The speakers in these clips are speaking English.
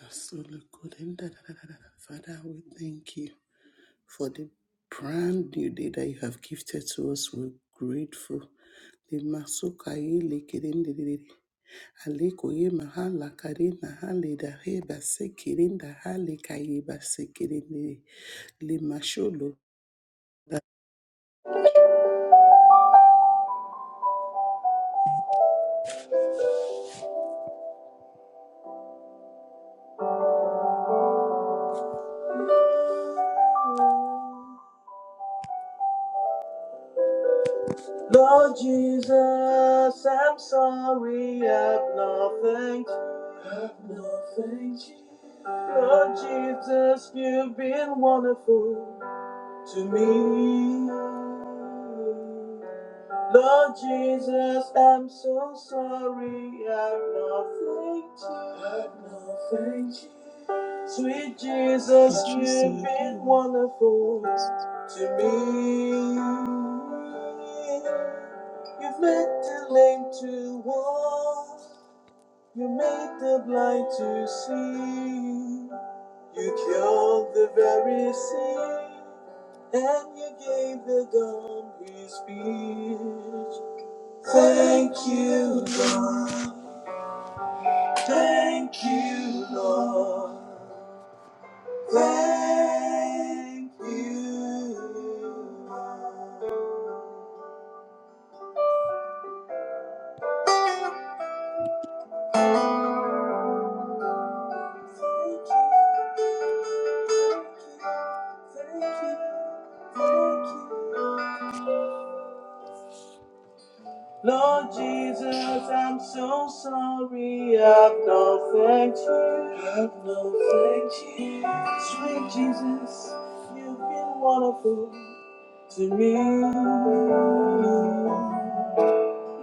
That's so good. And da, da, da, da, da, Father, we thank you for the brand new day that you have gifted to us. We're grateful. The Masukaye Lekedendere. Alekoye Mahala Karina Hale da Heba Sekirinda Hale Kayeba Sekerinde. Le Masholo. Lord Jesus, I'm sorry, I've nothing. to, I've nothing. to. Lord Jesus, you've been wonderful to me. Lord Jesus, I'm so sorry, I've nothing. to, I've nothing. to. Sweet Jesus, you've been wonderful to me. You've made the lame to walk, you made the blind to see. You killed the very sick, and you gave the dumb his speech. Thank you, Lord. Thank you, Lord. Thank you. Lord. Thank you. Thank you. Thank you. thank you. Lord Jesus, I'm so sorry. I've no thank you. I've no thank you. Sweet Jesus, you've been wonderful to me.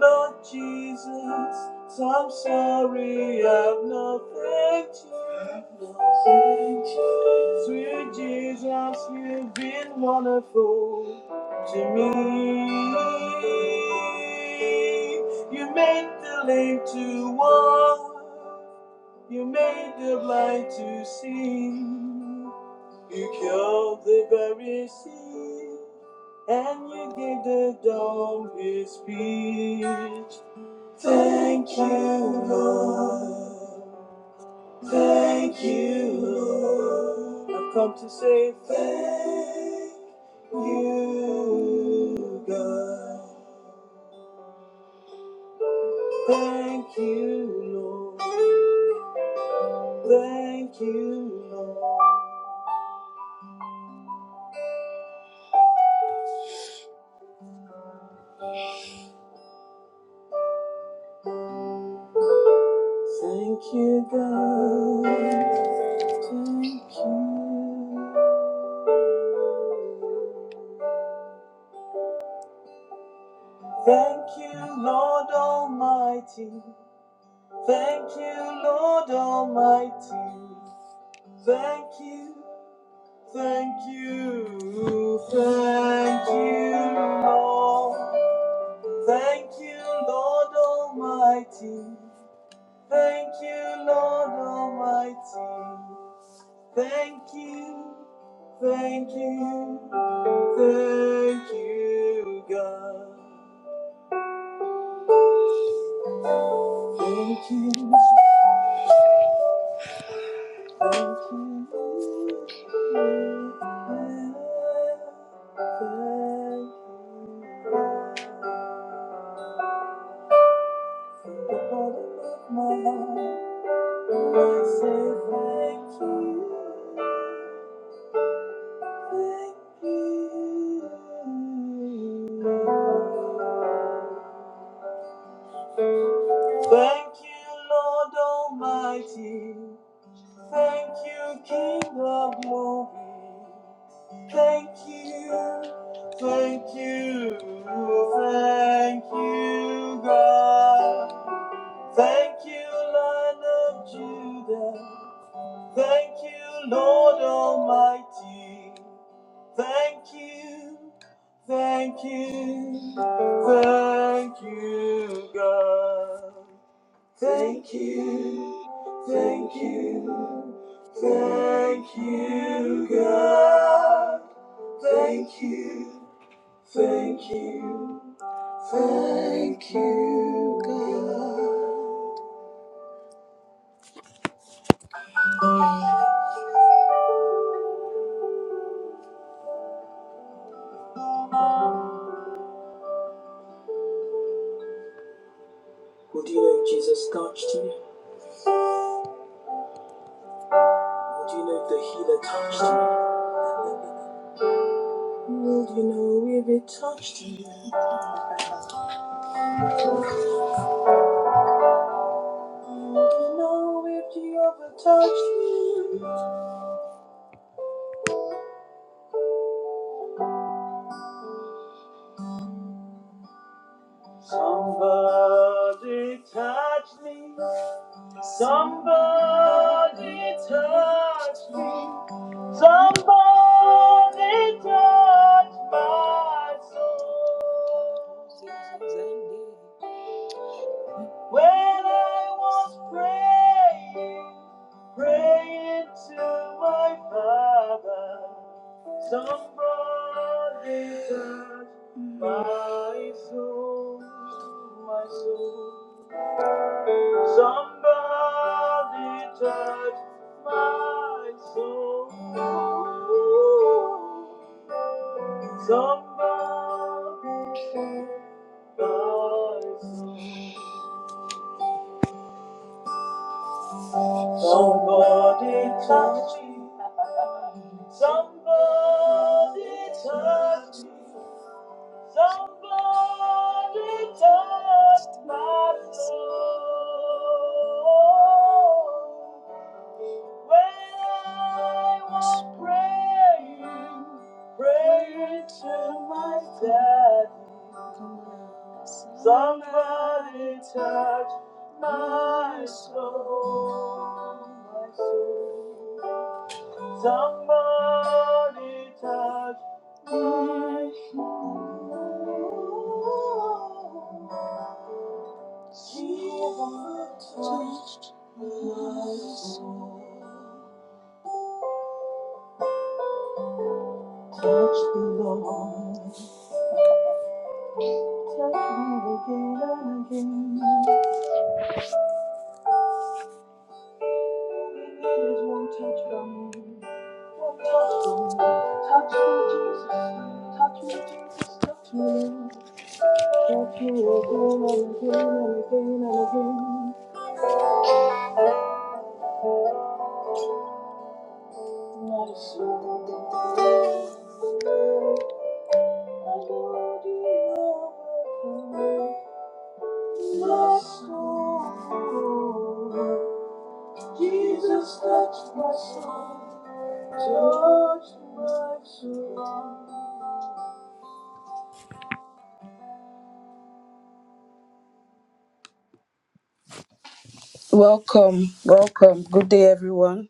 Lord Jesus, I'm sorry I've not thanked you. i you. Sweet Jesus, you've been wonderful to me. You made the lame to walk. You made the blind to see. You killed the very sick and you gave the dumb his speech. Thank you, Lord. Thank you, Lord. I've come to say thank you, God. Thank you, Lord. Thank you, Lord. Thank you, God. Thank you. Thank you, Lord Almighty. Thank you, Lord Almighty. Thank you, thank you, thank you, Lord. Thank you, Lord Almighty. Thank you, Lord Almighty. Thank you, thank you, thank you, God. Thank you, thank you. Thank you. Thank you, Lord Almighty. Thank you, King of Glory. Thank you, thank you, thank you, God. Thank you, Lion of Judah. Thank you, Lord Almighty. Thank you, thank you, thank you, God. Thank you, thank you, thank you, God. Thank you, thank you, thank you, God. Would you know if Jesus touched you? Would you know if the healer touched you? Would you know if it touched you? Would you know if you ever touched me? Somebody touched me. Somebody touched me. Somebody touched my soul. When I was praying, praying to my Father, somebody touched my soul, my soul. Somebody touched my soul. Somebody touched my soul. Somebody touch me. Somebody touch me. Somebody touched my soul. When I was praying, praying to my daddy, somebody touched my soul, my soul. Somebody touched. Touched my soul. Touch the Lord. Touch me again and again. There's one touch from you. One touch from you. Touch me, Jesus. Touch me, Jesus. Touch me, Touch me again and again and again and again. My soul. Welcome, welcome. Good day, everyone.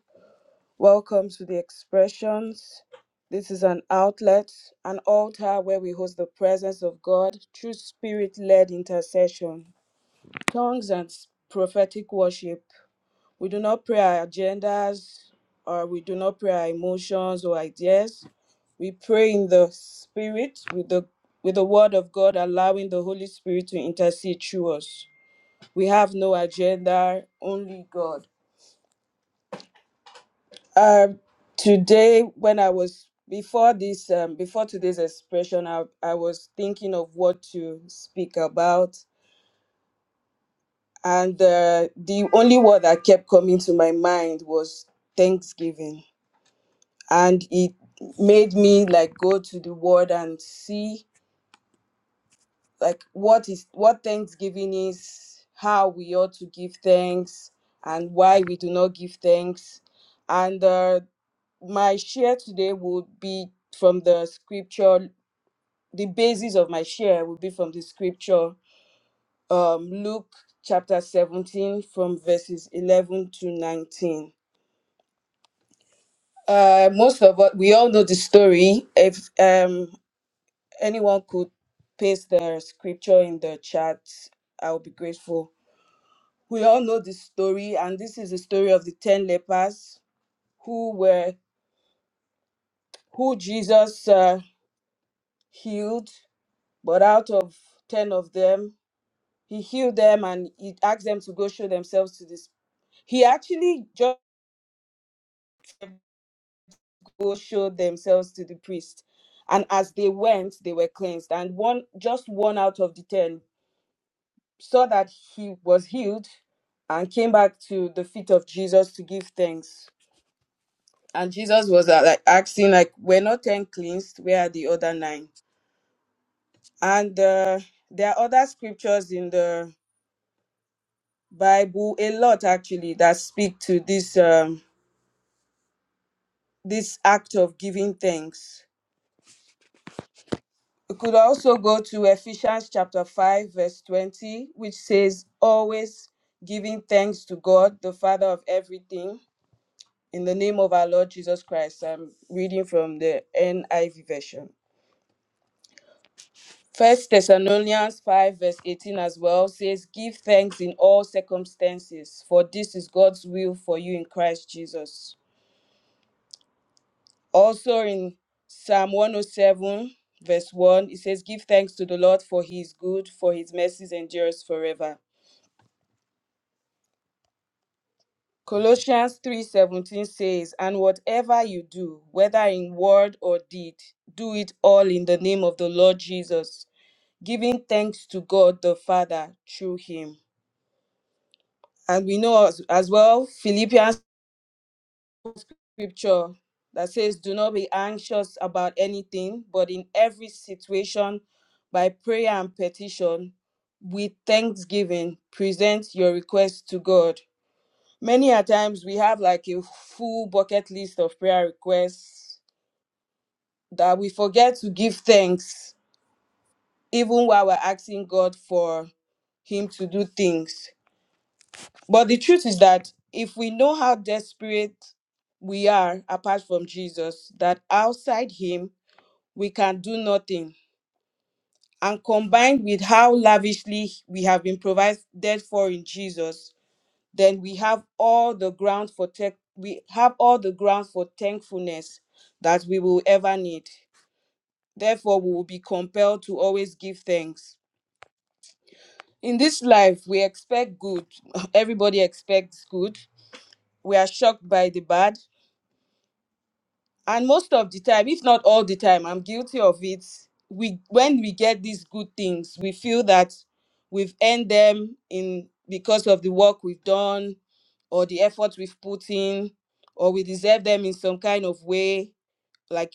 Welcome to the expressions. This is an outlet, an altar where we host the presence of God through spirit led intercession, tongues, and prophetic worship. We do not pray our agendas or we do not pray our emotions or ideas. We pray in the spirit with the with the word of God allowing the Holy Spirit to intercede through us. We have no agenda, only God. Um today when I was before this um, before today's expression I, I was thinking of what to speak about and uh, the only word that kept coming to my mind was thanksgiving and it made me like go to the word and see like what is what thanksgiving is how we ought to give thanks and why we do not give thanks and uh, my share today would be from the scripture the basis of my share would be from the scripture um, luke chapter 17 from verses 11 to 19 uh, most of us we all know the story if um anyone could paste the scripture in the chat, I would be grateful. We all know this story, and this is the story of the ten lepers who were who Jesus uh, healed, but out of ten of them, he healed them and he asked them to go show themselves to this. He actually just go show themselves to the priest, and as they went, they were cleansed. And one, just one out of the ten saw that he was healed and came back to the feet of Jesus to give thanks. And Jesus was uh, like asking, like, "We're not ten cleansed. Where are the other nine." And uh, there are other scriptures in the Bible, a lot actually, that speak to this um, this act of giving thanks. We could also go to Ephesians chapter five, verse twenty, which says, "Always giving thanks to God, the Father of everything." In the name of our Lord Jesus Christ, I'm reading from the NIV version. First Thessalonians 5, verse 18 as well says, Give thanks in all circumstances, for this is God's will for you in Christ Jesus. Also in Psalm 107, verse 1, it says, Give thanks to the Lord for he is good, for his mercies endures forever. Colossians 3:17 says, "And whatever you do, whether in word or deed, do it all in the name of the Lord Jesus, giving thanks to God the Father through him. And we know as, as well Philippians scripture that says, Do not be anxious about anything, but in every situation, by prayer and petition, with thanksgiving, present your requests to God. Many a times we have like a full bucket list of prayer requests that we forget to give thanks, even while we're asking God for Him to do things. But the truth is that if we know how desperate we are apart from Jesus, that outside Him we can do nothing, and combined with how lavishly we have been provided for in Jesus, then we have all the ground for tech, we have all the ground for thankfulness that we will ever need. Therefore, we will be compelled to always give thanks. In this life, we expect good. Everybody expects good. We are shocked by the bad and most of the time if not all the time i'm guilty of it we when we get these good things we feel that we've earned them in because of the work we've done or the effort we've put in or we deserve them in some kind of way like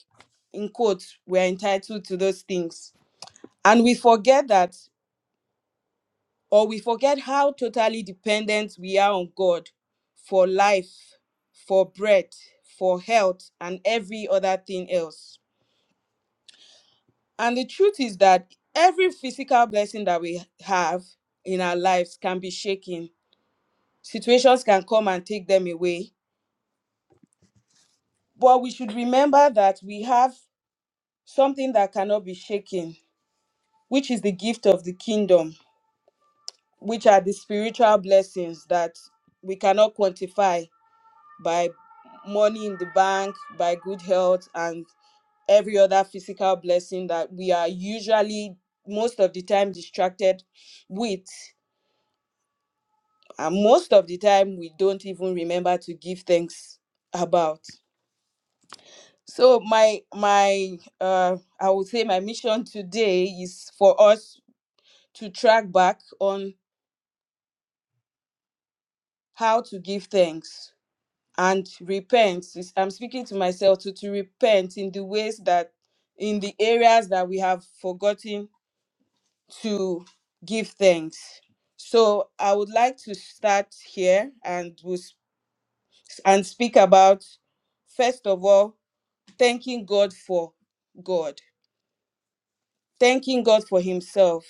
in quotes we're entitled to those things and we forget that or we forget how totally dependent we are on god for life for bread for health and every other thing else And the truth is that every physical blessing that we have in our lives can be shaken. Situations can come and take them away. But we should remember that we have something that cannot be shaken, which is the gift of the kingdom, which are the spiritual blessings that we cannot quantify by money in the bank, by good health, and every other physical blessing that we are usually most of the time distracted with and most of the time we don't even remember to give thanks about so my my uh i would say my mission today is for us to track back on how to give thanks and repent It's- i'm speaking to myself to, to repent in the ways that in the areas that we have forgotten to give thanks so i would like to start here and we and speak about first of all thanking God for God, thanking God for Himself.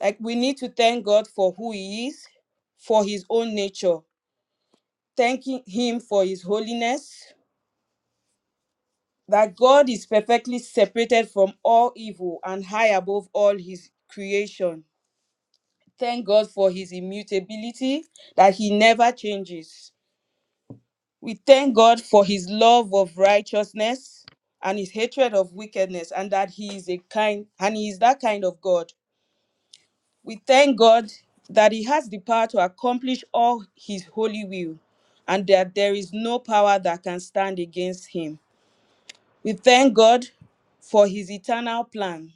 Like we need to thank God for who He is, for His own nature, thanking Him for His holiness, that God is perfectly separated from all evil and high above all His creation. Thank God for His immutability, that He never changes. We thank God for His love of righteousness and His hatred of wickedness, and that He is a kind, and He is that kind of God We thank God that He has the power to accomplish all His holy will and that there is no power that can stand against Him. We thank God for His eternal plan,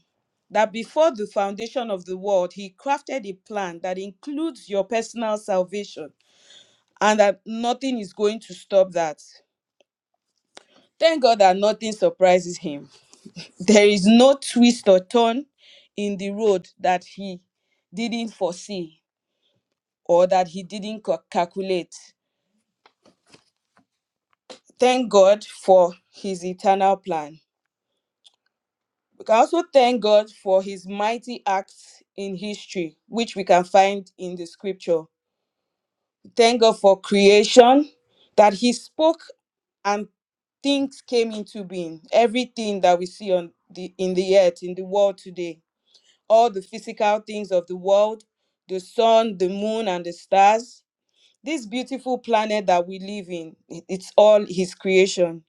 that before the foundation of the world, He crafted a plan that includes your personal salvation and that nothing is going to stop that. Thank God that nothing surprises Him. There is no twist or turn in the road that He didn't foresee or that he didn't ca- calculate. Thank God for his eternal plan. We can also thank God for his mighty acts in history, which we can find in the scripture. Thank God for creation, that he spoke and things came into being. Everything that we see on the in the earth, in the world today, all the physical things of the world, the sun, the moon, and the stars. This beautiful planet that we live in, it- it's all his creation.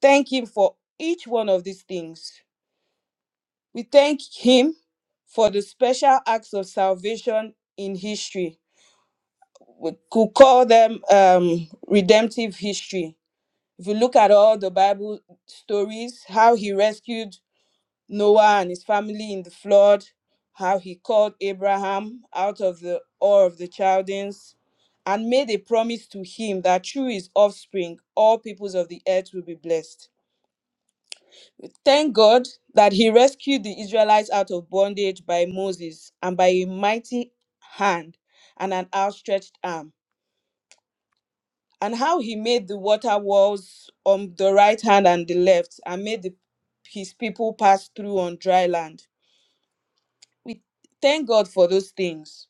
thank Him for each one of these things. We thank Him for the special acts of salvation in history. We could call them um, redemptive history. If you look at all the Bible stories, how He rescued Noah and his family in the flood, how He called Abraham out of the awe of the Chaldeans, and made a promise to him that through his offspring, all peoples of the earth will be blessed Thank God that he rescued the Israelites out of bondage by Moses and by a mighty hand and an outstretched arm, and how he made the water walls on the right hand and the left, and made the, his people pass through on dry land. We thank God for those things.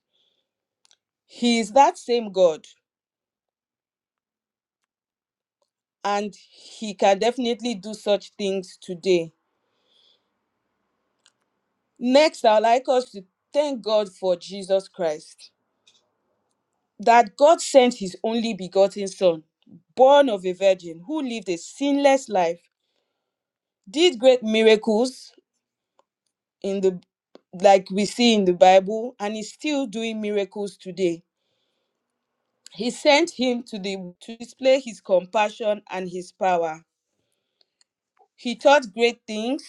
He is that same God, and he can definitely do such things today. Next, I'd like us to thank God for Jesus Christ. that God sent his only begotten Son, born of a virgin, who lived a sinless life, did great miracles in the like we see in the Bible, and is still doing miracles today. He sent him to the to display his compassion and his power. He taught great things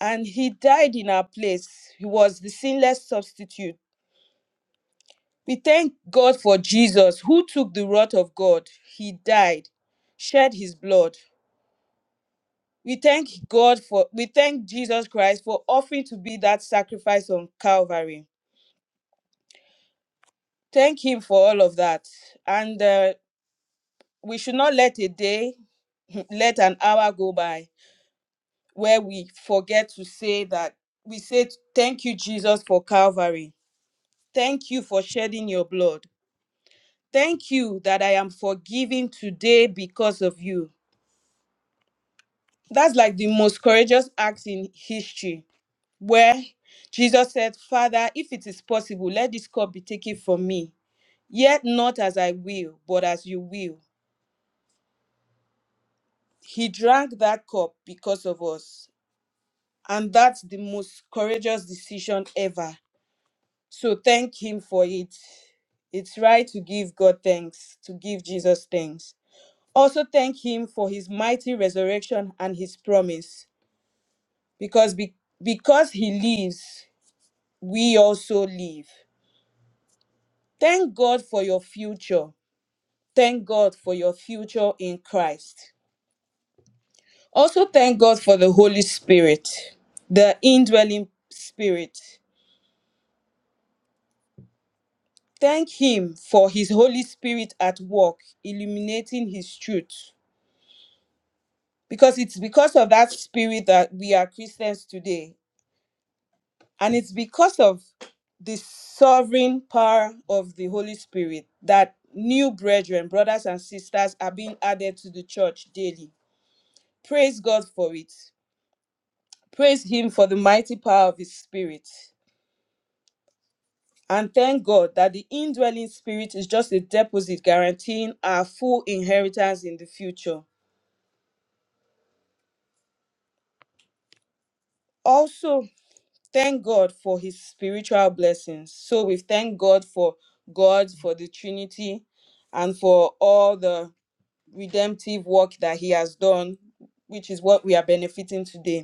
and he died in our place. He was the sinless substitute. We thank God for Jesus who took the wrath of God. He died, shed his blood. We thank God for, we thank Jesus Christ for offering to be that sacrifice on Calvary. Thank Him for all of that. And uh, we should not let a day, let an hour go by where we forget to say that. We say, Thank you, Jesus, for Calvary. Thank you for shedding your blood. Thank you that I am forgiven today because of you. That's like the most courageous act in history where Jesus said, Father, if it is possible, let this cup be taken from me. Yet not as I will, but as you will. He drank that cup because of us. And that's the most courageous decision ever. So thank Him for it. It's right to give God thanks, to give Jesus thanks. Also thank Him for His mighty resurrection and His promise, because be- because He lives, we also live. Thank God for your future. Thank God for your future in Christ. Also, thank God for the Holy Spirit, the indwelling spirit. Thank Him for His Holy Spirit at work, illuminating His truth. Because it's because of that spirit that we are Christians today. And it's because of the sovereign power of the Holy Spirit that new brethren, brothers, and sisters are being added to the church daily. Praise God for it. Praise Him for the mighty power of His Spirit. And thank God that the indwelling Spirit is just a deposit guaranteeing our full inheritance in the future. Also, thank God for His spiritual blessings. So we thank God for God, for the Trinity, and for all the redemptive work that He has done, which is what we are benefiting today.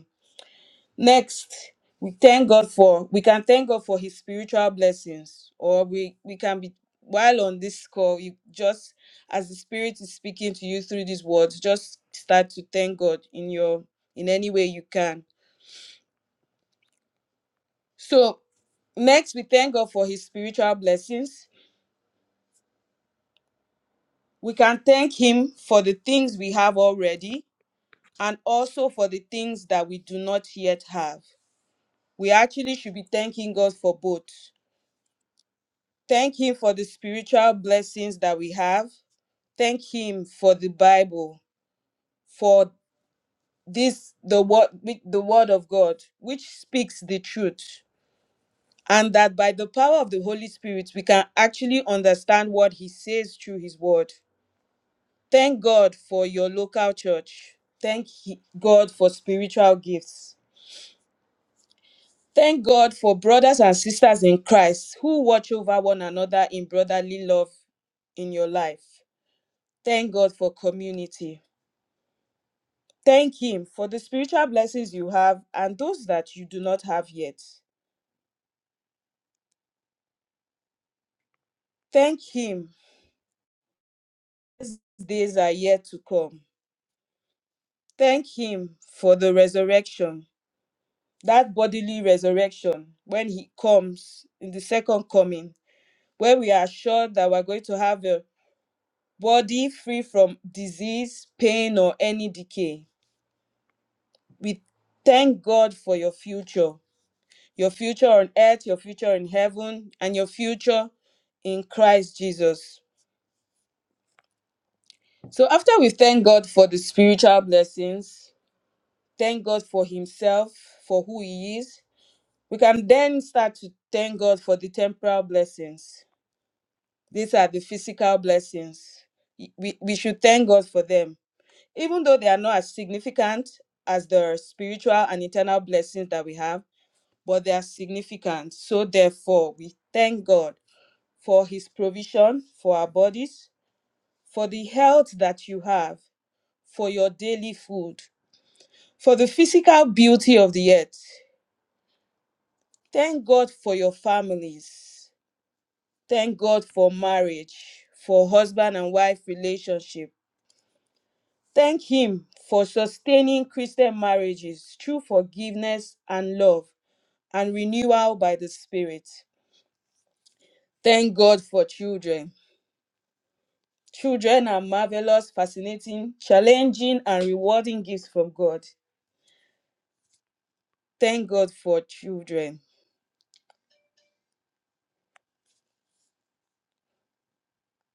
Next, we thank God for we can thank God for his spiritual blessings or we we can be while on this call you just as the spirit is speaking to you through these words just start to thank God in your in any way you can. So, next we thank God for his spiritual blessings. We can thank him for the things we have already and also for the things that we do not yet have. We actually should be thanking God for both Thank Him for the spiritual blessings that we have. Thank Him for the Bible, for this the word the word of God, which speaks the truth, and that by the power of the Holy Spirit we can actually understand what He says through His word. Thank God for your local church. Thank He- God for spiritual gifts. Thank God for brothers and sisters in Christ who watch over one another in brotherly love in your life. Thank God for community. Thank Him for the spiritual blessings you have and those that you do not have yet. Thank Him. These days are yet to come. Thank Him for the resurrection, that bodily resurrection when He comes in the second coming, where we are sure that we're going to have a body free from disease, pain, or any decay. We thank God for your future. your future on earth, your future in heaven, and your future in Christ Jesus. So, after we thank God for the spiritual blessings, thank God for Himself, for who He is, we can then start to thank God for the temporal blessings. These are the physical blessings. We, we should thank God for them, even though they are not as significant as the spiritual and eternal blessings that we have, but they are significant. So, therefore, we thank God for His provision for our bodies, for the health that you have, for your daily food, for the physical beauty of the earth. Thank God for your families. Thank God for marriage, for husband and wife relationship. Thank Him for sustaining Christian marriages through forgiveness and love and renewal by the Spirit. Thank God for children. Children are marvelous, fascinating, challenging, and rewarding gifts from God. Thank God for children.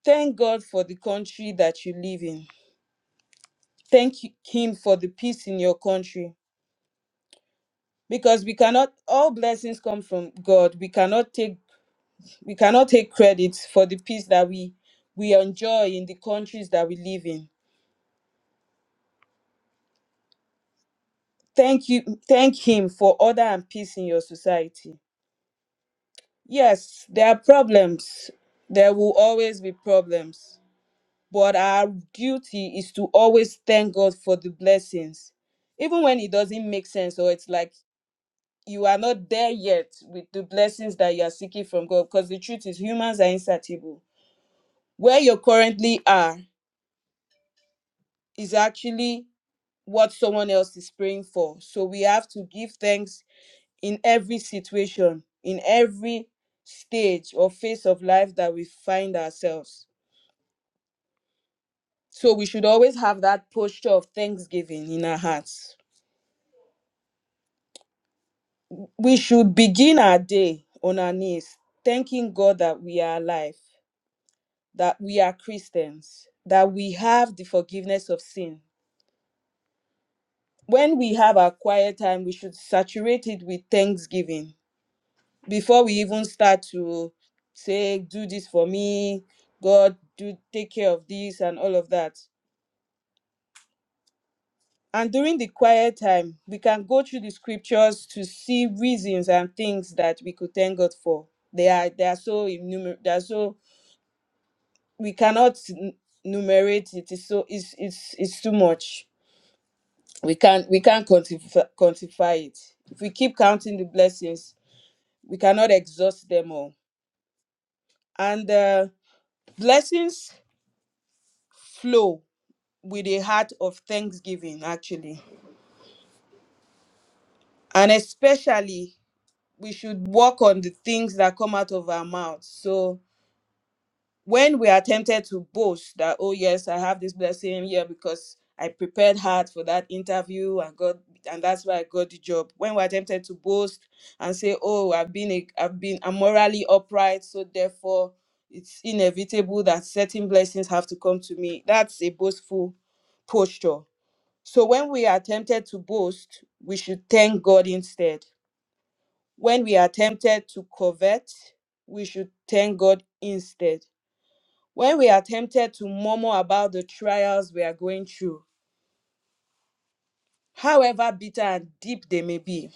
Thank God for the country that you live in. Thank Him for the peace in your country. Because we cannot, all blessings come from God. We cannot take, we cannot take credit for the peace that we we enjoy in the countries that we live in. Thank you, thank Him for order and peace in your society. Yes, there are problems. There will always be problems but our duty is to always thank God for the blessings, even when it doesn't make sense or it's like you are not there yet with the blessings that you are seeking from God. Because the truth is, humans are insatiable. Where you currently are is actually what someone else is praying for. So we have to give thanks in every situation, in every stage or phase of life that we find ourselves. So we should always have that posture of thanksgiving in our hearts We should begin our day on our knees, thanking God that we are alive, that we are Christians, that we have the forgiveness of sin. When we have our quiet time, we should saturate it with thanksgiving before we even start to say, Do this for me, God, do take care of this, and all of that. And during the quiet time, we can go through the scriptures to see reasons and things that we could thank God for. They are they are so innumerable. They are so we cannot n- numerate it. It's so it's it's it's too much. We can't we can't quantify, quantify it. If we keep counting the blessings, we cannot exhaust them all. And uh, blessings flow with a heart of thanksgiving, actually, and especially we should work on the things that come out of our mouths. So when we are tempted to boast that oh yes i have this blessing here because i prepared hard for that interview and got, and that's why i got the job when we're tempted to boast and say oh i've been a, i've been i'm morally upright so therefore it's inevitable that certain blessings have to come to me that's a boastful posture so when we are tempted to boast we should thank god instead when we are tempted to covet we should thank god instead when we are tempted to murmur about the trials we are going through, however bitter and deep they may be,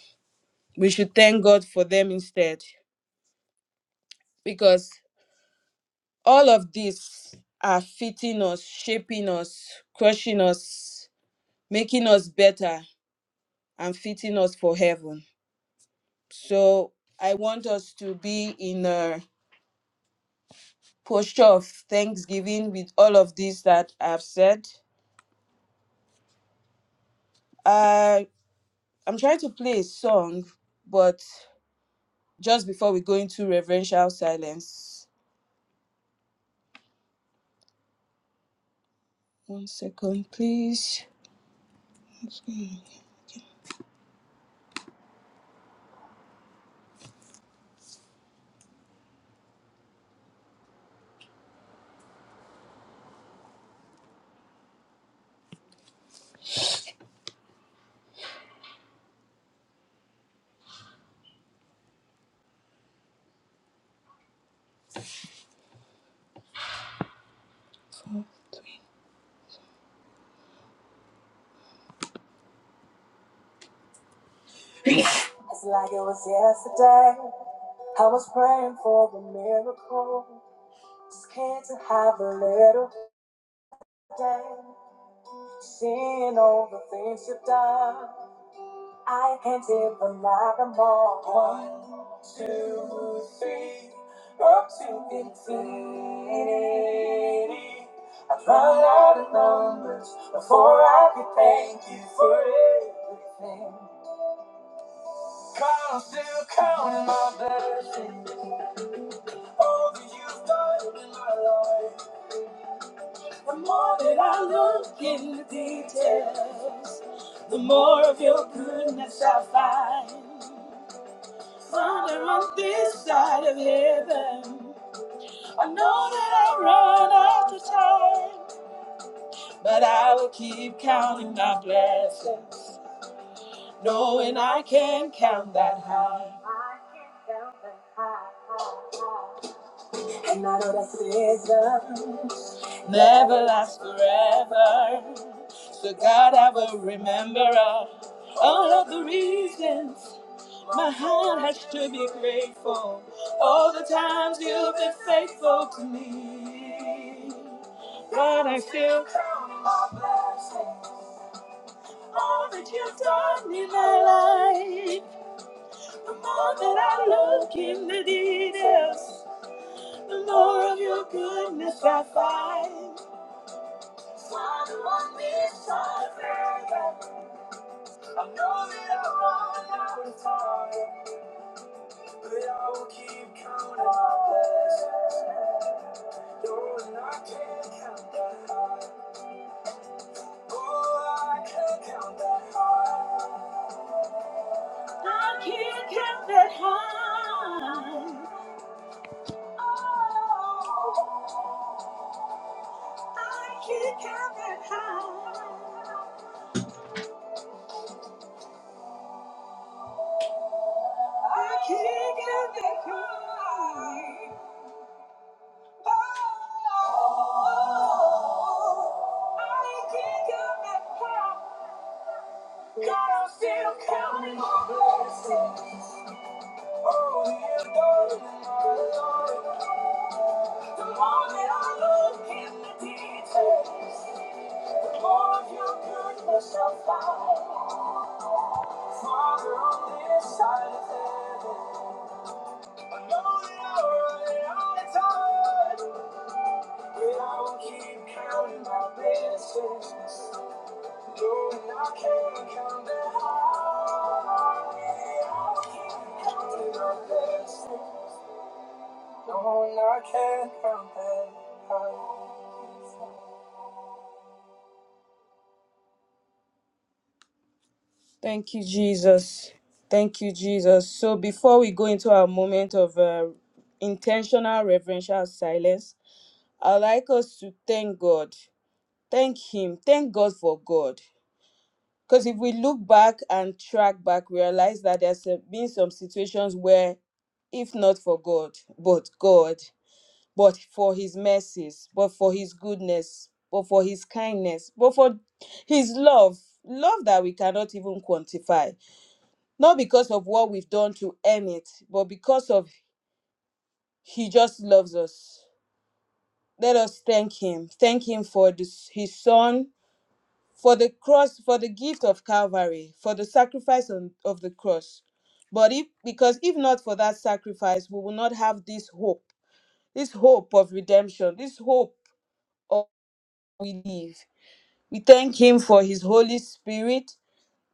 we should thank God for them instead. Because all of these are fitting us, shaping us, crushing us, making us better, and fitting us for heaven. So I want us to be in a posture of thanksgiving with all of this that I've said. I I'm trying to play a song, but just before we go into reverential silence. One second, please. It's like it was yesterday. I was praying for a miracle. Just came to have a little day. Seeing all the things you've done, I can't even lie them all. One, two, three, up to infinity. I've run out of numbers before I could thank you for everything. I'm still counting my blessings, all that you've done in my life. The more that I look in the details, the more of your goodness I find. Father, on this side of heaven, I know that I run out of time, but I will keep counting my blessings, knowing I can count that high. Never last forever. So God, I will remember All of the reasons my heart has to be grateful. All the times you've been faithful to me. But I still count my blessings. All that you've done in my life. The more that I look in the details, the more of your goodness I find. Father, on this side, I know that I'm running out of time. I will keep counting my blessings. Lord, I can't count that high. Oh, I can't count that high. I can't count that high. Oh, I can't count that high. I can't count that high. Oh, I can't count that high. God, I'm still counting on blessings. Oh, yeah, Lord, Lord. The more that I look in the details, the more of your goodness I find. Father, on this side of heaven, I know that I'll run out of time, but I will keep counting my blessings. Thank you, Jesus. Thank you, Jesus. So before we go into our moment of uh, intentional reverential silence, I'd like us to thank God. Thank Him. Thank God for God. Because if we look back and track back, we realize that there's uh, been some situations where, if not for God, but God, but for His mercies, but for His goodness, but for His kindness, but for His love, love that we cannot even quantify, not because of what we've done to earn it, but because of He just loves us. Let us thank Him. Thank Him for this, His Son. for the cross for the gift of calvary for the sacrifice on, of the cross but if because if not for that sacrifice we will not have this hope this hope of redemption this hope of we live we thank him for his holy spirit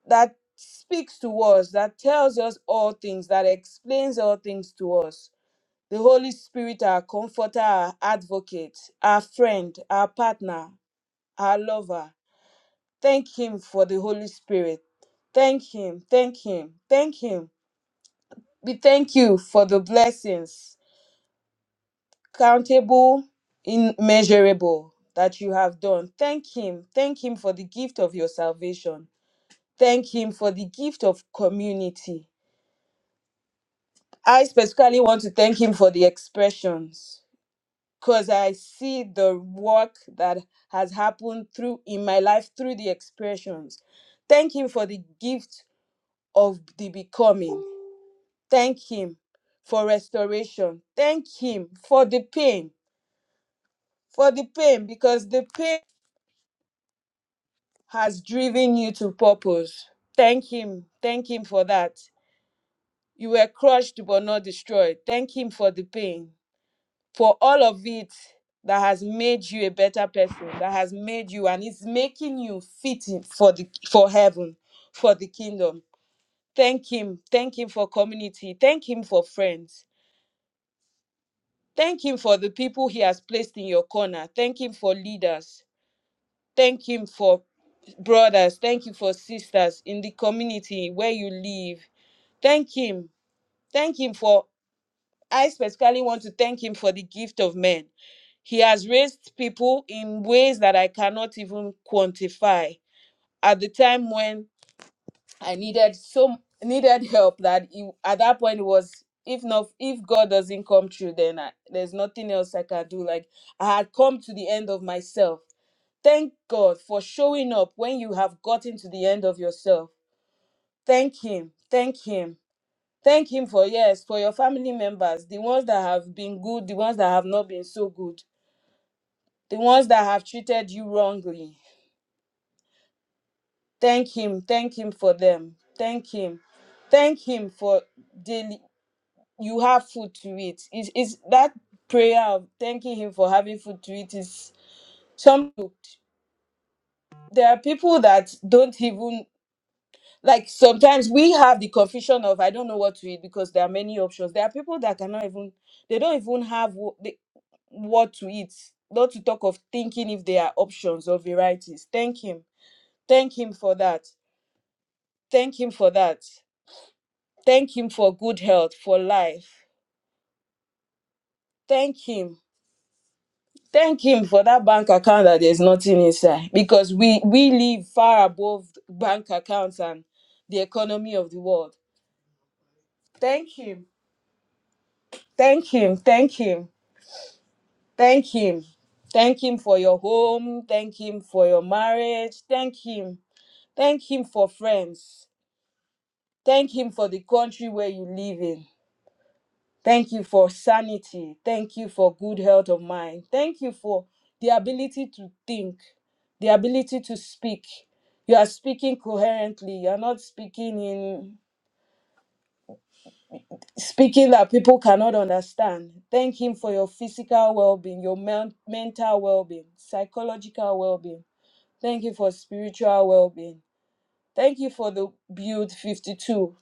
that speaks to us that tells us all things that explains all things to us the holy spirit our comforter our advocate our friend our partner our lover Thank Him for the Holy Spirit. Thank Him, thank Him, thank Him. We thank you for the blessings, countable, immeasurable, that you have done. Thank Him, thank Him for the gift of your salvation. Thank Him for the gift of community. I specifically want to thank Him for the expressions because I see the work that has happened through in my life through the expressions. Thank Him for the gift of the becoming. Thank Him for restoration. Thank Him for the pain, for the pain, because the pain has driven you to purpose. Thank Him. Thank Him for that. You were crushed but not destroyed. Thank Him for the pain, for all of it that has made you a better person, that has made you and is making you fit in for the for heaven, for the kingdom. Thank Him. Thank Him for community. Thank Him for friends Thank Him for the people He has placed in your corner. Thank Him for leaders. Thank Him for brothers. Thank you for sisters in the community where you live. Thank Him. Thank Him for, I specifically want to thank Him for the gift of men. He has raised people in ways that I cannot even quantify. At the time when I needed so needed help that it, at that point it was if not if God doesn't come through, then I, there's nothing else I can do. Like I had come to the end of myself. Thank God for showing up when you have gotten to the end of yourself. Thank Him. Thank Him. Thank Him for yes, for your family members, the ones that have been good, the ones that have not been so good, the ones that have treated you wrongly. Thank Him. Thank Him for them. Thank Him. Thank Him for daily you have food to eat. Is is that prayer of thanking him for having food to eat is something there are people that don't even like sometimes we have the confusion of I don't know what to eat because there are many options. There are people that cannot even they don't even have what, they, what to eat. Not to talk of thinking if there are options or varieties. Thank him. Thank him for that. Thank him for that. Thank him for good health, for life. Thank him thank him for that bank account that there's nothing inside because we we live far above bank accounts and the economy of the world thank him thank him thank him thank him thank him for your home thank him for your marriage thank him thank him for friends thank him for the country where you live in Thank you for sanity. Thank you for good health of mind. Thank you for the ability to think, the ability to speak. You are speaking coherently. You are not speaking in speaking that people cannot understand. Thank him for your physical well-being, your men- mental well-being, psychological well-being. Thank you for spiritual well-being. Thank you for the build 52.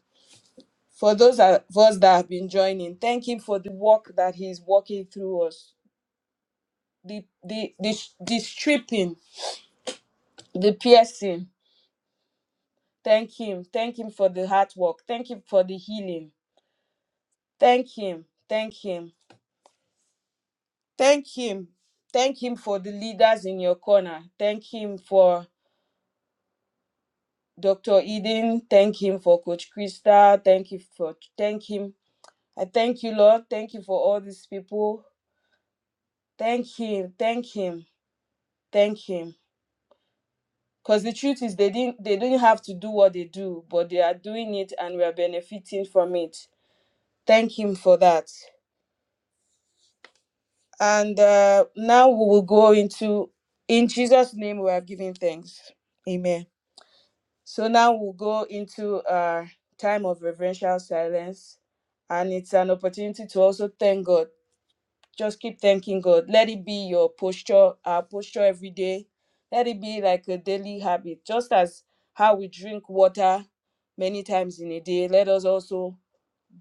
For those of us that have been joining, thank him for the work that he's working through us. the the the, sh- the stripping, the piercing. Thank him. Thank him for the hard work. Thank him for the healing. Thank him. Thank him. Thank him. Thank him for the leaders in your corner. Thank him for Dr. Eden. Thank him for Coach Krista. Thank you for thank him. I thank you, Lord. Thank you for all these people. Thank him. Thank him. Thank him. Because the truth is they didn't they didn't have to do what they do, but they are doing it and we are benefiting from it. Thank Him for that. And uh, now we will go into, in Jesus' name, we are giving thanks. Amen. So now we'll go into our time of reverential silence. And it's an opportunity to also thank God. Just keep thanking God. Let it be your posture, our posture every day. Let it be like a daily habit. Just as how we drink water many times in a day, let us also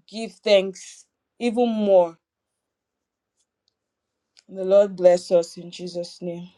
give thanks even more The Lord bless us in Jesus' name.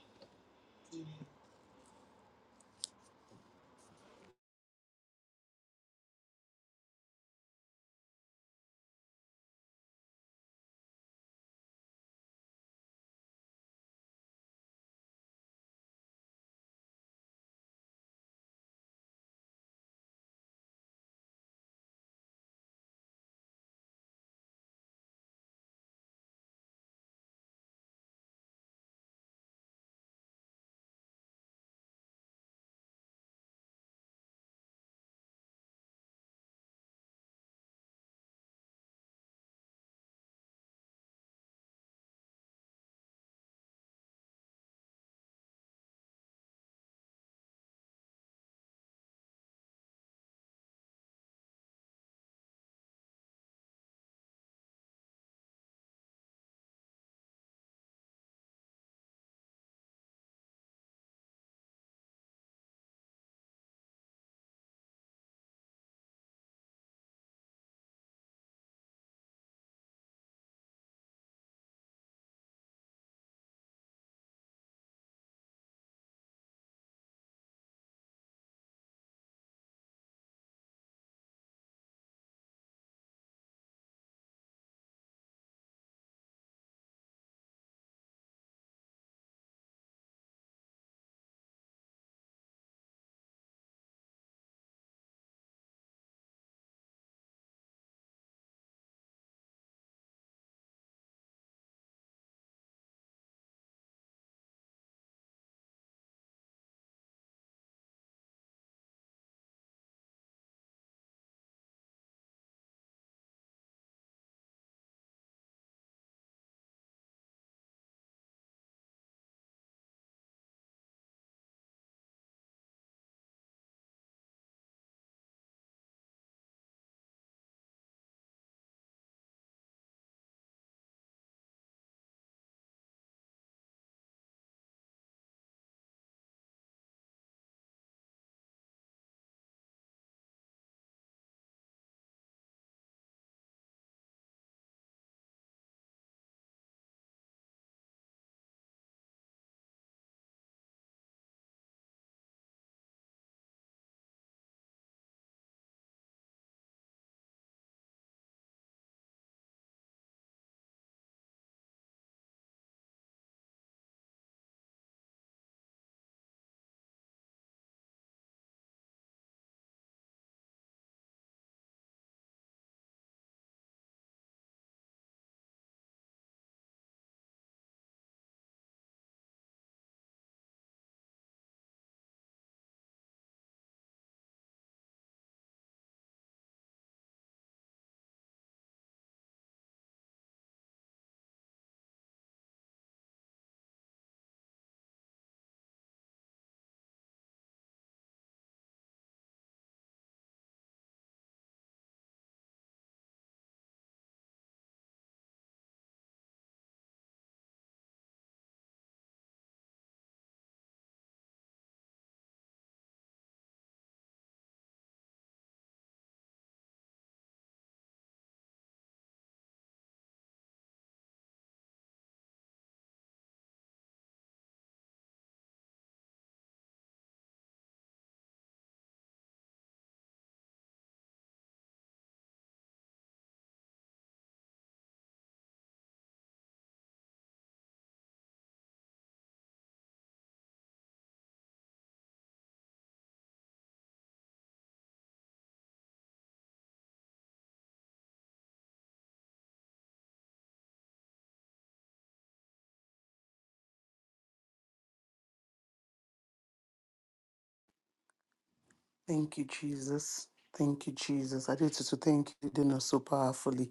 Thank you, Jesus. Thank you, Jesus. I did to thank you, you did not so powerfully.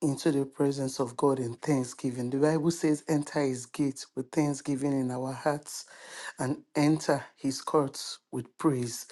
into the presence of God in thanksgiving. The Bible says, enter his gates with thanksgiving in our hearts and enter his courts with praise.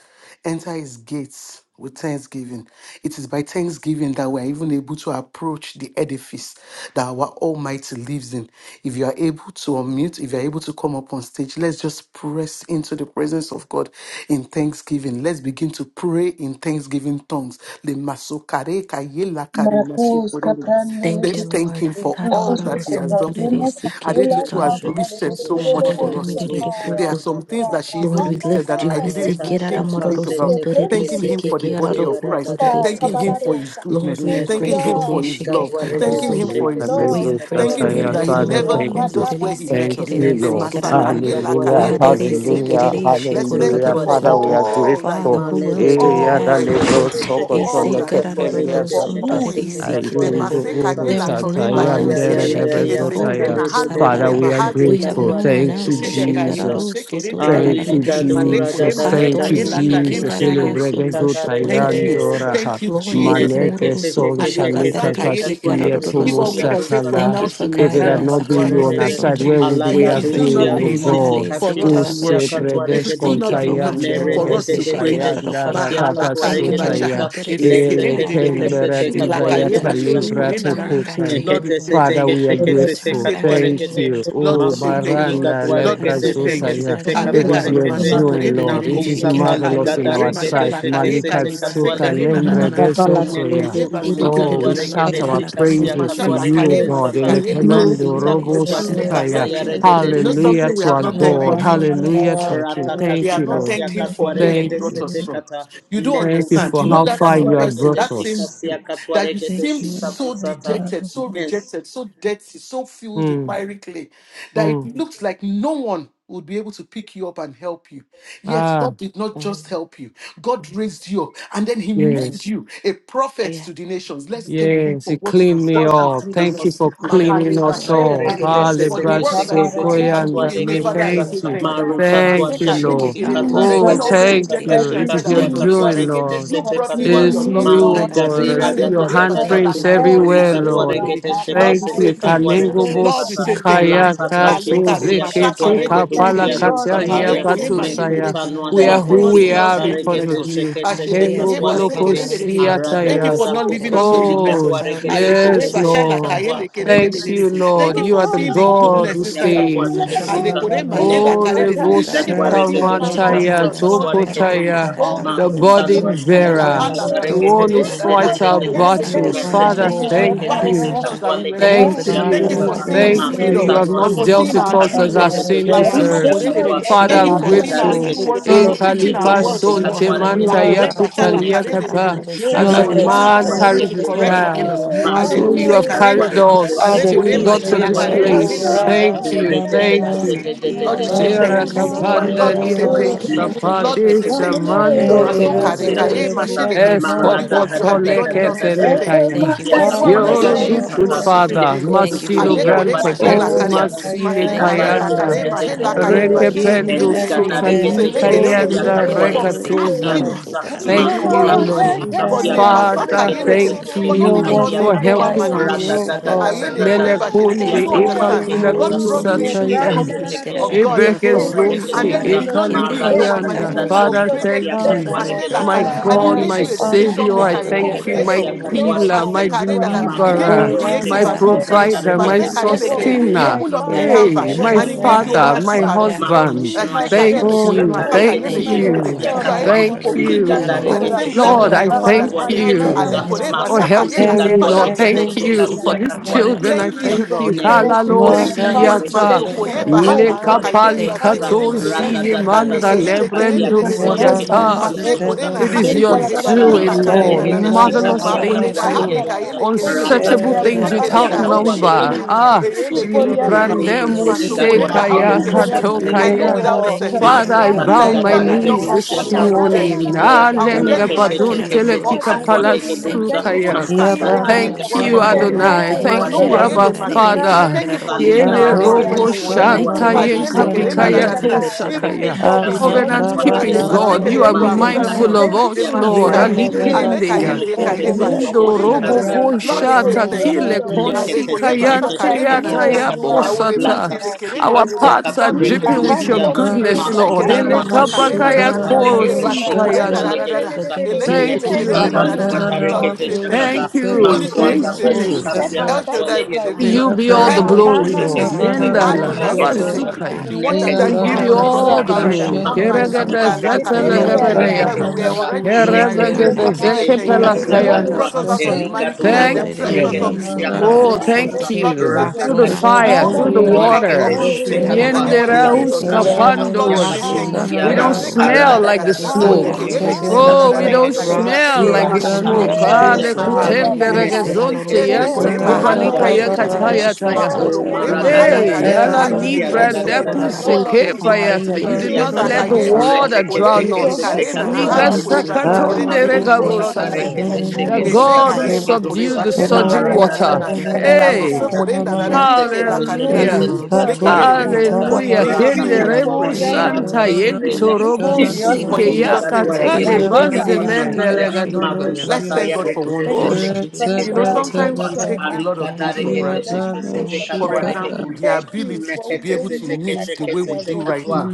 Enter his gates with thanksgiving. It is by thanksgiving that we're even able to approach the edifice that our Almighty lives in. If you are able to unmute, if you are able to come up on stage, let's just press into the presence of God in thanksgiving thanksgiving, let's begin to pray in thanksgiving tongues. Le masokare ka ye la kare Marcus masokorele. Caprandele Thank you, Let's thank Kitas Lord. Him is for all Zuzus Karamararo that He has done sunturiri for Lukupatina us. Thank sikeke Kakula you. Adetutu has karoro listed soto so much Kakala for shararere us today. mirerere There Sakara are some things that she Rata Lord, even we Kaka listed lift that you. I Kaka didn't even Kaka think to think about. Kaka Thanking Him for the body of Kaka Christ, thanking Hisikiraramarorosuntorerisikikirarokutororisiki. Him for His Kabarosha. Lord, goodness, we are Thank you, thanking Him grateful. God. for His love, Thank you, Father, thanking God, Him Hishikikararosunto. for for your His love, We mercies, are for thanking grateful. Him that He community. never thank leaves you. us Rakata us where he met Thank us. you, Le Lord. Nekusutu Hiraramarorokuntorerisikirarisikararara. masakaye liga la Hallelujah, kareba dwaregede sete hallelujah, sekerendedede. kesheke Let's sete thank hallelujah. him for Father, we Aderesikirerishikorororosunto. are katwaregeduza. all that he Father, grateful. does, who else Malegede do Eh, we de all de have that de de he de but de you? does, adalebro de for soko sheke all tono sete that he is, tepelia katwaregede for sheke sata. who he sete is. Ay, Le dundu Hisikirararorosuntorerisikirarara. uru katwaregeduza. masekaye There la is sata, no kareba one Aya else. ya yandere shelekerede. ya ya ya gabezo Esekere taya. na kataregede halo Father, kore Hishikikarototusararara. we sheke are mahale sete We have grateful. no kerendedede. one Thank you, else. Mishede kaye katwaregeduza. Jesus. Eshekararo soto Ali Thank masekerendedede. you, tararamerese. Male kadura da kore Jesus. da da Thank da you, masekaye la Atoreri kare kusutu Jesus. sheku kerarara Celebrate si the masekerendedede. soko shoko Thank you. tararese. kataregedeza. Zotayandora. Thank you, Lord, Jesus. herere Nekete Maleke mororo sete suko son keşe chalika Alebasaka kesete shakatarari ke pasia katware de yedekere. kararororo If tomo all we sondo. dulcia can say dulca from satala. thank now you for takashi to If it guiding had kasya us. not eternity been you katware is on Akaramororo de our de thank you, side, sondo. where Jesus, would we it Thank alaga will you have for still not been, dulcia keeping O be us. enough dulcite God? Ararese for kashi us to Use kerararoro kasya worship. sondo. It katware will predesh de still Thank not you dulza be for enough watching kontayande mere over for de us. us de regezu to de de praise de you. Eshekerararo tayanda kondo. shikasya Thank katware Thank rakapasu you. de Mahalakarebacha, you, chaya. dulza Harorokotorerisi lete Ele keşe esekerendededede, kerararamararo kembera kesete katware O de sheketararara. dizayata dulza We libra elakayebasholokore to nanana. return back to kusai. you, Lord, we O Nekete Lord say sete God. Father, we thank are you. Thank kesheke We We sete return grateful. say back to Thank you, thank you. O kete Lord. you. Lord, we Oh, say Thank amasutu you, thank niga you. Lord. Baranda, Lord, we Lebra dwarekete say sheke thank you. Zotaya. sete It is Alekare your kete you, doing, Lord. It is masokorendedededede, Jesus. Thank nakusata liga marvelous in alekore our Haramararararesintarararawaramororosuntoreririishikikakorororosonto. darekete sight. sheke mashalakare Thank you, Malika sete Lord God, kayebase for Suka the kare growth. katwalegeduza nananana. God. Lembregesotoya. Olekeye nekusutu Thank you for liga the Oh, basekele we dwarekete shout Thank development. dererere. our you, for Ole shikasia praises to protecting mashallah you, O Hararosontorerisite. kare rekete God. sata masekaye Thank you, lekele you, Elekemendo masita oh Robo dererere. kusha God. kusata Sukaya. Masekaye ya dererere. regede You Thank know Haramararararesantararararesikirarosonto. O shete something Hallelujah we to sete have our not katwa thanked God. God for. regeduza Hallelujah Thank to you. our King. rata God, We Thank you, have kashika not Lord. thanked sia him Thank for katwa you, where he Thank, regede oh brought us sete from. kata You don't neko thank you God. understand. for You sutu know how that far same ligatwa you have person, regede brought that shika us. same you, sia katwa that you Thank regede seemed you, sita oh so God, kusata dejected, Father, so for Yes, rejected, so dirty, so filled with Mm, miry clay, that it mm. looks like no one would be able to pick you up and help you. Yet Ah, God did not just Amen. help you. God raised you up and then he made yes. you a prophet to the nations. Let's Yes. thank him Yes, for he what the cleaned me work he's up. doing Masakata in Thank you us. sita for For the kusha Thank cleaning you, us kusata Lord. up. yaregede Haramararo sete Hallelujah, keshe work that you kesete continue to sotarererabantya. do katwa in me, legede Father, Thank you, I uza Lord Thank say you. God, thank for you. the maru Bandele. tatwa refining. Thank you, Maseka sheku yende Lord. kerere. Hishikekaro sikata Oh, When all regede Jesus. men thank sita sotarererere. rejected Thank you. me kashi and you, It is said I your kasya was Thank you for katwa the doing, unteachable, Jesus, regede Lord. you refining. for sete brought me to katwa your It's killing Hisikararo me, loving you, for oh washing maliga kindness. God. me dera See Ale da sotarererese. your da with kore your da da basha da precious la Thank you, handprints kare kusutu blood. Haramororo maseke everywhere, liga re re dwa Lord. re re. regede sheke Lord, sotarererere we Thank say sete you. thank katwa kirakarara you. Kalingo santa. regede Lord, we say sata Thank thank you. you, Lord Bosikaya Lata God. We are kashika grateful. Alekare sia masaka katwa Katuzekete ye regedu Thank Hishikirarakundu. Kapala you, sia lekerere. du Lord, for We are not Kataya sataya. Aleko ye grateful. forsaking me. Patusaya. Hirerakundu mashekere. Mekuta noa We Thank are you sheku for who not si we leaving are us kata where you because met of regede raramarareseterarakundu. us. you. sheke sete Aramere As Kengo Ashelekeye we katwa become, Boloko legede. Hararo basekerere. Arada Thank you Siataya. for dada sotarererese not leaving us kusutu where you met Oh, ligatwa us. akararo regede Alekore sheke yes, sotorere sete Lord. bashalakaye shenkerarara katwa. Thank kontorere lekerere. you, Nesutu Thank Lord. you sikirere Oh, ligatwa You for are the seeing the regede antororo God shika who goodness sia inside of katwa us. sokotararere stays. regeduza. Alekore nidire Shatarano, Oh, kelaro to Nekusutu mashalakare. Thank you ligatwa for sotararara seeing regede past Lord all shika the Retebedos, Legoshikamantia, sia haramarara hurts, all katwa the santarere trauma Tokotaya, regeduza. ketarara all Kanamanos, the the mararo Makuta santo Father, noa burden foolishness. sheku that I si La we bearer, don't Thank hala look the like baso bless what one we've who kore. gone so through fights much I our But you haramarara cannot tell santa indicated battles. foolish Father, oh decisions, thank bad haramarara you. you. decisions santa that we were That's a paladado. Come on, come on. thank you making. for Thank the Thank you. you healing for seeing herere through Thank you. your it You all name, have sekororo and not for O dealt santo seeing with our Lord. us true as thank our you words. that we sin can Thank When return so to you, deserves. you much I Lamasokoredede. Father. Father, Thank you bisheke I'm cannot for you, tell seeing kararara our you. grateful. true santa Jesus. words and Eh, for we Lord, can teaching we our come Kalipa return thank words to you you. to on. No, Sonte us. no, haramararo no, You Manta no. are konto our Lakoregasha hope. and we can Yakutalia lakarededede. Come haramararo You Thank you as santo a for are the a release things you man continue strength, carries to Thank his correct Lord. Thank within child. you, us. Lord on, You are the So come Haramarada you have Santa. waymaker. Aleosekarena, carried You are us the till Thank we you, on. alekorema, peace Lord got to this giver. Haramaridi shelakarema, When Oh, so place. you, Sikirada thank Thank you, you. Kuntu. helakarededede. Thank Rabbanoshita, one, you. Asanta Rada Lord, we you. say Konto Shira Ridi thank you. Sikirada Makutanwa Lord, we kapandaria say Iabanoshkananiataba, thank you. gusta another. Lord, we pade say Shukananama, thank you. we are chamando nothing, robo oh Masokare Lord sechi kare God. Leketeketeke bu mashelekere. Thank you, For the Lord work God. you escopoto have begun in us, we lekete say Aramararasanta. Eratoshkidanamanduskanamanoshi. thank you. Thank lekaya. you much For for I the work seeing Father that you cannot us. You're are a tell God, I doing good, good through us, bless we you. say Ishikarorosoto. you, father. thank you. Thank you for Jehovah. Masilo Thank hearing Alekore us. brante keti Oh, mashalakare. I Aramararosonto. masile am Thank you that Masekaye for I payanda. lakare cleansing am, us. the mahelakaye beginning bashelekere Aramararosonto. Rekependo and the dererere. Thank you for end. sotalika picking Oh, Selekere us up, Lord. dererere. yanda Rika For no rekatoza. asking Shika, us to Hereresekikarotobarara. do Thank the you, work Thank you with for you. Lakoshi Lord. picking For us ne up, Lord. Father, masakaye Nanamarusha. lekere. thank Heramararosonto. For not No leaving Thank you one you us for is for in picking lower like us helping up. you, management. oh us. God. Ayelekore bashelekere. You Melekunde don't Ishikarorosotorararamararese. Oh, understand. ikapila God brought you Ne Jehovah, into ke his ke kusataya. se company ke ke se of ke Arosotoshokarerimiterarara. God se and Jehovah sons. katuare you, And Ebrekezonte, then he Shalom. gedusa, did Jesus. not ma leave Oh, you in rada Thank lower you, rada rada ekalikayanda. management. rada He Father, Otosolareriketereshikarosoto. Jesus. upgraded shikasiya thank you. Father, Thank you. Ratamanusikana katuare we are you, Mashela My Kare- grateful. gedusa. God. And he Masunana God, Ne Haramororo made my te you a te Santo. te te decision Savior, I maker, te Amanakakakaka. a Father, te we I are thank you. Anusikede. co-creator My Thank grateful. shikasiya you, with him. Hororo Lord, katuare healer, for my Santo. who gedusa, Masekare you In dada. the are. ma He mighty gave you name deliverer, Oh, of kusanoa se my creative Jesus, Haramororo kusikata abilities. provider, Santo my de Raketeketerekakara. regede se te For te Ratavatuskaniyata, Masekayelekeye. Keterara. te being He ya my sustainer. opened you up ne his have father, se canvas Hey, for permission, my O and he being Lord my gave you shikasiya God. father, source, ownership my katu. You Ma Rekete have for abilities. husband. being permission, kusanoa my se Haramororo Thank strength, Oh Masekayelekore, you, Santo. kusikata for Lord, thank regede being Thank my you you, O are you, masakayekeredede. shikasiya Lord my You God, are restorer, katu. help. able to for thank Haramororo, being Oliga my co-create not you. only at the for Oh deliverer. regede same fixing level Lord, our that I your shikasiya hearts, O father Shanamano thank Lord katuare God, creates. gedusa, Ale you kore, Shikanano. cleansing, ma for Alekore, sotuli la. helping circumcising. me, Father, katuare Lord. we Thank gede Ereketo thank Heshekeraroro you. you Repapapanamanamanakukukutenteleketesa. for shikasiya Santo, these Thank katuare Shianamano. Haramarara you, children. I Thank gedusa. Santa. you, thank Jesus. you. Lord. Ne Thank kus. Thank Thank you, you you. Kalalo for Lord. my Thank Manda you. family. Tulikatware Hedidisi, kete Thank you Sieta for Masokoye my Keraromororo shikasia home. bahala Santo. Thank you Anamako. katware for my akaye kete Thank you, rada, O marriage. basekerende sister. Lord de. de God, raga de. Thank you, Lekapalikatozi da for da da Haramarara manda da Alekeye children. Santa. Thank shikasia lekerende you lebrendo de for de Who my de de. else katware do de. we Miyamano husband. have na siata. ketusia but Thank you, you O dosa Masekore na Lord It is hande Kitin God? Sitabanako. your koye metusa Who bashala tararararaya. else taliga doing, do da we Lord. karena have na rekete na na. but you, Rekitin Marvelous shikasia Makole things, da katwale Erababanako. hale Lord. Haramarosonto? kaye tatatatarara. gedosa Who Thank lekerende you de de. else for rata do the Unsearchable we ab- things have kashikasia but without you, Esekerenda ability ho Erababas. to katwale number. Vesheke lekerenda. feel. gedosa Ah, Thank Ere you for the Karosonto? lekerende de. Ne de de. Manda ability to kusuto librandemo see. se ligaduare Masokorenda te ho Thank kaya you for the desika lekerendedede. kato tuare ability te I to know kaya. desa without a walk. Thank Yabanako you ma for Father, certainty every I suza Rama helper, bow that if my God ligaduare had te nekete Haramarara, not knees Shikatabanako you've come for desika this sent. me, I'll be dead Thank morning. you today. for Shianamano Ah, every tatatatarararosha. I'll be helper, dead lenga Thank in you my Sitanamako. for badon sins, or spiritual telekika I'll be Hashekiraramurusunto. tuare te fully, discernment. Thank desa you, Thank you O ma for palasukaya. fully Lord God, seeing kusata saturated Yabranos in eyes. the Thank work you, ligaduare of te the Haramarosonto. Hearing enemy. Kanamanos Adonai. desika eyes. Thank you, tuare Thank Masoko you, te Yes. ayende Abba desa Yatabanos In Hiraramarareke masekere. the Keto. ma Father. name Thank you of suza for seeing Jesus. Yene our Shekirarokondorara ligaduare te desika tuare te desa ma kusata ligaduare te words when Abrados robo Santa. no Yati, one desika did. Thank Emeka, you shanta tuare te kanamanos that you yenka Ashende desa still Banamana, kerenda continue da bikaya to da da yenemenos be da. to ma El Katekataya. Shaddai. Even sakaya. Thank you before we for Ise knew que you, calling Covenant suza me your caroro keeping Aleba own. soto God, you akatabadabados sekere, rara are Thank you you for merera my affirmed yeneme mindful ligaduare us. of te canto. desika De us, identity in Lord. Ise tuare la She's Christ masekare. te rara desa merera Jesus. Aleka Alikende iabadabakos ya. que yele ma kusata ligaduare te eka yeba shedebe teraruru Rakatete. Mendo shoko renda da desika robo da da. tararose. bo Thank Lord, you we tuare te for say ratabada the shata desa thank knowledge you. kile of radaba Rekete you kosi Aleko yeba because saka kayante I le na na Forgive na yata na. know us, ya O you are Lord with God. Aoreba me bosata. shebe and kerende de Our de de. I Forgive paths us, are Lord, we believe say I dripping Haramorado have with your thank you. Santo. Forgive goodness, confidence. iabanos us Reshele for Lord. those keremba Ele times kianamas and Rakatete. saka those le na na kapakaya moments na where na. we weren't sutananamanos Eba kosi grateful soko shete enough. renda kayata. da da da da. Forgive us for Eleke the yende Thank Thank time you, and the kerenda da Abba da da you moments da. where we Father. Lord, for weren't we say iabananamakos grateful enough. thank you. Thank opportunity shete to Holy you. be Forgive Spirit, we us for Thank say the a benemakos thank you. times you. and Christian the shete and El moments, oh practice Shaddai will Lord my say To God. thank you faith. you. be all the iabanos Elohim will glory, say Asatarara Lord. Anamana thank you. Santa, where we've kupela kitamanakos Mendala Adonai will missed kaya it, say oh shete thank Lord you. namana God. Habasukaya. The one that kuprendo We died We for give legede us have you on the cross missed it, all of the iabananamakos Calvary Kata, that did glory. not ratatataya Ashakatororo mind Makuta, shedemenos Keragada that Santo. Mwashe, rakete But Kusi, lakareba here Iya we Kata, seke, are now, yarada that Zatalagabadayaha. we Regede, were banana Father. Sata, already in the raguzu Here miry we Nefese, are kushete. brende clay. Kerabagada now. We Sete, kapaya say Keshi, thank Iya you. kapande Hishikirarara The Kasia, one who Zekepelakayana Mororo brought legede Katwa, us out of Santo. Masa. the Thank banushkata. you, miry Eriga, clay Duli, and Oh, Thank then Jesus. Gatwa, dressed you. Thank us you, Iya Regedu, up reremidire in Shia, mana Jesus. Oh, Sikararara beautiful Kasutu, Ah, clothes. thank Santa. Sata, thank kushete. you, Lord, we you. say Rocks Jesus. Through Rata, will the thank you. not Kashi, The cry fire, one Kasia, out through who the over Retoria Katwa, took Adamila me. out the water. Regede, kato orphan Sete, spirit Esterara and Katwa, kushianama. gave us Canto the spirit Lata, eshe of Yenderahus Kashi, sonship. Reresitera. Rama baba Lord, we Kasia, say Rocks Katu, will kapando. thank you. not We akaya cry don't Usiada, masutananama. out over Masekare kataya smell da me. da Arada, like da the da. Dada, Dada, Iya smoke. Kushi, Olekeye Esantararoro awonila Kusi, lekere da da Oh, Santo. woto da Katwa, we da da. tebenenama. don't Regedu, Kayeba Uza, Rocks smell will sekere Iya like de the not de Rata, de. come out Kashi, of smoke. Ah, Mororo Kasia, Santo. eshe Sata, Ay, banushiatanama ele que baba dede. kusha. Nefese, lekutenderegezonte Keshe, Iselararodo Ese yento Thank kore Keshe, you, Rabba mahala sotarareki kopalika Katwa, thank kare de de you, de baba de. shekararara thank yakataya you, santa. tayaha. Lord. O Maholo In kore swetere. mara every da da mahala da Hey, Ilereki da kare way of su da yala ay Era ele showing que kasia ra de tororomuso libra gratitude, de da da de de. da da oh tabaraba. su Oh sokorarara. nepuse Lord, su Lord, we su show te say ka mercy. su kepayata. thank you. You Arerere did Show kasia not Esa let kata mercy, the kontorara we are kayema. re santa. sorry, te water Lord. ke se drown Ole ke Eke Show ele se us. te kare mercy, na O katua shekararodo Liga hale God. lege kore Papa, ba se dusia kere sotarara. Teva de a na de. ku na si Oh na, Lord, Thank we kata you, re kadaba say Lord. sakatonderegavosataya. ke na te thank you. se The ke Haramarara brande si kede Ese kede God santa. kata who Ayadamakushenemenuskata. re kede. ge kayema kore Re- subdued ba the dusa re- she la re- re. surging mara kare na Eshekararamororo I da na na da water. na. Thank da you da for da my suntorareki da da Ela da Hey, bose daughters. I kore lararodo da da su. da. na Thank Rekevenemenuskanemenus. you se for se Ela their te se kare Hallelujah. da ke growing da. se hallelujah. good te Kororo Ole health ke katua of ye re de mind ge de. and suntoraramarara dusa body. For in Hallelujah. santa. Thank Likatoskitanabados. Jesus' name we you have for Kenderebo Ratakasika we prayed. Hallelujah. are Sia not santa Hararo yento Kataregedeya, sotorara. this is robo the Iyagabananushananama. For sike in hospital for Jesus' Nekusutulika Iselarareki name we have sickness. yakatale Yeah, prayed. okay, torararerere Dwaregedusia banze Father, Amen. Pasataya, Thank sikererekeshe. mendelegaduva ya. Let's Iyabanuskianamanoskia. Unto thank Makusataya God for soto one thing. Regedese Oh, you tararemi for direki You know, laro Sekete supernatural sometimes we Katua, otosho. Retebetebede. take provision. a Ah, lot of Arigada that things Thank for you, is, Regede Lord. and granted. I'm an old Sekete Thank you, For Katua Shakataya. Iyabanushikata. example, Lord. the Regedusa, Thank you ability for to we be Nekete able don't to look like knit the what way we we are Sekete do going right through. Katua, now.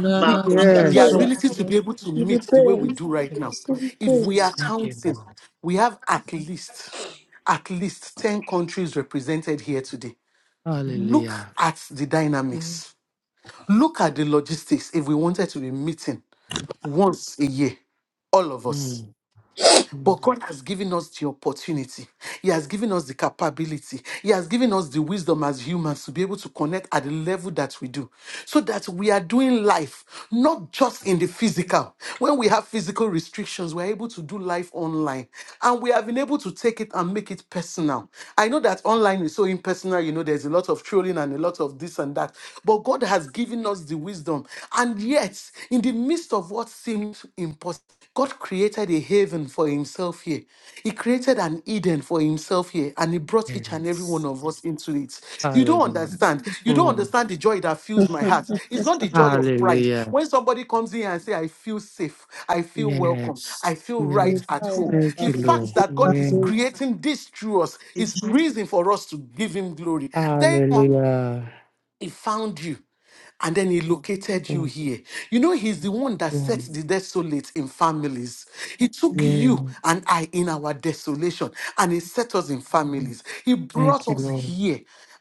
Give you The yes. Makusataya. praise. ability to be able to Give you knit the way we praise. do right now. Yes, Give you Lord. If we are praise. Thank you, counting, Lord. we have at least, at least 10 countries represented here today. Look Hallelujah. at the dynamics. Look at the logistics if we wanted to be meeting once a year, all of us. Mm, mm, But God has given us the opportunity. He has given us the capability. He has given us the wisdom as humans to be able to connect at the level that we do. So that we are doing life, not just in the physical. When we have physical restrictions, we're able to do life online. And we have been able to take it and make it personal. I know that online is so impersonal, you know, there's a lot of trolling and a lot of this and that. But God has given us the wisdom. And yet, in the midst of what seems impossible, God created a haven for himself here. He created an Eden for himself here, and he brought each and every one Yes. of us into it. You don't Hallelujah. understand. You don't Mm, understand the joy that fills my heart. It's not the joy of pride. Hallelujah. When somebody comes in and say, I feel safe, I feel welcome, I Yes. feel right Yes. at home. Thank The you, fact Lord. that God is Yeah. creating this through us is reason for us to give him glory. Thank Hallelujah. he found you and then he located you Mm, here. You know, he's the one that sets mm, the desolate in families. He took you Yeah. and I in our desolation and he set us in families. He brought Thank you, us Lord. here.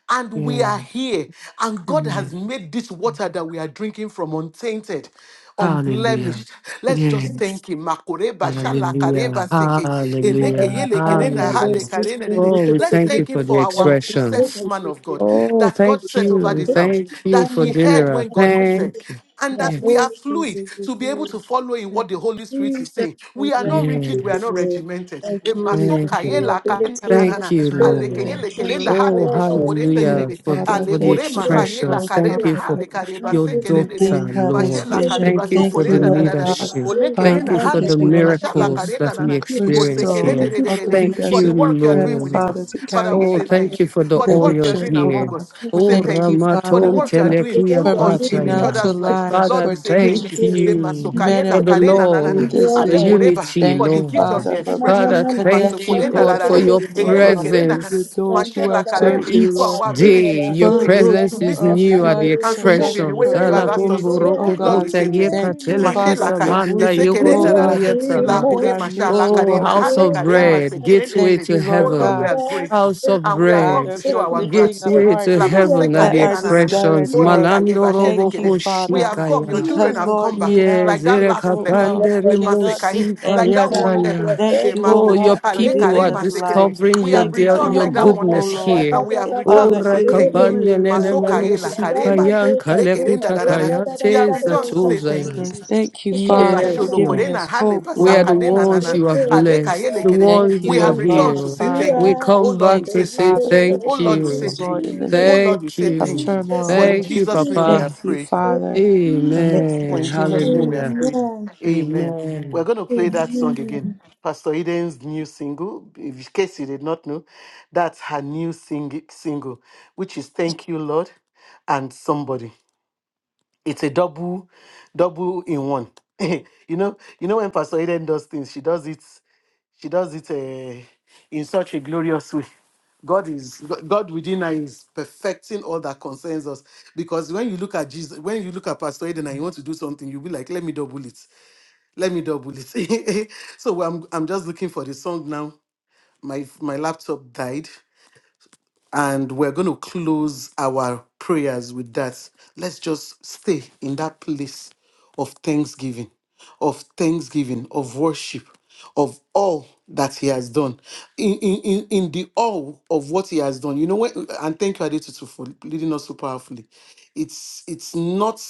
And we Yeah. are here, and God has Mm. made this water that we are drinking from untainted Hallelujah. unblemished. Let's just Yes. thank him. Makoreba, Hallelujah. shalakareba, seke, Thank you eleke, Hallelujah. for yeleke, rena, my hale, Hallelujah. karene, rene. Oh, we Let's thank you thank him for the for our sex expressions. woman of God Oh, that God thank set over you. this house, Thank you that for she heard dinner. when God said. Thank you. And that we Yes. are fluid to be able to follow in what the Holy Spirit is saying. We are not rigid, we are Yes. not regimented. Emasoka, Thank you, Lord. yelaka, ability na, na, and Thank na, you, na Father, ale que spirit. thank Lord. Thank you. you, Oh, hale boso Lord. corenda Lord. hallelujah de for the, Father, for ale the thank Let's you, orema Lord haye la expressions. God. Thank carena you for Father, hale careba your se You querenda go. de daughter, gave her this mache Lord. la vision. careba Unbelievable. Thank you so for Thank you, the corenda da Lord Praise God, leadership. ole the Thank Father, querenda you Son for hale of because the the you have coreba sha la Lord. given miracles carena that na we Thank you for o the se experience Crystal and querenda here. de ability de to other Thank meet. for leaders the the you, work you are doing strength, Lord. within Father, us to father carry we Oh, say out thank thank you you for the for the the work you oil are vision, doing oh here. among God. us Jesus, we say Oh, Thank thank you, you for the Father, Ramaton Thank work you are for, doing you for the work Telekia through you for are us doing in reaching in each out us to Patraya. and other's lives through us. lives, lord Father, we for We say give you thank thank you touching glory. Le We you give you masokaye men la for and the thanks. kare women na na We na na. through give love, you this the Ade vision. honor. koreba unity, for Thank the you, Na, gift of na, Lord. the Father, for na, na, na, expressions. Father, na, na. thank you, connecting Masokore na na this God, na for na. Unbelievable. your vision, oh Eye le God, Radu, kere na na. Rusi, with presence. those Mashe who la are Kandarada. That kare searching, for each Lord. our Radu, ability day to, to your Father, Radu, wait, those to presence who Saka, is listen are to new you, at the fight and to move Unbelievable. in searching the way expressions. for that you have Yeah, asked us to community, go. yeah, oh Alakumburoko I'm Lord, we God. pota say you thank yeka you. every Thank you, morning. Mashe la Father, telekusa ka for manda ese moving, Every kere oh na na na morning, God, na. every in La the Alakumburokopotayekatelekusamandayokotolietaha. in kore our masha la midst, oh morning, Oh, kare Lord, na to ha house le touch of kare lives. bread, masekere na na. gateway Thank de. you, to Lord Oh the Lord, we heaven. God. are God grateful House of and we have come bread, to Father, that show for our Christmas is lifting up there. gratitude. gateway to La hearts Even when heaven we are are that the masekare not are na na na na. Christian, expressions. discouraged, you are Ole Lord. you. Malando kayeba shede robo Thank you, kede. We Father, have come, your koshikaya. You children because, have will be come Lord, back, without faithful. Yes, like that you, last You oh give leper, your God, we erekapandere best. lemase cannot do kaye, mosi You like that can anything. one have leper. your payataya. Thank best. you, You oh Oh, take emaho, your God, up for ale praise. people kare giving are us mase life. kere. discovering We your have Thank you dear, for returned your like that hope, one oh goodness leper, Lord. and here. we And have Oh, returned Father, to say in thank you. even our rakabandene Maso generation kaye la nemenosi karema, kayan ele kere nda da da da. kalekutakaya We have returned to say thank you. tezatuzayas. hopelessness, thank you, Thank Eba Father, for Yes, giving Lord. you. sholokorena, us hale hope, We are Lord. basaka the lena Yes, ones nana, thank you have you, aleka blessed, yele the Jesus. kerere. Thank Thank ones you, We you, you O have have returned Jesus. God, to healed. say You thank Father. We you. are Oh come Lord, back we Thank to say you, say Father, thank you. for Oh faithful. thank Thank Lord, we peace, you, you. say O Lord, thank in you. the Oh Jesus. midst Thank Lord, we Thank say you, of you. thank you. Jesus. turmoil, For in Thank Lord. Thank you, Jesus' you, name we Jesus. Thank Papa. have you, prayed. Thank Father, you, for Jesus. making a For Amen. in Jesus' change. name we have Hallelujah. prayed. Amen. Amen. Amen. We're going to play that song again. Amen. Pastor Eden's new single, in case you did not know, that's her new sing- single, which is Thank You, Lord, and Somebody it's a double double in one you know you know when pastor eden does things she does it she does it uh, in such a glorious way god is Go- god within her is perfecting all that concerns us because when you look at jesus when you look at pastor eden and you want to do something you'll be like let me double it let me double it so i'm, I'm just looking for the song now my my laptop died and we're going to close our prayers with that. Let's just stay in that place of thanksgiving, of thanksgiving, of worship, of all that he has done. In, in, in, in the all of what he has done. You know, when, and thank you, Adetutu, for leading us so powerfully. It's it's not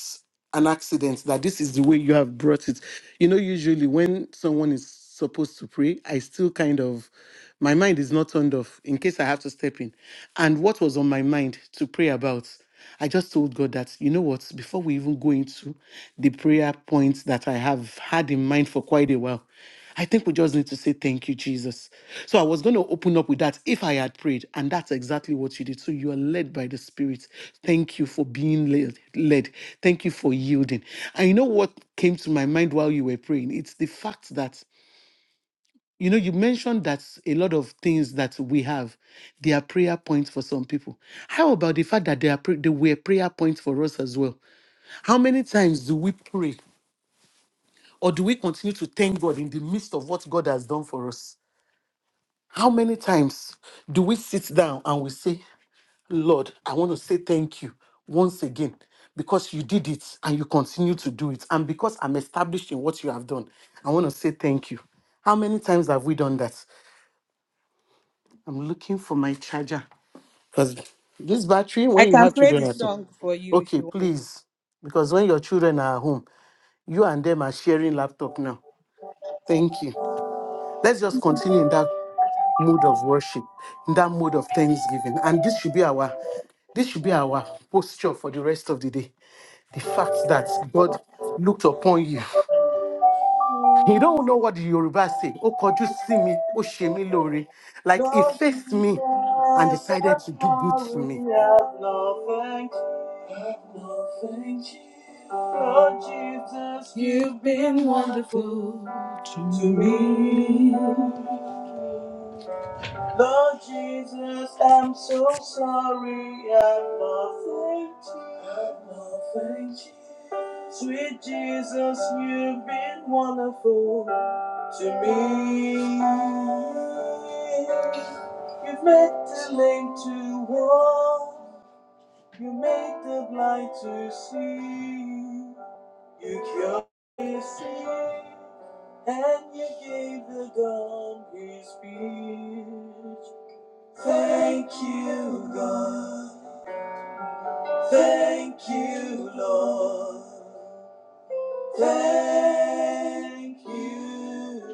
an accident that this is the way you have brought it you know usually when someone is supposed to pray i still kind of my mind is not turned off in case i have to step in and what was on my mind to pray about i just told god that you know what before we even go into the prayer points that i have had in mind for quite a while I think we just need to say thank you, Jesus. So I was going to open up with that if I had prayed, and that's exactly what you did. So you are led by the Spirit. Thank you for being led. led. Thank you for yielding. And you know what came to my mind while you were praying? It's the fact that you know you mentioned that a lot of things that we have they are prayer points for some people how about the fact that they are pray- they were prayer points for us as well how many times do we pray or do we continue to thank god in the midst of what god has done for us How many times do we sit down and we say, Lord, I want to say thank you once again because you did it and you continue to do it. And because I'm established in what you have done, I want to say thank you. How many times have we done that? I'm looking for my charger because this battery, I when you can have play children the at home, song for you if okay, you want. please, because when your children are at home, you and them are sharing laptop now. Thank you. Let's just continue in that mood of worship, in that mood of thanksgiving. And this should be our this should be our posture for the rest of the day. The fact that God looked upon you. You don't know what the Yoruba say. Oh, could you see me? Oh, shemi lori. Like he Lord Jesus, faced me and I'm decided to do good to sorry, I've me. not thanked you. I've not thanked you. Lord Jesus, you've been wonderful. to me. Lord Jesus, I'm so sorry. I've not thanked you. I've not thanked you. Sweet Jesus, you've been wonderful to me. You've made the lame to walk. You made the blind to see. You cured me sick, and you gave the dumb his speech. Thank you, God. Thank you, Lord. Thank you,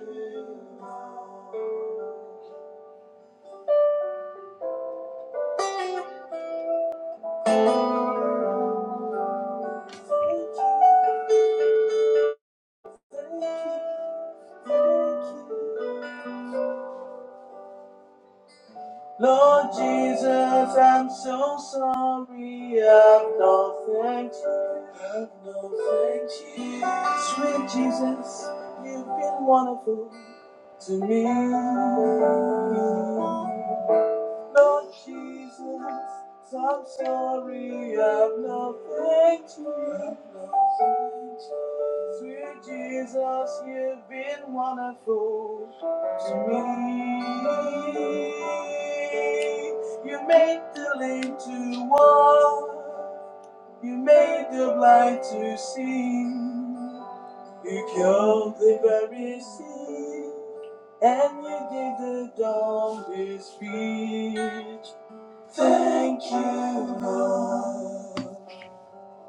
Lord. Thank you, thank you, thank you. Lord Jesus, I'm so sorry. I've not thanked you. I've not thanked you. Sweet Jesus, you've been wonderful to me. Lord Jesus, I'm sorry I've nothing to you. Sweet Jesus, you've been wonderful to me. You made the lame to walk, you made the blind to see, you killed the very sick and you gave the dumb his speech. Thank you, Lord.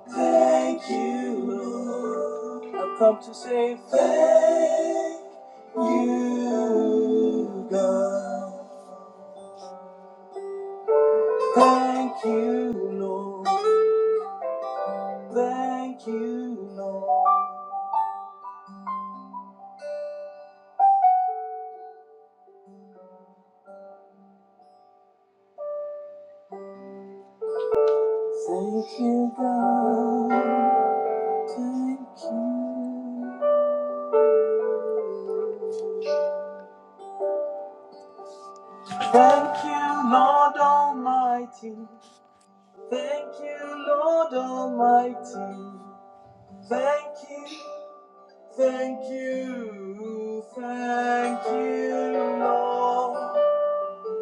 Thank you, Lord. I've come to say thank you, God. Thank you, Lord. Thank you, Lord. Thank you, God. Thank you. Thank you, Lord Almighty. Thank you, Lord Almighty. Thank you, Thank you, thank you, Lord.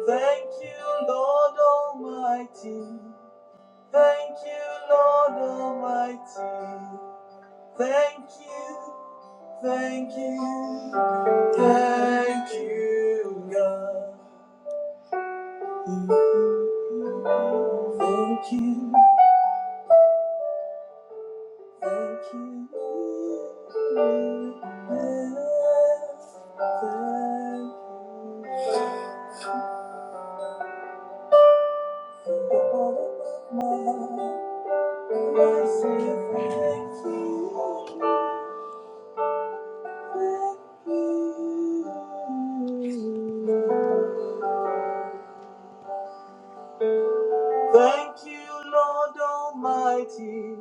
Thank you, Lord Almighty. Thank you, Lord Almighty. Thank you, thank you, thank you, God. Thank you, thank you. Thank you. Thank you, Lord Almighty.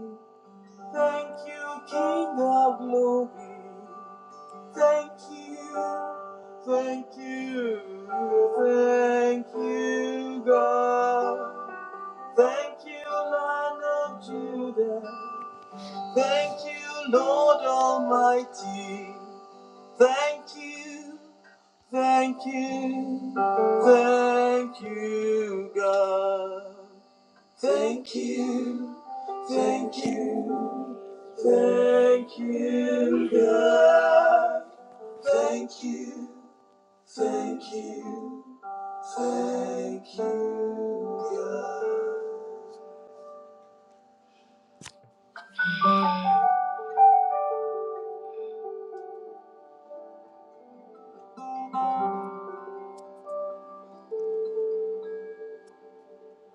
Thank you, King of Glory. Thank you, thank you, thank you, God. Thank you, Lion of Judah. Thank you, Lord Almighty. Thank you, thank you, thank you, God. Thank you, thank you, thank you, God. Thank you, thank you, thank you, God.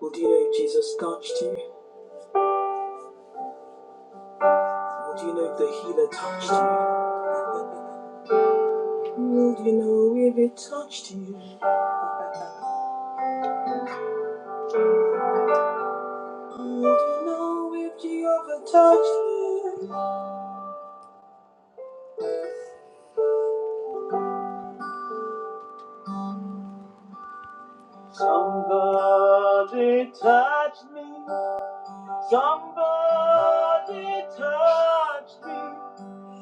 Would you know if Jesus touched you? Would you know if the healer touched you? Would you know if it touched you? Would you know if Jehovah touched you? Somebody touched me. Somebody touched me.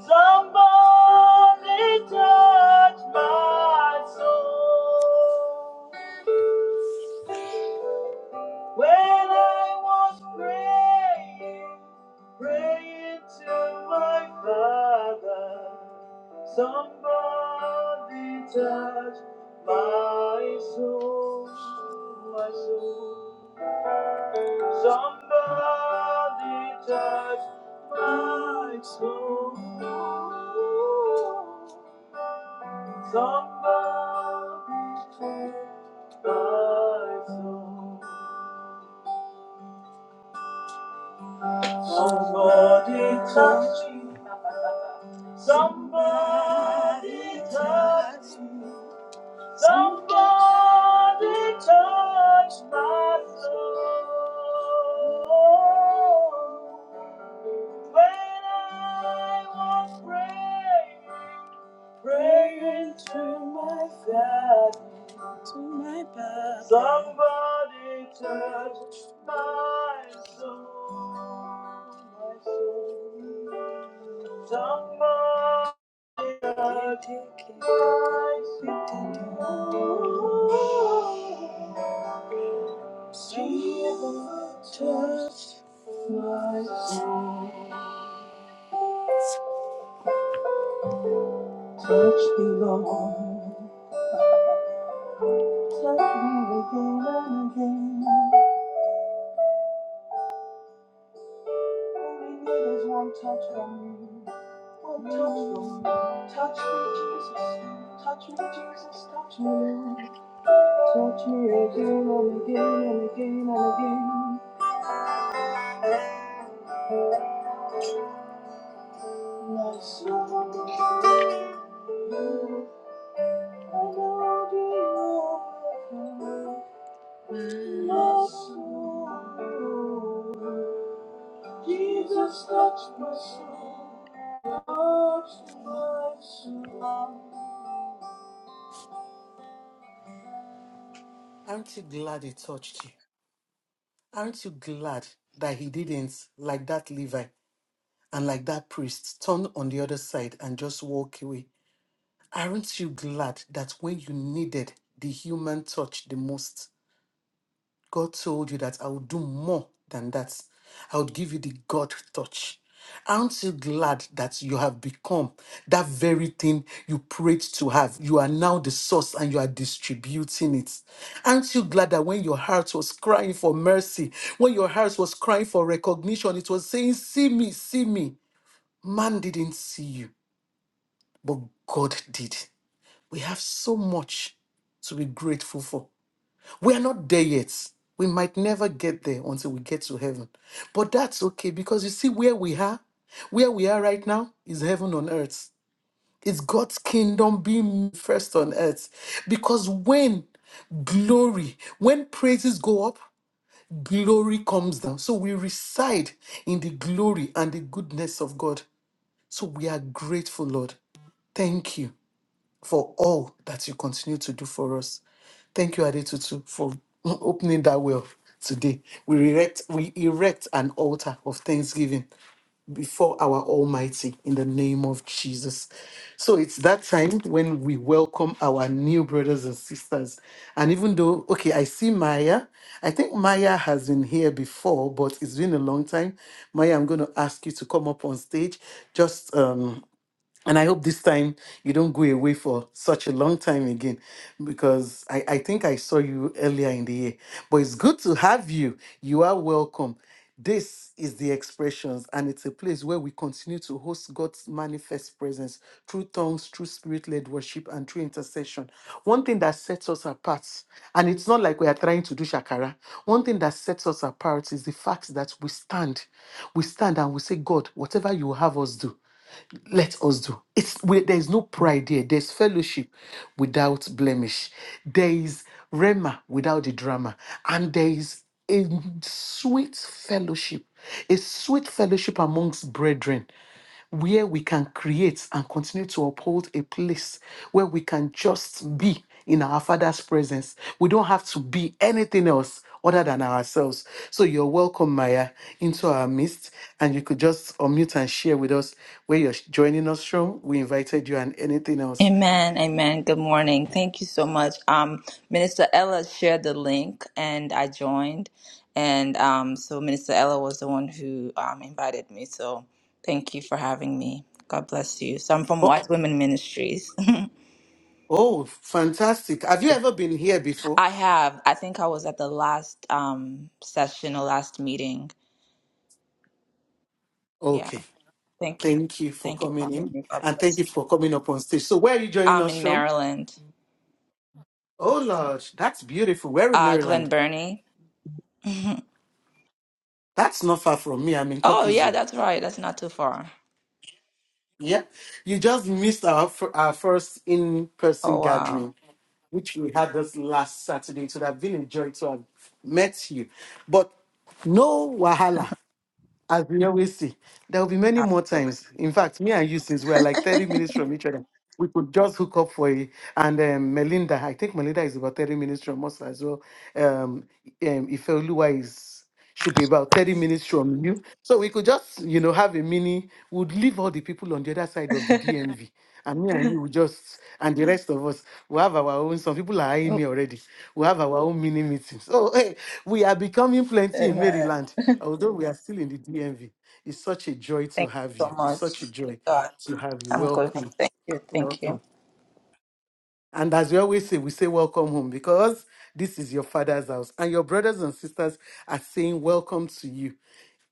Somebody touched my soul. When I was praying, praying to my Father, somebody touched my soul, my soul. Somebody touched my soul. Somebody touched my soul. Somebody touch me. Somebody touch me. Somebody touch my soul. When I was praying, praying to my God. Somebody touch my soul, my soul. Somebody touch my soul. Jesus, touch my soul. Touch me, Lord. Touch me again and again. All we need is one touch from you. Touch me, Jesus. Touch me, Jesus. Touch me. Touch me again and again and again and again. My soul, you, I know you. My soul, Jesus, touch my soul. Touch my soul. Aren't you glad he touched you? Aren't you glad that he didn't, like that Levi and like that priest, turn on the other side and just walk away? Aren't you glad that when you needed the human touch the most, God told you that I will do more than that? I would give you the God touch. Aren't you glad that you have become that very thing you prayed to have? You are now the source and you are distributing it. Aren't you glad that when your heart was crying for mercy, when your heart was crying for recognition, it was saying, See me, see me. Man didn't see you, but God did. We have so much to be grateful for. We are not there yet. We might never get there until we get to heaven. But that's okay because you see where we are, where we are right now is heaven on earth. It's God's kingdom being first on earth. Because when glory, when praises go up, glory comes down. So we reside in the glory and the goodness of God. So we are grateful, Lord. Thank you for all that you continue to do for us. Thank you, Adetutu, for opening that well today. We erect, we erect an altar of thanksgiving before our Almighty in the name of Jesus. So it's that time when we welcome our new brothers and sisters. And even though, okay, I see Maya. I think Maya has been here before, but it's been a long time. Maya, I'm going to ask you to come up on stage. Just um, and I hope this time you don't go away for such a long time again because I, I think I saw you earlier in the year. But it's good to have you. You are welcome. This is the expressions, and it's a place where we continue to host God's manifest presence through tongues, through spirit led worship, and through intercession. One thing that sets us apart, and it's not like we are trying to do shakara, one thing that sets us apart is the fact that we stand. We stand and we say, God, whatever you have us do let us do. It's we- there is no pride here. There's fellowship without blemish. There is rema without the drama, and there is a sweet fellowship, a sweet fellowship amongst brethren, where we can create and continue to uphold a place where we can just be in our Father's presence. We don't have to be anything else other than ourselves. So you're welcome, Maya, into our midst and you could just unmute and share with us where you're joining us from. We invited you and anything else. Amen, amen. Good morning. Thank you so much. Um, Minister Ella shared the link, and I joined, and um, so Minister Ella was the one who um, invited me. So thank you for having me. God bless you. So I'm from Oh, White Women Ministries. oh, fantastic. Have you ever been here before? I have. I think I was at the last um, session or last meeting. Yeah. Okay. Thank you. Thank you for Thank you for coming having in me. God and thank bless you you. for coming up on stage. So, where are you joining I'm us in from? Maryland. Oh, Lord, that's beautiful. Where in Uh, Maryland. Glen Burnie. That's not far from me. I'm in oh yeah, Cockeysville. that's right. That's not too far. Yeah, you just missed our fir- our first in person Oh, wow. gathering, which we had this last Saturday. It would have been a joy to have met you, but no wahala. As we always see, there will be many more Absolutely. times. In fact, me and you, since we are like 30 minutes from each other, we could just hook up for a And um, Melinda, I think Melinda is about 30 minutes from us as well. Um, um, Ifeoluwa is should be about 30 minutes from you. So we could just, you know, have a mini, would leave all the people on the other side of the DMV. And me and you would just, and the rest of us, we have our own. Some people are eyeing me already. We have our own mini meetings. So hey, we are becoming plenty in Amen. Maryland. Although we are still in the DMV, it's such a joy to Thank you have so you. It's much. such a joy God, to have you. I'm grateful. Welcome. Thank you. Thank Welcome. you. And as we always say, we say welcome home because this is your father's house. And your brothers and sisters are saying welcome to you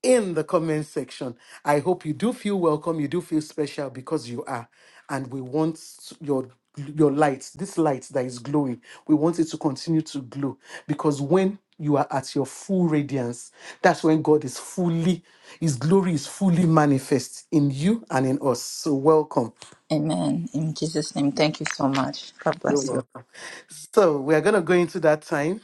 in the comment section. I hope you do feel welcome, you do feel special because you are. And we want your your light, this light that is glowing, we want it to continue to glow because when you are at your full radiance, that's when God is fully, His glory is fully manifest in you and in us. So, welcome. Amen. In Jesus' name, thank you so much. God bless you. So, we are going to go into that time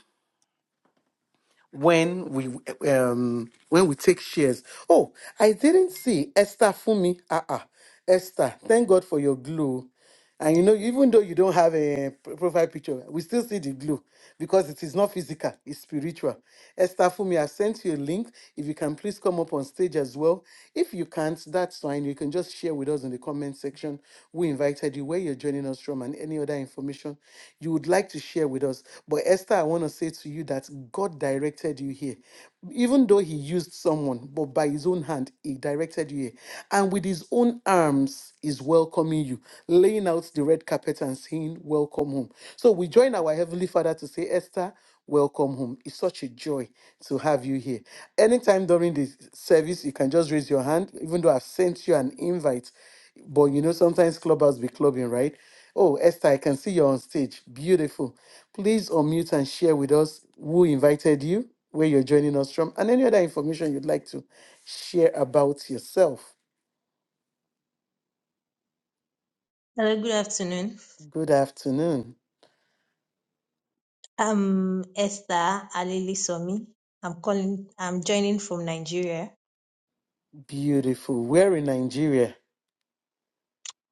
when we um when we take shares. Oh, I didn't see Esther Fumi. Ah ah, Esther, thank God for your glue. And you know, even though you don't have a p- profile picture, we still see the glue because it is not physical, it's spiritual. Esther Fumi, I sent you a link. If you can please come up on stage as well. If you can't, that's fine. You can just share with us in the comment section. We invited you, where you're joining us from, and any other information you would like to share with us. But Esther, I want to say to you that God directed you here. Even though He used someone, but by His own hand, He directed you here. And with His own arms, is welcoming you, laying out the red carpet and saying, Welcome home. So we join our Heavenly Father to say, Esther, welcome home. It's such a joy to have you here. Anytime during the service, you can just raise your hand, even though I've sent you an invite. But you know, sometimes clubbers be clubbing, right? Oh, Esther, I can see you're on stage. Beautiful. Please unmute and share with us who invited you, where you're joining us from, and any other information you'd like to share about yourself. Hello, good afternoon. Good afternoon. I'm Esther Alelisomi. I'm calling, I'm joining from Nigeria, Beautiful. We're in Nigeria,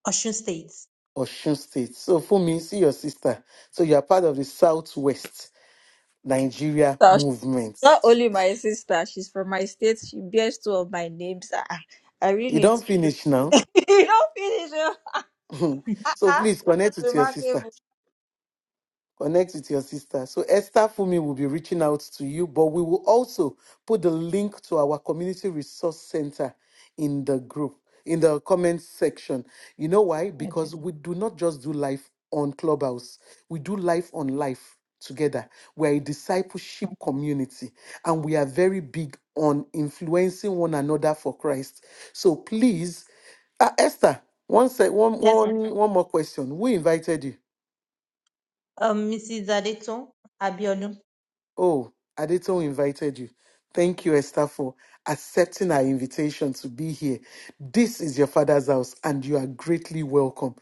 Osun State. Osun State. So, for me, see your sister. So, you're part of the Southwest Nigeria movement. not only my sister, she's from my state. She bears two of my names. Ah, ah. I really You need don't to. finish now. you don't so, please connect with your sister. finish. Connect with your sister. So Esther Fumi will be reaching out to you, but we will also put the link to our community resource center in the group, in the comment section. You know why? Okay. Because we do not just do life on Clubhouse, we do life on life together. We're a discipleship community and we are very big on influencing one another for Christ. So please, uh, Esther, one, sec, one, Yes, ma'am. one, one more question. Who invited you? Um, Mrs. Adeton Abiodun. Oh, Adeton invited you. Thank you, Esther, for accepting our invitation to be here. This is your father's house, and you are greatly welcome.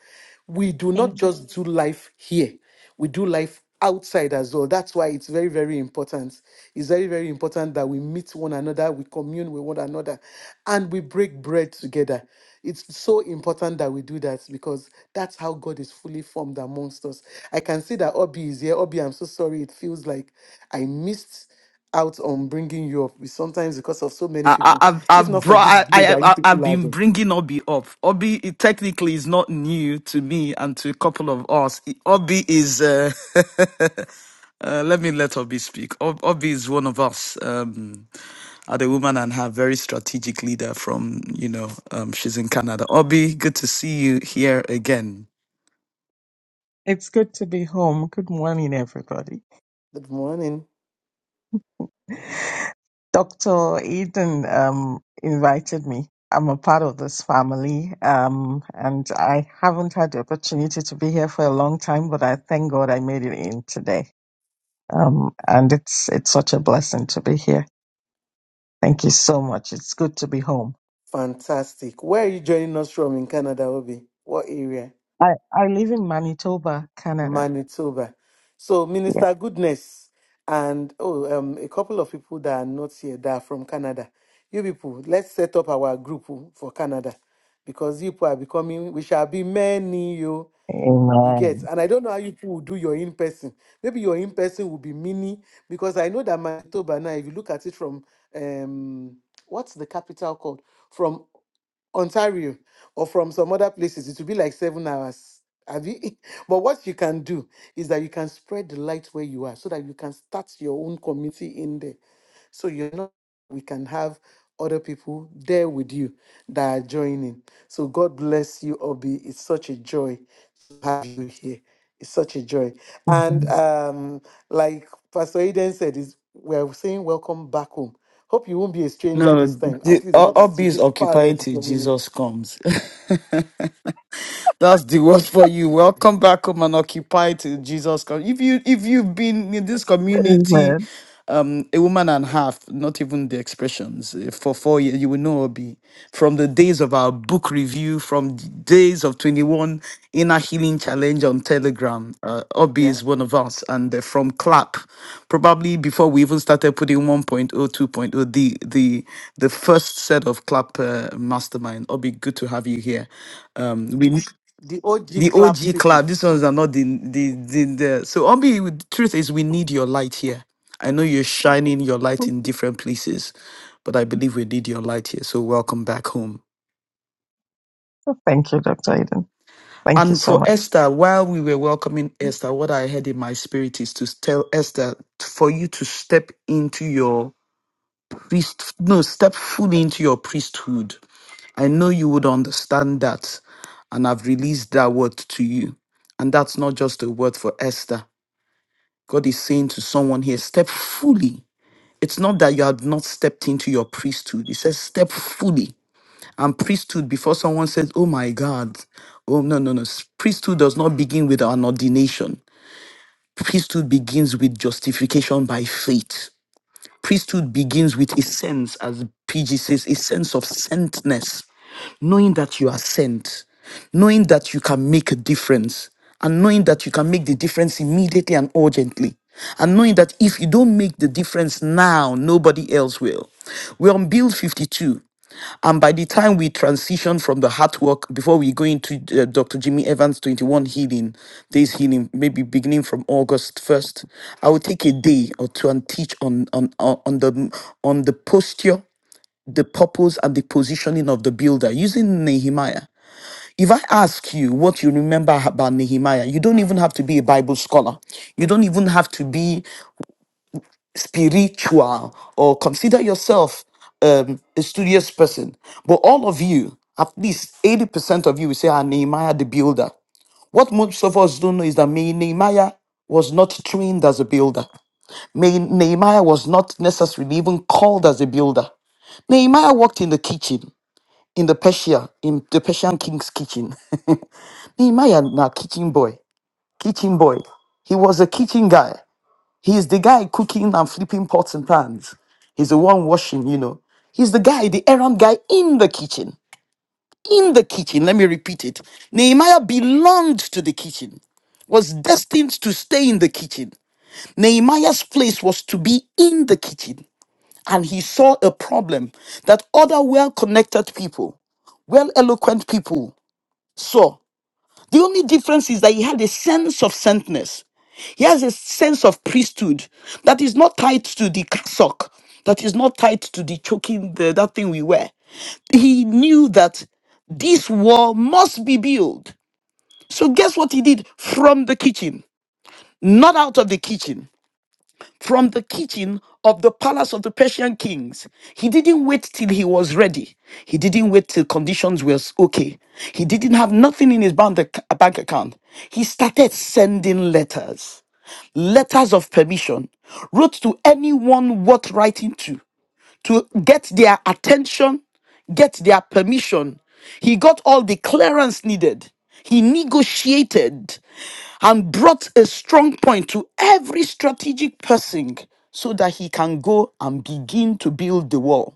We do not Thank you. just do life here, we do life outside as well. That's why it's very, very important. It's very, very important that we meet one another, we commune with one another, and we break bread together. It's so important that we do that because that's how God is fully formed amongst us. I can see that Obi is here. Obi, I'm so sorry. It feels like I missed out on bringing you up. It's Sometimes because of so many I, people, I- I've if I've not for brought this I, glow I that you I- I've people have. been bringing Obi up. Obi it technically is not new to me and to a couple of us. Obi is uh, uh, let me let Obi speak. Ob- Obi is one of us. Um, at woman and her very strategic leader from you know um, she's in Canada. Obi, good to see you here again. It's good to be home. Good morning, everybody. Good morning. Dr. Eden um, invited me. I'm a part of this family, um, and I haven't had the opportunity to be here for a long time, but I thank God I made it in today. Um, and it's it's such a blessing to be here. Thank you so much. It's good to be home. Fantastic. Where are you joining us from in Canada, Obi? What area? I, I live in Manitoba, Canada. Manitoba. So Yeah. Minister Goodness and oh um a couple of people that are not here that are from Canada. You people, let's set up our group oh, for Canada because you people are becoming we shall be many you you get Amen. and I don't know how you people will do your in person. Maybe your in person will be mini because I know that Manitoba now if you look at it from um what's the capital called? from. Ontario or from some other places, it will be like seven hours. Have you? But what you can do is that you can spread the light where you are so that you can start your own community in there. So you know we can have other people there with you that are joining. So God bless you, Obi. It's such a joy to have you here. It's such a joy. And Amen. um, like Pastor Eden said, is we're saying welcome back home. Hope you won't be a stranger No, this time, the, at least O- not Obi to is this part occupying of the till community. Jesus comes. That's the word for you. Welcome back home and occupy to Jesus. com- If you if you've been in this community, Amen. a woman and half, not even the expressions eh, for four years, you will know Obi from the days of our book review, from the days of twenty one inner healing challenge on Telegram. Uh, Obi Yeah. is one of us, and eh, from Clap, probably before we even started putting one point oh, two point oh, the the the first set of Clap uh, Mastermind. Obi, good to have you here. Um, we The OG the clap OG people. club. These ones are not the the the, the. so Obi. with- The truth is, we need your light here. I know you're shining your light in different places, but I believe we need your light here. So welcome back home. Thank you, Dr. Eden. Thank you And so for much. Esther, while we were welcoming Esther, what I heard in my spirit is to tell Esther for you to step into your priest, no, step fully into your priesthood. I know you would understand that, and I've released that word to you. And that's not just a word for Esther. God is saying to someone here, step fully. It's not that you have not stepped into your priesthood. He says, step fully. And priesthood, before someone says, oh my God, oh no, no, no. S- Priesthood does not begin with an ordination. Priesthood begins with justification by faith. Priesthood begins with a sense, as PG says, a sense of sentness knowing that you are sent, knowing that you can make a difference, and knowing that you can make the difference immediately and urgently, and knowing that if you don't make the difference now, nobody else will. We're on build 52. And by the time we transition from the heart work, before we go into uh, Dr. Jimmy Evans 21 healing, days healing, maybe beginning from August 1st, I will take a day or two and teach on on on on the on the posture the purpose and the positioning of the builder using Nehemiah. If I ask you what you remember about Nehemiah, you don't even have to be a Bible scholar. You don't even have to be spiritual or consider yourself um, a studious person. But all of you, at least 80% of you, will say, Ah, Nehemiah the builder. What most of us don't know is that Me- Nehemiah was not trained as a builder. Me- Nehemiah was not necessarily even called as a builder. Nehemiah worked in the kitchen. in the Persia, in the Persian king's kitchen. Nehemiah, now kitchen boy, kitchen boy. He was a kitchen guy. He is the guy cooking and flipping pots and pans. He's the one washing, you know. He's the guy, the errand guy in the kitchen. In the kitchen, let me repeat it. Nehemiah belonged to the kitchen, was destined to stay in the kitchen. Nehemiah's place was to be in the kitchen. And he saw a problem that other well connected people, well eloquent people saw The only difference is that he had a sense of saintness. He has a sense of priesthood that is not tied to the cassock, that is not tied to the choking, the, that thing we wear. He knew that this wall must be built. So guess what he did from the kitchen, not out of the kitchen from the kitchen of the palace of the Persian kings. He didn't wait till he was ready. He didn't wait till conditions were okay. He didn't have nothing in his bank ac- bank account. He started sending letters, letters of permission, wrote to anyone worth writing to, to get their attention, get their permission. He got all the clearance needed. He negotiated and brought a strong point to every strategic person so that he can go and begin to build the wall.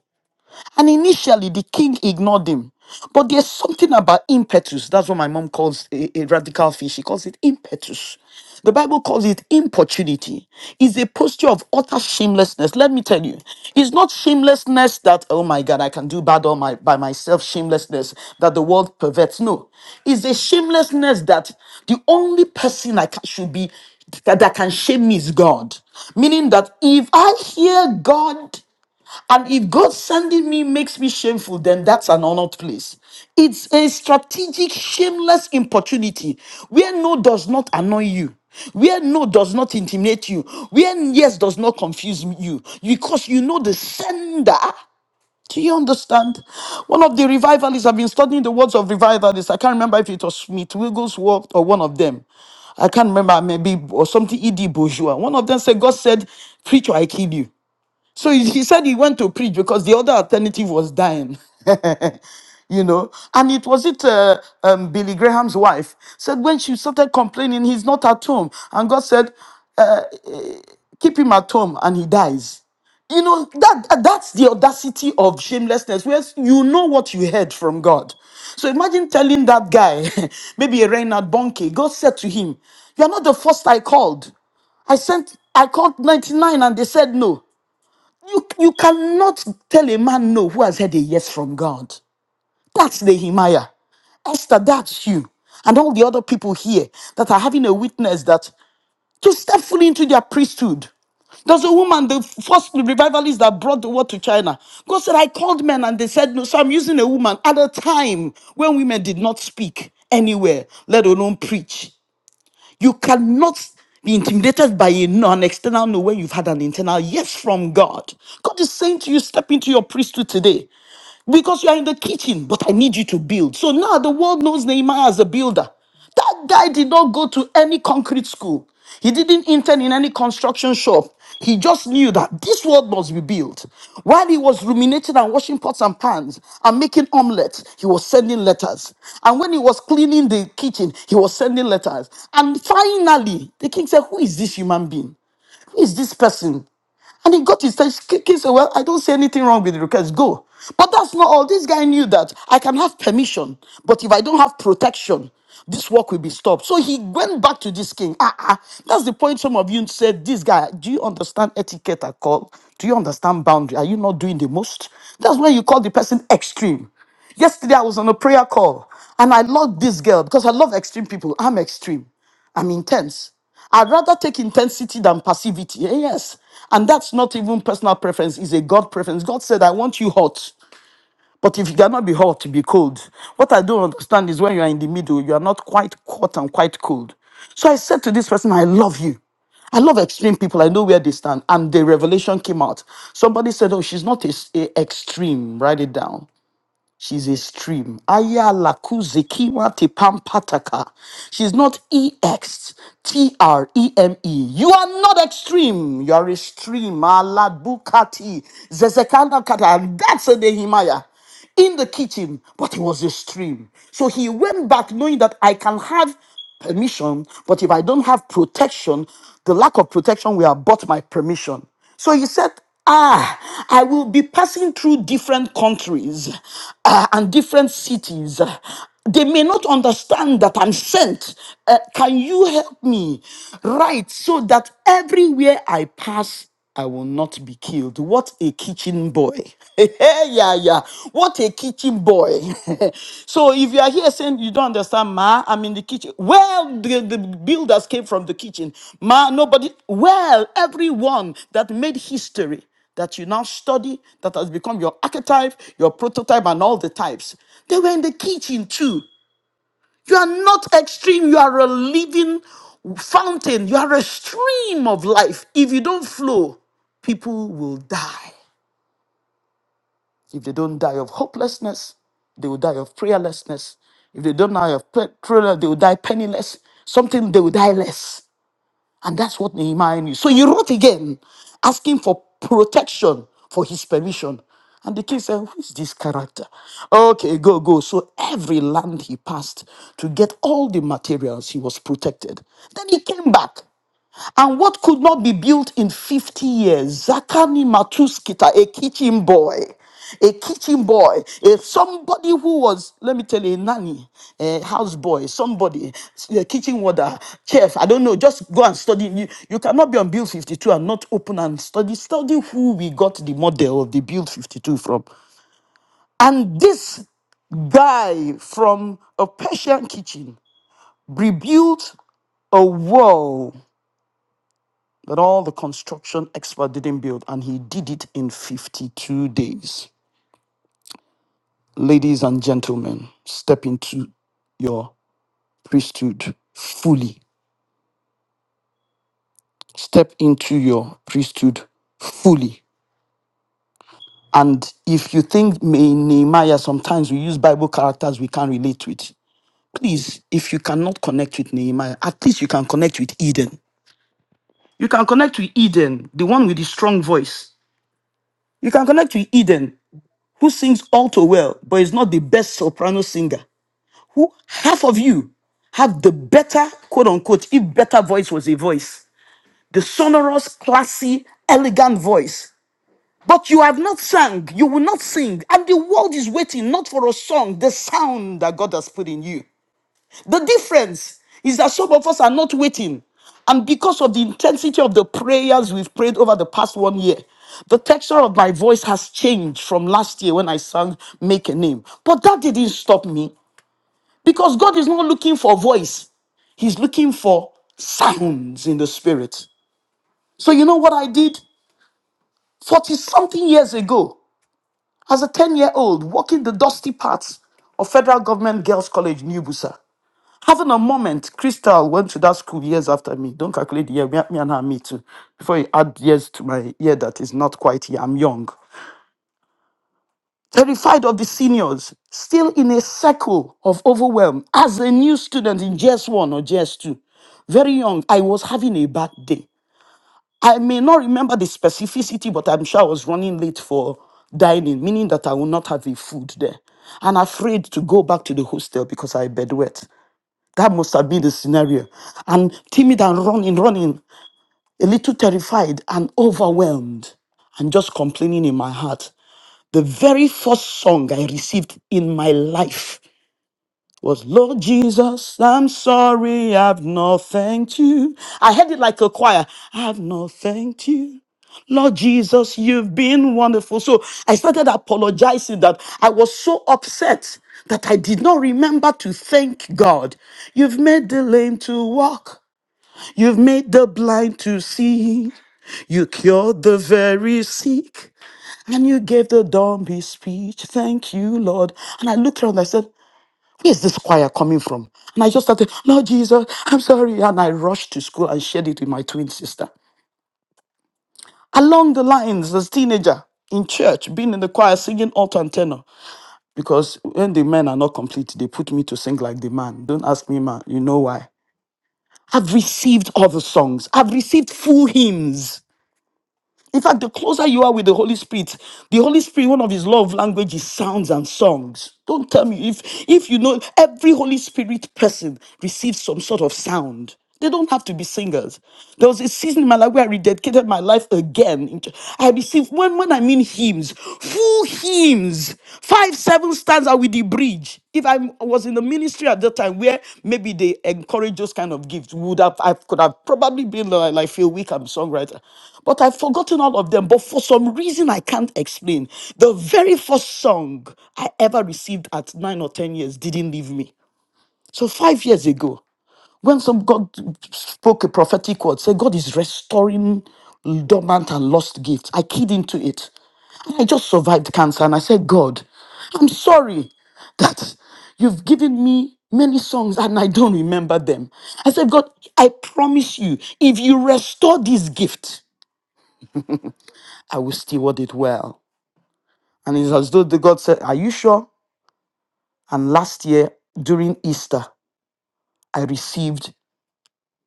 And initially, the king ignored him. But there's something about impetus. That's what my mom calls a, a radical fish. She calls it impetus. The Bible calls it importunity. It's a posture of utter shamelessness. Let me tell you, it's not shamelessness that, oh my God, I can do bad all my, by myself, shamelessness that the world perverts. No, it's a shamelessness that the only person I can, should be that, that can shame me is God. Meaning that if I hear God, and if God sending me makes me shameful, then that's an honored place. It's a strategic, shameless opportunity where no does not annoy you, where no does not intimidate you, where yes does not confuse you, because you know the sender. Do you understand? One of the revivalists, I've been studying the words of revivalists. I can't remember if it was Smith, Wigglesworth, or one of them. I can't remember, maybe, or something, E.D. Bourgeois. One of them said, God said, Preacher, I kill you. So he, he said he went to preach because the other alternative was dying, you know. And it was it uh, um, Billy Graham's wife said when she started complaining, he's not at home, and God said, keep him at home, and he dies. You know that that- that's the audacity of shamelessness, where you know what you heard from God. So imagine telling that guy, maybe a Reinhard Bonke, God said to him, "You are not the first I called. I sent, I called ninety nine, and they said no." You, you cannot tell a man no who has heard a yes from God. That's Nehemiah. Esther, that's you. And all the other people here that are having a witness that to step fully into their priesthood. There's a woman, the first revivalist that brought the word to China. God said, I called men and they said no. So I'm using a woman at a time when women did not speak anywhere, let alone preach. You cannot be intimidated by a no, an external no when you've had an internal yes from God. God is saying to you, step into your priesthood today. Because you are in the kitchen, but I need you to build. So now the world knows Nehemiah as a builder. That guy did not go to any concrete school. He didn't intern in any construction shop. He just knew that this world must be built. While he was ruminating and washing pots and pans and making omelets, he was sending letters. And when he was cleaning the kitchen, he was sending letters. And finally, the king said, Who is this human being? Who is this person? And he got his kids said, Well, I don't see anything wrong with the request. Go. But that's not all. This guy knew that I can have permission, but if I don't have protection, this work will be stopped. So he went back to this king. Ah, ah. That's the point some of you said, This guy, do you understand etiquette at all? Do you understand boundary? Are you not doing the most? That's when you call the person extreme. Yesterday I was on a prayer call and I loved this girl because I love extreme people. I'm extreme. I'm intense. I'd rather take intensity than passivity. Eh, Yes. And that's not even personal preference, it's a God preference. God said, I want you hot. But if you cannot be hot, be cold. What I don't understand is when you are in the middle, you are not quite hot and quite cold. So I said to this person, I love you. I love extreme people. I know where they stand. And the revelation came out. Somebody said, Oh, she's not a, a extreme. Write it down. She's a stream. Aya lakuzikima tepampataka. She's not E X T R E M E. You are not extreme. You are a stream. Aladbukati. Zezekanda kata. And That's a Nehemiah in the kitchen, but it was a stream. So he went back knowing that I can have permission, but if I don't have protection, the lack of protection will abort my permission. So he said, Ah, I will be passing through different countries uh, and different cities. They may not understand that I'm sent. Uh, can you help me? Right, so that everywhere I pass, I will not be killed. What a kitchen boy. Yeah, What a kitchen boy. so if you are here saying you don't understand, Ma, I'm in the kitchen. Well, the, the builders came from the kitchen. Ma, nobody. Well, everyone that made history that you now study, that has become your archetype, your prototype, and all the types, they were in the kitchen too. You are not extreme, you are a living fountain, you are a stream of life. If you don't flow, people will die. If they don't die of hopelessness, they will die of prayerlessness. If they don't die of prayer, prayer, they will die penniless. Something they will die less. And that's what Nehemiah knew. So he wrote again, asking for protection for his permission. And the king said, Who is this character? Okay, go, go. So every land he passed to get all the materials, he was protected. Then he came back. And what could not be built in 50 years? Zakani Matuskita, a kitchen boy. A kitchen boy, a somebody who was, let me tell you, a nanny, a house boy, somebody, a kitchen warder, chef, I don't know, just go and study. You, you cannot be on build 52 and not open and study. Study who we got the model of the build 52 from. And this guy from a Persian kitchen rebuilt a wall that all the construction expert didn't build, and he did it in 52 days. Ladies and gentlemen, step into your priesthood fully. Step into your priesthood fully. And if you think May- Nehemiah, sometimes we use Bible characters we can't relate to it. Please, if you cannot connect with Nehemiah, at least you can connect with Eden. You can connect with Eden, the one with the strong voice. You can connect with Eden, who sings all too well, but is not the best soprano singer. Who half of you have the better, quote unquote, if better voice was a voice, the sonorous, classy, elegant voice. But you have not sung, you will not sing, and the world is waiting not for a song, the sound that God has put in you. The difference is that some of us are not waiting. And because of the intensity of the prayers we've prayed over the past one year, the texture of my voice has changed from last year when I sang Make a Name. But that didn't stop me because God is not looking for voice, He's looking for sounds in the spirit. So, you know what I did 40 something years ago as a 10 year old walking the dusty paths of Federal Government Girls College, New Busa? Having a moment, Crystal went to that school years after me. Don't calculate the year, me, me and her, me too. Before you add years to my year that is not quite here, I'm young. Terrified of the seniors, still in a circle of overwhelm as a new student in GS1 or GS2 very young, I was having a bad day. I may not remember the specificity, but I'm sure I was running late for dining, meaning that I will not have the food there. And afraid to go back to the hostel because I bedwet. That must have been the scenario. And timid and running, running, a little terrified and overwhelmed, and just complaining in my heart. The very first song I received in my life was Lord Jesus, I'm sorry, I've not thanked you. I heard it like a choir. I've not thanked you. Lord Jesus, you've been wonderful. So I started apologizing that I was so upset that I did not remember to thank God. You've made the lame to walk. You've made the blind to see. You cured the very sick. And you gave the dumb his speech. Thank you, Lord. And I looked around and I said, Where's this choir coming from? And I just started, Lord Jesus, I'm sorry. And I rushed to school and shared it with my twin sister. Along the lines, as teenager, in church, being in the choir, singing alto and tenor. Because when the men are not complete, they put me to sing like the man. Don't ask me, man. You know why. I've received other songs. I've received full hymns. In fact, the closer you are with the Holy Spirit, the Holy Spirit, one of his love language is sounds and songs. Don't tell me if if you know every Holy Spirit person receives some sort of sound. They don't have to be singers. There was a season in my life where I rededicated my life again. I received when when I mean hymns, full hymns. Five, seven stands out with the bridge. If i I was in the ministry at that time where maybe they encourage those kind of gifts, would have I could have probably been like, like Phil Wickham, songwriter. But I've forgotten all of them. But for some reason I can't explain. The very first song I ever received at nine or ten years didn't leave me. So five years ago, when some God spoke a prophetic word, say God is restoring dormant and lost gifts. I keyed into it. I just survived cancer and I said, God, I'm sorry that you've given me many songs and I don't remember them. I said, God, I promise you, if you restore this gift, I will steward it well. And it's as though the God said, Are you sure? And last year during Easter, I received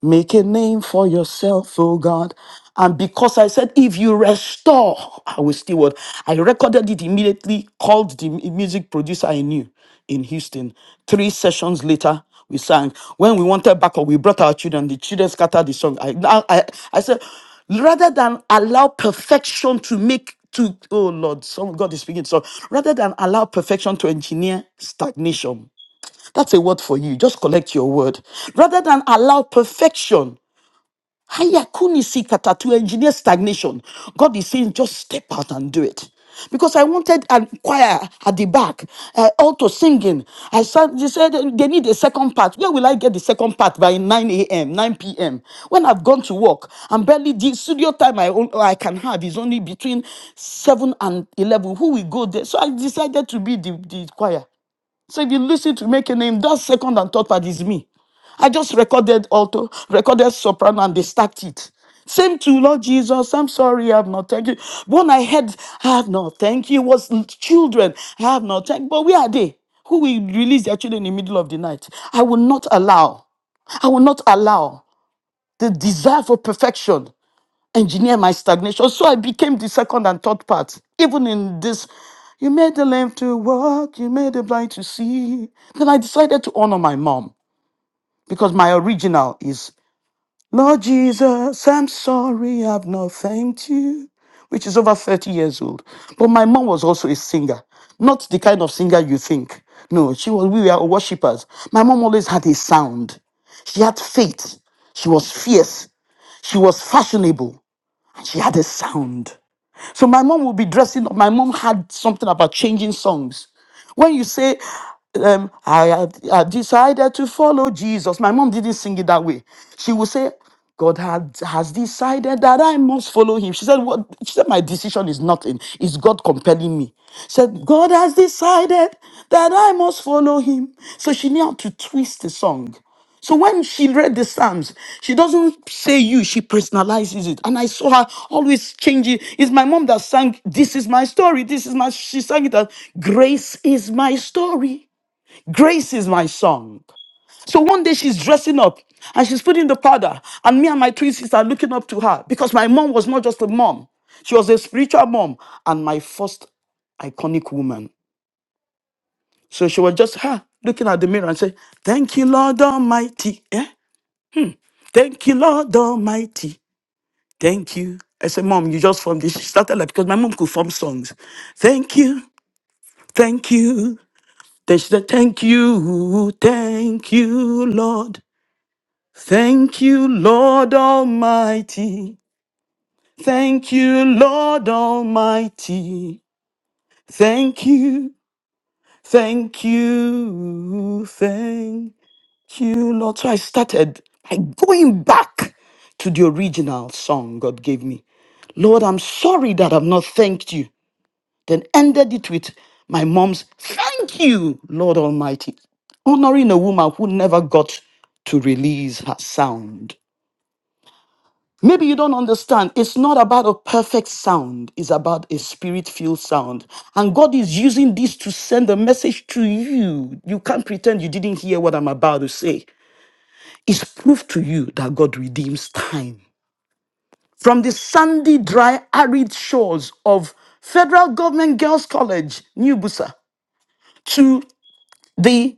Make a name for yourself, oh God. And because I said, if you restore, I will still what? I recorded it immediately, called the mu- music producer I knew in Houston. Three sessions later, we sang. When we wanted backup, we brought our children. The children scattered the song. I, now I, I said, rather than allow perfection to make to oh Lord, some God is speaking. So rather than allow perfection to engineer stagnation, that's a word for you. Just collect your word. Rather than allow perfection, hayakuni sikata, to engineer stagnation, God is saying, just step out and do it. Because I wanted a choir at the back, uh, alto singing. I said, they said they need a second part. Where will I get the second part by 9 a.m., 9 p.m.? When I've gone to work, I'm barely the studio time I, own, I can have is only between 7 and 11. Who will go there? So I decided to be the, the choir. So if you listen to make a name, that second and third part is me. I just recorded alto, recorded soprano, and they stacked it. Same to Lord Jesus. I'm sorry, I have not thank you. When I heard, I have not thank you, was children. I have not thank. you. But where are they? Who will release their children in the middle of the night? I will not allow. I will not allow the desire for perfection engineer my stagnation. So I became the second and third part. Even in this, you made the lame to walk, you made the blind to see. Then I decided to honor my mom because my original is Lord Jesus, I'm sorry I've not thanked you, which is over 30 years old. But my mom was also a singer, not the kind of singer you think. No, she was, we were worshippers. My mom always had a sound. She had faith. She was fierce. She was fashionable. She had a sound. So my mom would be dressing up. My mom had something about changing songs. When you say, um, I, have- I decided to follow Jesus, my mom didn't sing it that way. She would say, God had, has decided that I must follow him. She said, what? She said, my decision is nothing. It's God compelling me. She said, God has decided that I must follow him. So she knew how to twist the song. So when she read the Psalms, she doesn't say you, she personalizes it. And I saw her always changing. It's my mom that sang, This is my story. This is my, she sang it as, Grace is my story. Grace is my song. So one day she's dressing up and she's putting the powder. And me and my twin sister are looking up to her because my mom was not just a mom, she was a spiritual mom and my first iconic woman. So she was just her looking at the mirror and say, Thank you, Lord Almighty. eh? Thank you, Lord Almighty. Thank you. I said, Mom, you just formed this. She started like because my mom could form songs. Thank you, thank you. Then she said, Thank you, thank you, Lord. Thank you, Lord Almighty. Thank you, Lord Almighty. Thank you, thank you, thank you, Lord. So I started by going back to the original song God gave me. Lord, I'm sorry that I've not thanked you. Then ended it with my mom's thank you, Lord Almighty, honoring a woman who never got to release her sound. Maybe you don't understand. It's not about a perfect sound, it's about a spirit filled sound. And God is using this to send a message to you. You can't pretend you didn't hear what I'm about to say is proof to you that God redeems time. From the sandy, dry, arid shores of Federal Government Girls College, New Busa, to the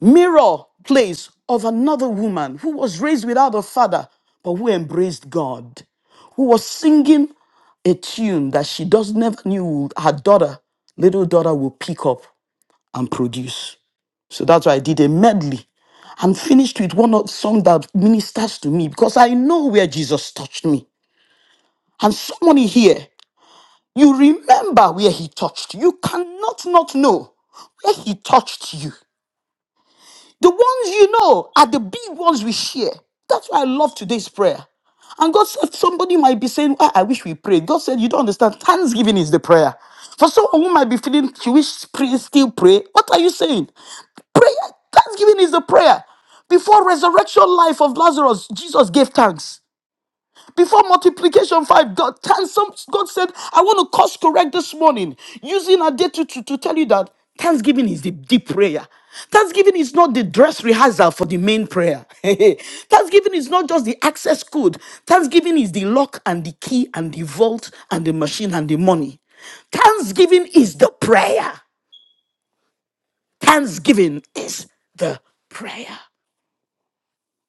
mirror place of another woman who was raised without a father, but who embraced God, who was singing a tune that she does never knew her daughter, little daughter, will pick up and produce. So that's why I did a medley and finished with one of- song that ministers to me because I know where Jesus touched me. And somebody here, you remember where he touched. You You cannot not know where he touched you. The ones you know are the big ones we share. That's why I love today's prayer. And God said, somebody might be saying, "Ah, I wish we prayed. God said, you don't understand. Thanksgiving is the prayer. For someone who might be feeling, she wish pray, still pray. What are you saying? Prayer, thanksgiving is the prayer. Before resurrection life of Lazarus, Jesus gave thanks. Before multiplication five, God, times- some- God said, I want to course correct this morning using a day to, to, to tell you that thanksgiving is the deep prayer. Thanksgiving is not the dress rehearsal for the main prayer. Thanksgiving is not just the access code. Thanksgiving is the lock and the key and the vault and the machine and the money. Thanksgiving is the prayer. Thanksgiving is the prayer.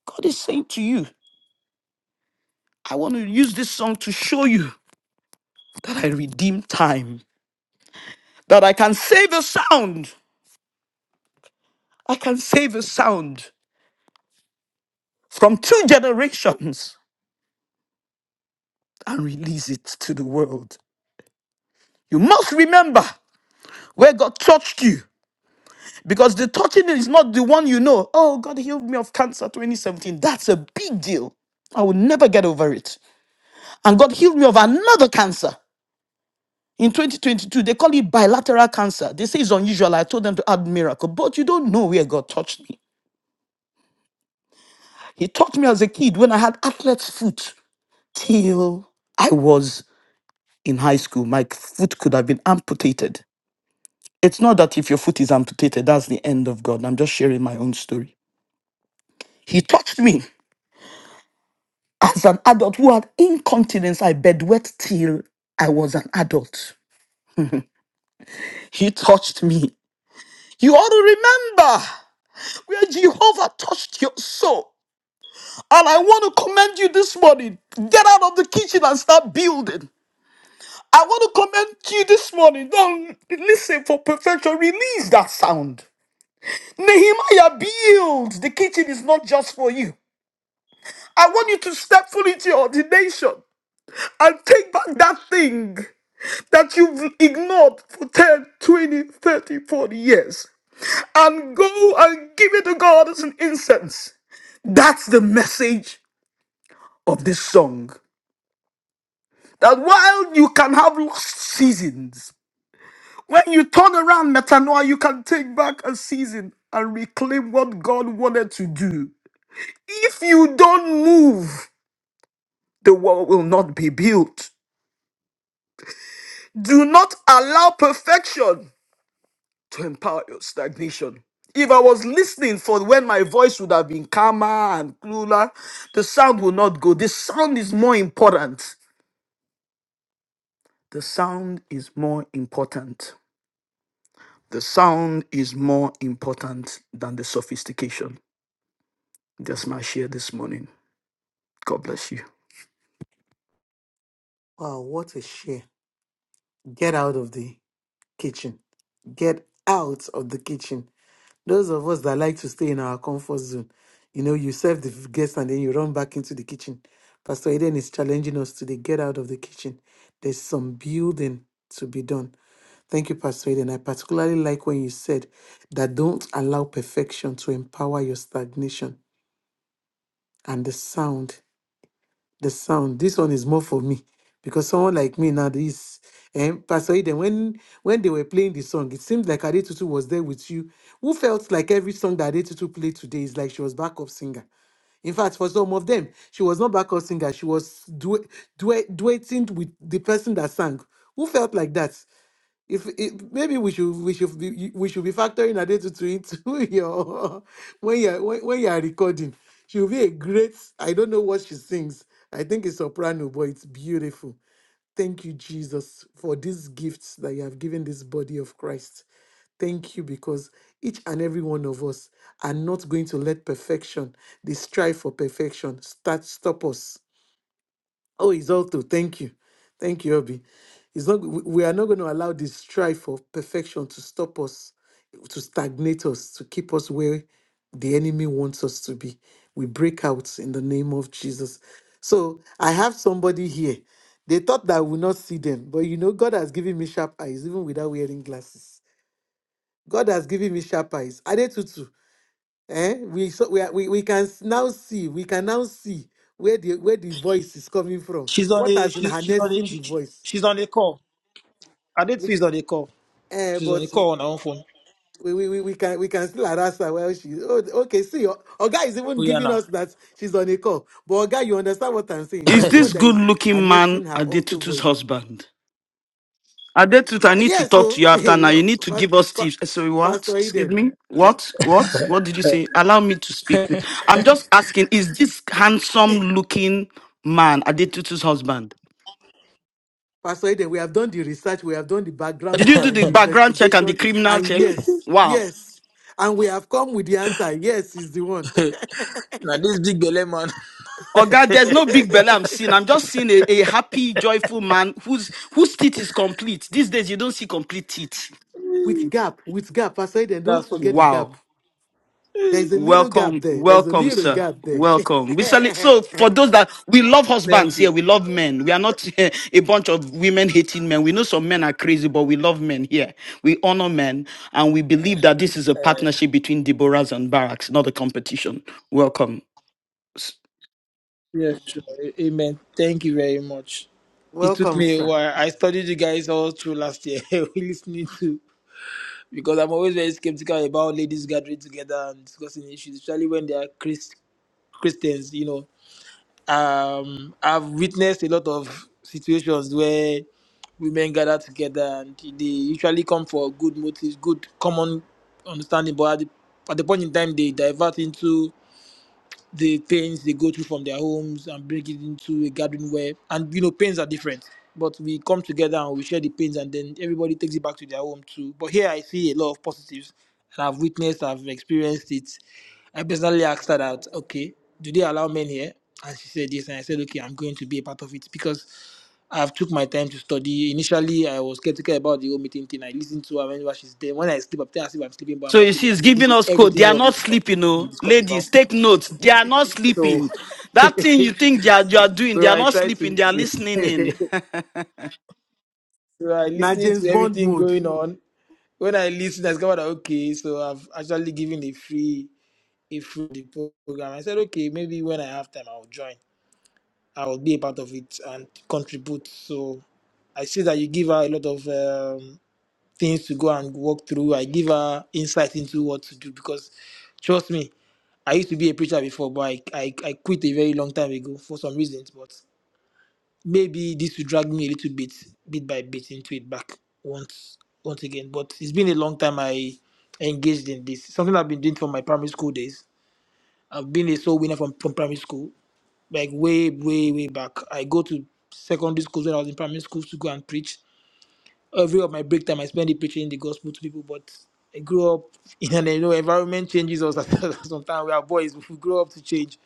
God is saying to you, I want to use this song to show you that I redeem time. that I can save a sound. I can save a sound from two generations and release it to the world. You must remember where God touched you because the touching is not the one you know. Oh, God healed me of cancer 2017. That's a big deal. I will never get over it. And God healed me of another cancer in 2022. They call it bilateral cancer. They say it's unusual. I told them to add miracle, but you don't know where God touched me. He touched me as a kid when I had athlete's foot. till I was in high school, my foot could have been amputated. It's not that if your foot is amputated, that's the end of God. I'm just sharing my own story. He touched me as an adult who had incontinence. I bedwet till I was an adult. He touched me. You ought to remember where Jehovah touched your soul. And I want to commend you this morning. Get out of the kitchen and start building. I want to commend you this morning. Don't listen for perfection. Release that sound. Nehemiah, build. The kitchen is not just for you. I want you to step fully into your ordination and take back that thing that you've ignored for 10, 20, 30, 40 years and go and give it to God as an incense. That's the message of this song. That while you can have lost seasons, when you turn around metanoia, you can take back a season and reclaim what God wanted to do. If you don't move, the wall will not be built. Do not allow perfection to empower your stagnation. If I was listening for when my voice would have been calmer and cooler, the sound will not go. The sound is more important. The sound is more important. The sound is more important than the sophistication. That's my share this morning. God bless you. Wow, what a share. Get out of the kitchen. Get out of the kitchen. Those of us that like to stay in our comfort zone, you know, you serve the guests and then you run back into the kitchen. Pastor Eden is challenging us today get out of the kitchen. There's some building to be done. Thank you, Pastor Eden. I particularly like when you said that don't allow perfection to empower your stagnation and the sound the sound. This one is more for me because someone like me now, this um, Pastor Eden, when when they were playing the song, it seemed like Adetutu was there with you. Who felt like every song that Adetutu played today is like she was backup singer. In fact, for some of them, she was not backup singer. She was duet, duet, duetting with the person that sang. Who felt like that? If, if maybe we should we should be we should be factoring Adetutu into your when you're when, when you are recording. She'll be a great I don't know what she sings. I think it's soprano, but it's beautiful. Thank you, Jesus, for these gifts that you have given this body of Christ. Thank you because each and every one of us are not going to let perfection, the strive for perfection, start stop us. Oh, it's all Isolto, thank you. Thank you, Obi. It's not, we we are not going to allow this strive for perfection to stop us, to stagnate us, to keep us where the enemy wants us to be. We break out in the name of Jesus. So I have somebody here. They thought that I would not see them, but you know, God has given me sharp eyes, even without wearing glasses. God has given me sharp eyes. Adetutu, eh, we, so we, are- we we can s- now see we can now see where the where the voice is coming from. She's on What a has been she's she's on a harnessing the she, she- voice? she's on a call. I did We, see she's on a call. eh, She's on a but call on her own phone. we, we, we we can we can still harass her while she. Oh, okay. See, your guy is even Oh yeah, giving now us that she's on a call. But Oga, you understand what I'm saying? You are Is the one this that good is looking man harnessing her alto Adetutu's voice. husband? Adetut, Y- I need to Yes, talk to so you after now. You need to but, give us but tips. Eh, Sorry, what? Pastor Excuse Eden. me? What? What? What did you say? Allow me to speak. I'm just asking, is this handsome looking man Adetutu's husband? Pastor Eden, we have done the research, we have done the background Did you do and the the background check and the investigation, criminal and check? yes, Wow. yes. And we have come with the answer. Yes, is the one. hey, now this big belly man. Oh God, there's no big belly I'm seeing. I'm just seeing a, a happy, joyful man whose whose teeth is complete. These days you don't see complete teeth. with gap, with gap. Pastor Eden, don't That's true. forget the Wow. gap. There's a little gap Welcome, there. There's a welcome, little sir. gap there. Welcome. We sell So, for those that we love husbands Thank you. here, we love men. We are not a bunch of women hating men. We know some men are crazy, but we love men here. We honor men, and we believe that this is a Uh, partnership between Deborahs and Barracks, not a competition. Welcome. S- yes, sure. A- Amen. Thank you very much. It took Welcome, me a sir. while. I studied you guys all through last year. we listening to because I'm always very skeptical about ladies gathering together and discussing issues, especially when they are Chris, Christians. You know, um i've witnessed a lot of situations where women gather together and they usually come for good motives good common understanding but at the, at the point in time they divert into the pains they go through from their homes and bring it into a garden where and you know pains are different but we come together and we share the pains and then everybody takes it back to their home too but here i see a lot of positives and i've witnessed i've experienced it i personally asked her that okay do they allow men here and she said yes and i said okay i'm going to be a part of it because i've took my time to study initially i was skeptical about the whole meeting thing i listened to her whenever she's there when i sleep i tell her if i'm sleeping but i'm So not you sleeping see, it's i'm listening giving to us code. everything They are all of you not talk sleeping, you oh. discuss Ladies, about take notes. They are not so, sleeping. That thing you think they are, you are doing, they so are I not try sleeping. to They are listen. listening in. so I Now listen James to Bond everything mode. going on. When I listen, I discovered that okay, so I've actually given a free a free the program. I said okay, maybe when I have time, I'll join. I will be a part of it and contribute. So I see that you give her a lot of um, things to go and walk through. I give her insight into what to do because, trust me, I used to be a preacher before, but I, I, I quit a very long time ago for some reasons. maybe this will drag me a little bit, bit by bit, into it back once once again. But it's been a long time I engaged in this. Something I've been doing from my primary school days. I've been a soul winner from, from primary school, like way, way, way back. I go to secondary schools when I was in primary schools to go and preach. Every of my break time, I spend it preaching the gospel to people. But I grew up in an you know, environment changes us sometimes. We are boys, we grow up to change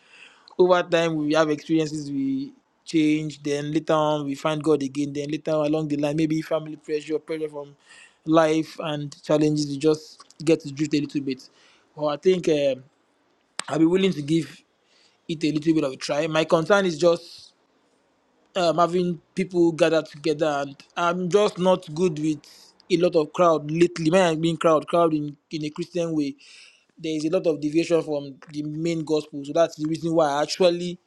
over time we have experiences we change then later on we find god again then later on, along the line maybe family pressure pressure from life and challenges you just get to drift a little bit well i think um i'll be willing to give it a little bit of a try my concern is just um, having people gather together and i'm just not good with a lot of crowd lately man i mean crowd crowd in in a christian way there is a lot of deviation from the main gospel so that's the reason why i actually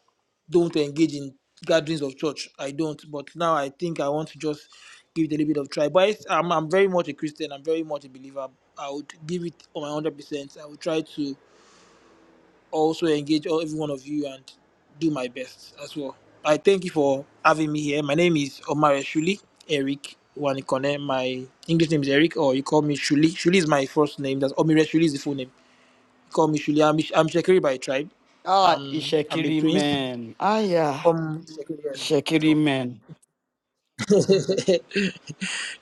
don't engage in gatherings of church. I don't, but now I think I want to just give it a little bit of try. But it's, I'm, I'm very much a Christian. I'm very much a believer. I would give it on my hundred percent. I would try to also engage all, every one of you and do my best as well. I thank you for having me here. My name is Omar Shuli Eric Wanikone. My English name is Eric, or you call me Shuli. Shuli is my first name. That's Omire Shuli is the full name. You call me Shuli. I'm, I'm Shekiri by tribe. Ah, Um, I'm a Ishekiri, prince man. Ah, yeah. from Shekiri. Yes. So, Shekiri men.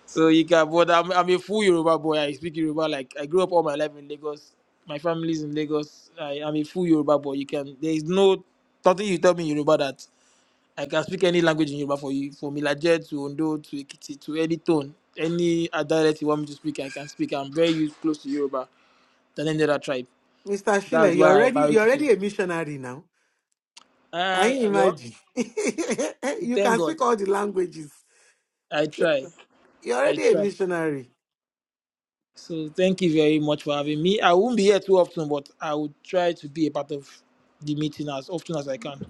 so you can, but I'm, I'm a full Yoruba boy. I speak Yoruba. Like I grew up all my life in Lagos. My family's in Lagos. I am a full Yoruba boy. You can. There is no nothing you tell me in Yoruba that I can speak any language in Yoruba for you. From Ilaje to Ondo to Ekiti to any tone, any dialect you want me to speak, I can speak. I'm very used, close to Yoruba than any other tribe. Mr. Schiller, That's you're why I already married you're to. already a missionary now. Uh, Can you well, imagine? you thank can speak God. all the languages. I try. You're I already a try. missionary. So thank you very much for having me. I won't be here too often, but I will try to be a part of the meeting as often as I can.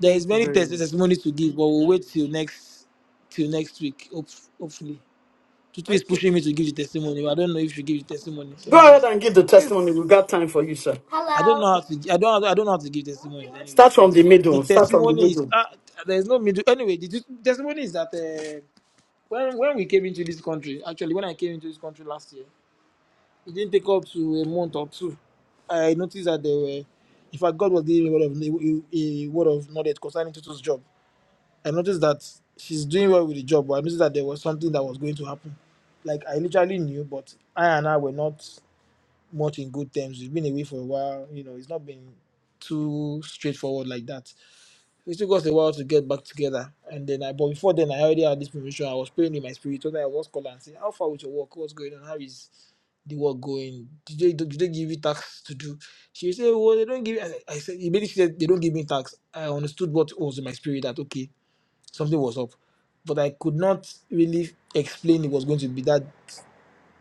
There is Thank you many very tes- much. testimonies to give, but we'll wait till next till next week. Hope, hopefully, Tutu is Okay, pushing me to give the testimony. But I don't know if she give the testimony. Go ahead Anyways, and give the testimony. please. We've got time for you, sir. I don't Hello. know how to. gi- I don't. I don't know how to give testimonies. Start Anyways, from but the the middle. Start from the testimony is middle. uh, there is no middle. Anyway, the t- testimony is that uh, when when we came into this country, actually when I came into this country last year. It didn't take up to a month or two. I noticed that there were, in fact, God was giving me a word of, a, a word of knowledge concerning Tutu's job. I noticed that she's doing well with the job, but I noticed that there was something that was going to happen. Like I literally knew, but I and I were not much in good terms. We've been away for a while. You know, it's not been too straightforward like that. It took us a while to get back together. And then I, but before then, I already had this promotion. I was praying in my spirit. So then I was calling and saying, "How far with your work? What's going on? How is the work going? Did they, did they give you tasks to do? She said, Well, they don't give I, I said, immediately she said, They don't give me tasks. I understood what was in my spirit that, okay, something was up. But I could not really explain it was going to be that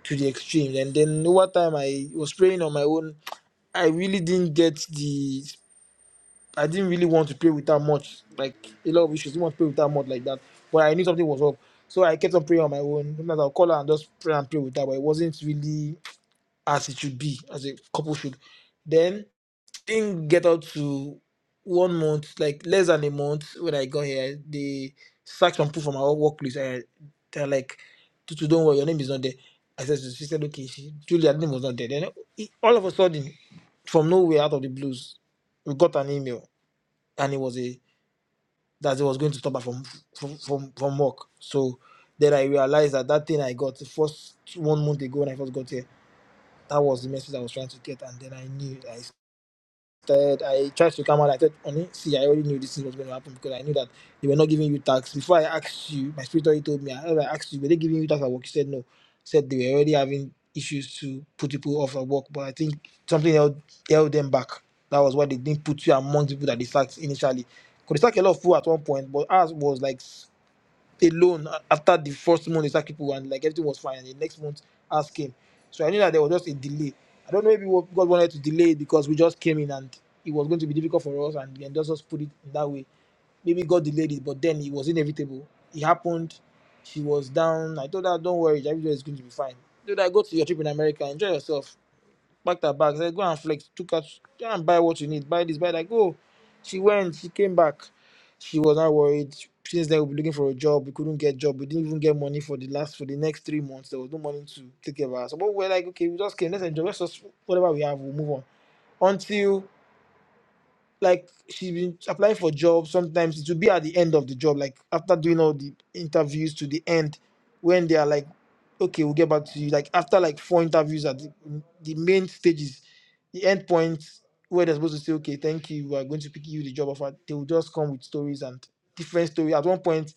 to the extreme. And then over time, I was praying on my own. I really didn't get the. I didn't really want to pray without much. Like, a lot of issues. didn't want to pray without much like that. But I knew something was up. So I kept on praying on my own. Sometimes I'll call her and just pray and pray with her, but it wasn't really as it should be, as a couple should. Then thing get out to one month, like less than a month when I got here, they sacked some people from our workplace. And they're like, Tutu, don't worry, your name is not there. I said, she said, okay, she, Julia's name was not there. Then it- all of a sudden, from nowhere, out of the blues, we got an email, and it was a that it was going to stop her from from from, from work. So then I realized that that thing I got the first one month ago when I first got here that was the message I was trying to get, and then I knew. I said I tried to come out. I said, "Honey, see, I already knew this thing was going to happen because I knew that they were not giving you tax." Before I asked you, my spirit already told me. I, I asked you, "Were they giving you tax at work?" You said no. I said they were already having issues to put people off at work, but I think something held, held them back. That was why they didn't put you among people that they sacked initially. Could they sack a lot of people at one point, but ours was like alone a- after the first month he people and like everything was fine and the next month us came so i knew that there was just a delay i don't know maybe what god wanted to delay it because we just came in and it was going to be difficult for us and, and just just put it in that way maybe god delayed it but then it was inevitable it happened she was down i told her don't worry everything is going to be fine dude i go to your trip in america enjoy yourself packed her bags. Said, go and flex. Took her, go and buy what you need. Buy this, buy that. Go. She went. She came back. She was not worried. Since then, we've been looking for a job. We couldn't get job. We didn't even get money for the last for the next three months. There was no money to take care of us. So But we were like, okay, we just came. Let's enjoy. Let's just whatever we have. We'll move on until like she's been applying for jobs sometimes it will be at the end of the job like after doing all the interviews to the end when they are like okay we'll get back to you like after like four interviews at the, the main stages the end point where they're supposed to say okay thank you we're going to pick you the job offer they will just come with stories and different story at one point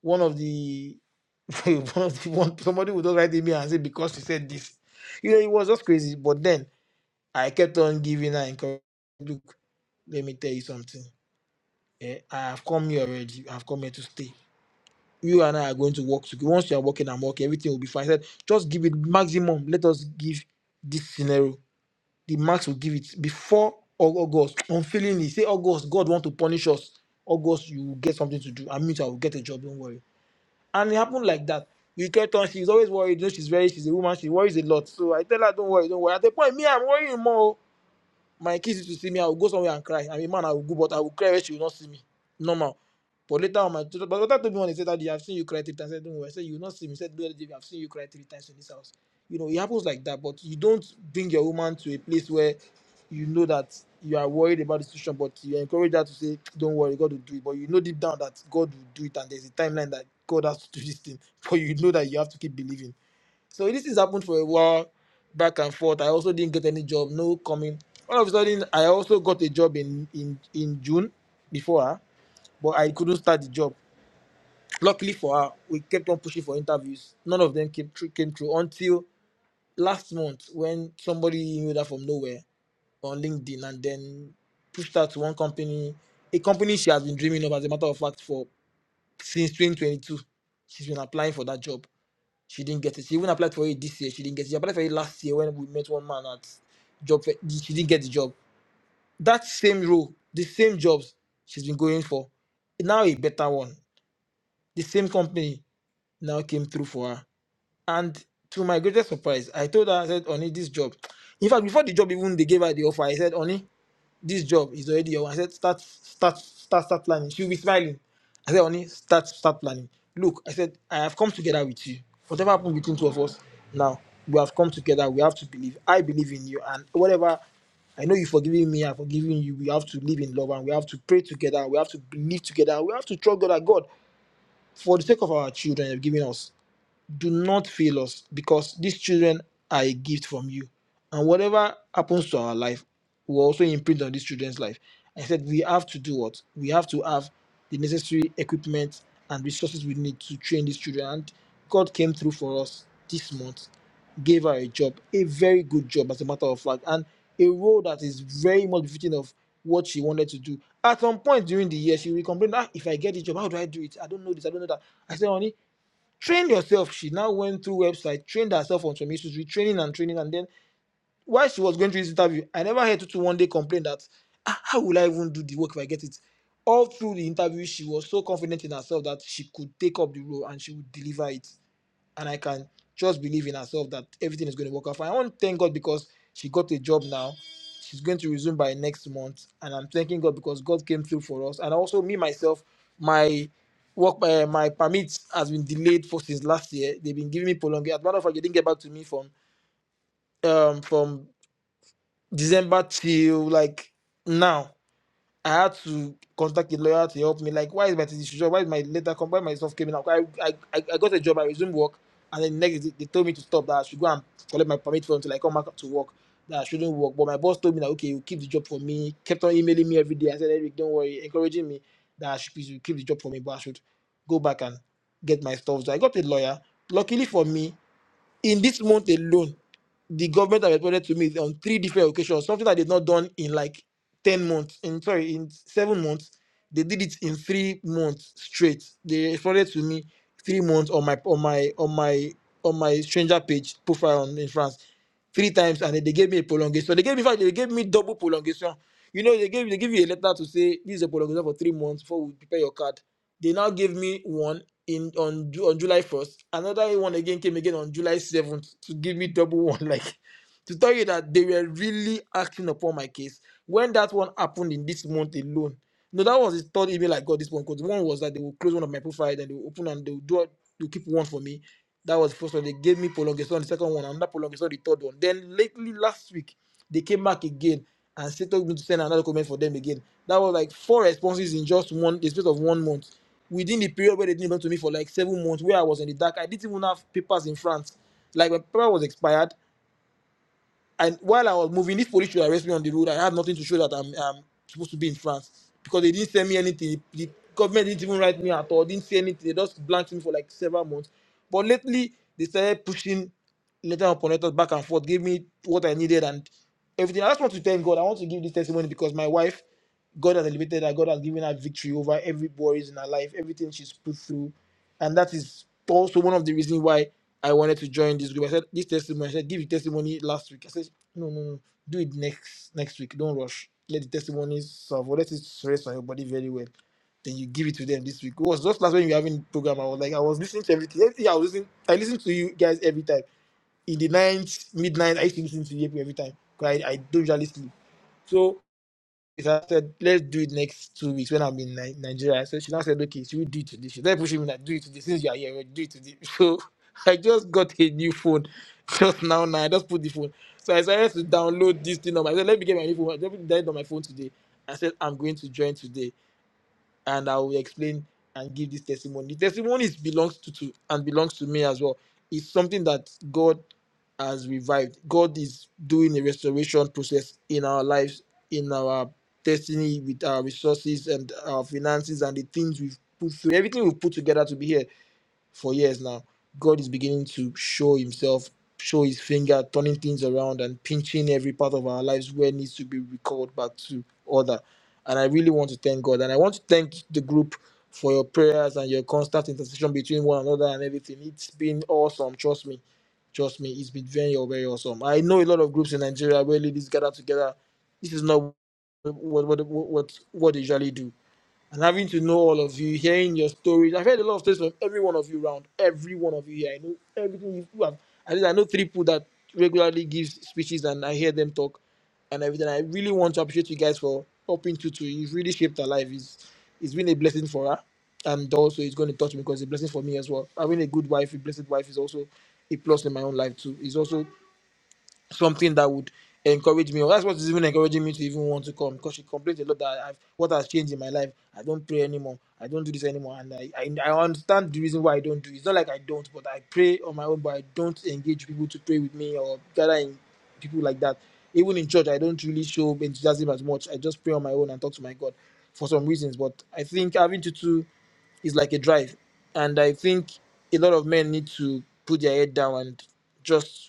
one of the one of the one somebody would just write email and say because you said this you know it was just crazy but then I kept on giving her encouragement. Look, let me tell you something. eh, I have come here already. I've come here to stay. You and I are going to work together. Once you are working, and working. Everything will be fine. I said, just give it maximum. Let us give this scenario. The max will give it before Au- August. Unfailingly, say August, God want to punish us. August, you will get something to do. I mean, I will get a job. Don't worry. And it happened like that. We kept on. She's always worried. You know, she's very. She's a woman. She worries a lot. So I tell her, don't worry, don't worry. At the point, me, I'm worrying more my kids used to see me, I would go somewhere and cry. I'm a man, I would go, but I would cry where she would not see me. Normal. But later on, my but my daughter told me one day, said, Daddy, I've seen you cry three times. I said, Don't worry. I said, You will not see me. I said, "Daddy, I've seen you cry three times in this house. You know, it happens like that, but you don't bring your woman to a place where you know that you are worried about the situation, but you encourage her to say, Don't worry, God will do it. But you know deep down that God will do it, and there's a timeline that God has to do this thing. But you know that you have to keep believing. So this has happened for a while, back and forth. I also didn't get any job, no coming. All of a sudden, I also got a job in in in June before her, but I couldn't start the job. Luckily for her, we kept on pushing for interviews. None of them came through, came through until last month when somebody knew that from nowhere on LinkedIn and then pushed her to one company, a company she has been dreaming of, as a matter of fact, for since 2022. She's been applying for that job she didn't get it. She even applied for it this year. She didn't get it. She applied for it last year when we met one man at job. fair. She didn't get the job. That same role, the same jobs she's been going for, now a better one. The same company now came through for her. And to my greatest surprise, I told her, I said, Oni, this job. In fact, before the job even they gave her the offer, I said, Oni this job is already your one. I said, start, start, start, start planning. She'll be smiling. I said, honey, start, start planning. Look, I said, I have come together with you. Whatever happened between two of us, now we have come together. We have to believe. I believe in you, and whatever. I know you've forgiven me, I've forgiven you. We have to live in love and we have to pray together. We have to believe together. We have to trust God that God, for the sake of our children, have given us do not fail us because these children are a gift from you. And whatever happens to our life will also imprint on these children's life. I said, we have to do what? We have to have the necessary equipment and resources we need to train these children. And God came through for us this month, gave her a job, a very good job, as a matter of fact, and a role that is very much befitting of what she wanted to do. At some point during the year, she will complain, ah, if I get the job, how do I do it? I don't know this, I don't know that. I said, honey, train yourself. She now went through website, trained herself on some issues, retraining and training. And then while she was going through this interview, I never heard Tutu one day complain that "Ah, how will I even do the work if I get it? All through the interview, she was so confident in herself that she could take up the role and she would deliver it and I can just believe in herself that everything is going to work out fine. I want to thank God because she got a job now. She's going to resume by next month, and I'm thanking God because God came through for us. And also me myself, my work, uh, my permit has been delayed for since last year. They've been giving me prolonged. As a matter of fact, they didn't get back to me from um from December till like now I had to contact a lawyer to help me. Like, why is my TDC job? Why is my letter come? Why my stuff came in? I, I, I, I got a job. I resumed work, and then next day, they told me to stop. That I should go and collect my permit for until I come back to work. That I shouldn't work. But my boss told me that okay, you keep the job for me. Kept on emailing me every day. I said, Eric, don't worry, encouraging me that I should please you keep the job for me, but I should go back and get my stuff. So I got a lawyer. Luckily for me, in this month alone, the government have responded to me on three different occasions, something that they've not done in like 10 months, in sorry, in seven months. They did it in three months straight. They responded to me three months on my on my on my on my stranger page profile on, in France. Three times and then they gave me a prolongation. They gave me in fact, they gave me double prolongation. You know, they gave they give you a letter to say this is a prolongation for three months before we prepare your card. They now gave me one in on Ju- on July 1st. Another one again came again on July 7th to give me double one, like to tell you that they were really acting upon my case. When that one happened in this month alone, no, that was the third email I got this one because one was that they will close one of my profile, then they will open and they will do they will keep one for me. That was the first one. They gave me prolongation, the second one, another prolongation, the third one. Then lately last week, they came back again and said told me to send another comment for them again. That was like four responses in just one the space of one month within the period where they didn't belong to me for like seven months, where I was in the dark. I didn't even have papers in France. Like my paper was expired and while I was moving, this police should arrest me on the road. I have nothing to show that I'm, I'm supposed to be in France because they didn't send me anything. The government didn't even write me at all. Didn't say anything. They just blanked me for like several months. But lately, they started pushing letter upon letter back and forth, gave me what I needed and everything. I just want to thank God. I want to give this testimony because my wife, God has elevated her. God has given her victory over every worries in her life, everything she's put through and that is also one of the reasons why I wanted to join this group. I said this testimony. I said give your testimony last week. I said no, no, no, do it next next week. Don't rush. Let the testimonies serve or let it rest on your body very well. Then you give it to them this week. It was just last when we were having program. I was like I was listening to everything. Everything I was listening, I listened to you guys every time. In the night, midnight, I used to listen to you every time. 'Cause I, I don't usually sleep. So I said, let's do it next two weeks when I'm in Ni- Nigeria. So she now said, okay, should we do it today? She started pushing me like, do it today. Since you are here, we'll do it today. So I just got a new phone just now. Now I just put the phone. So I decided to download this thing on my. I said, let me get my new phone. I me download it on my phone today. I said, I'm going to join today and I will explain and give this testimony. The testimony is belongs to, to and belongs to me as well. It's something that God has revived. God is doing a restoration process in our lives, in our destiny, with our resources and our finances and the things we've put through, everything we've put together to be here for years now, God is beginning to show Himself, show His finger, turning things around and pinching every part of our lives where it needs to be recalled back to order. And I really want to thank God. And I want to thank the group for your prayers and your constant intercession between one another and everything. It's been awesome, trust me. Trust me, it's been very, very awesome. I know a lot of groups in Nigeria where ladies gather together. This is not what what what what, what they usually do and having to know all of you, hearing your stories. I've heard a lot of stories from every one of you around, every one of you here. I know everything you you have. At least I know three people that regularly give speeches and I hear them talk and everything. I really want to appreciate you guys for helping Tutu. You've really shaped her life. It's, it's been a blessing for her. And also, it's going to touch me because it's a blessing for me as well. Having a good wife, a blessed wife, is also a plus in my own life too. It's also something that would encourage me. Or that's what's even encouraging me to even want to come because she complains a lot that I've what has changed in my life. I don't pray anymore. I don't do this anymore. And I, I, I understand the reason why I don't do it. It's not like I don't, but I pray on my own, but I don't engage people to pray with me or gather in people like that. Even in church, I don't really show enthusiasm as much. I just pray on my own and talk to my God for some reasons. But I think having tutu is like a drive. And I think a lot of men need to put their head down and just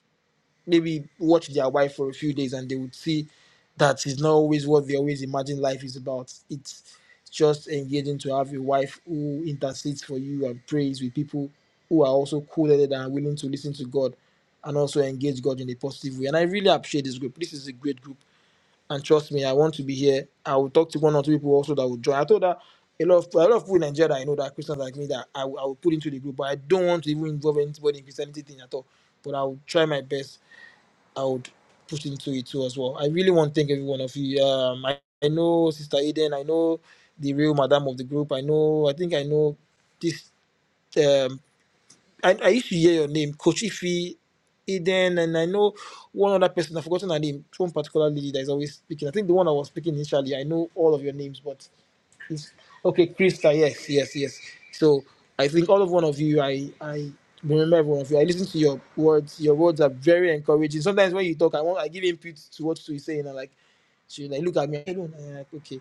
maybe watch their wife for a few days and they would see that it's not always what they always imagine life is about. It's just engaging to have a wife who intercedes for you and prays with people who are also cool headed and willing to listen to God and also engage God in a positive way. And I really appreciate this group. This is a great group. And trust me, I want to be here. I will talk to one or two people also that will join. I told her a lot of a lot of people in Nigeria that I know that are Christians like me that I, will- I will put into the group, but I don't want to even involve anybody in Christianity thing at all. But I will try my best I would put into it too as well. I really want to thank every one of you. Um, I, I know Sister Eden. I know the real madam of the group. I know. I think I know this. Um, I, I used to hear your name, Coach Ify, Eden, and I know one other person. I've forgotten her name. One particular lady that is always speaking. I think the one I was speaking initially. I know all of your names, but Chris- Okay, Krista, yes, yes, yes. So I think all of one of you, I I remember every one of you. I listen to your words. Your words are very encouraging. Sometimes when you talk, I want I give input to what she's saying, and like she like look at me, I don't I'm like okay,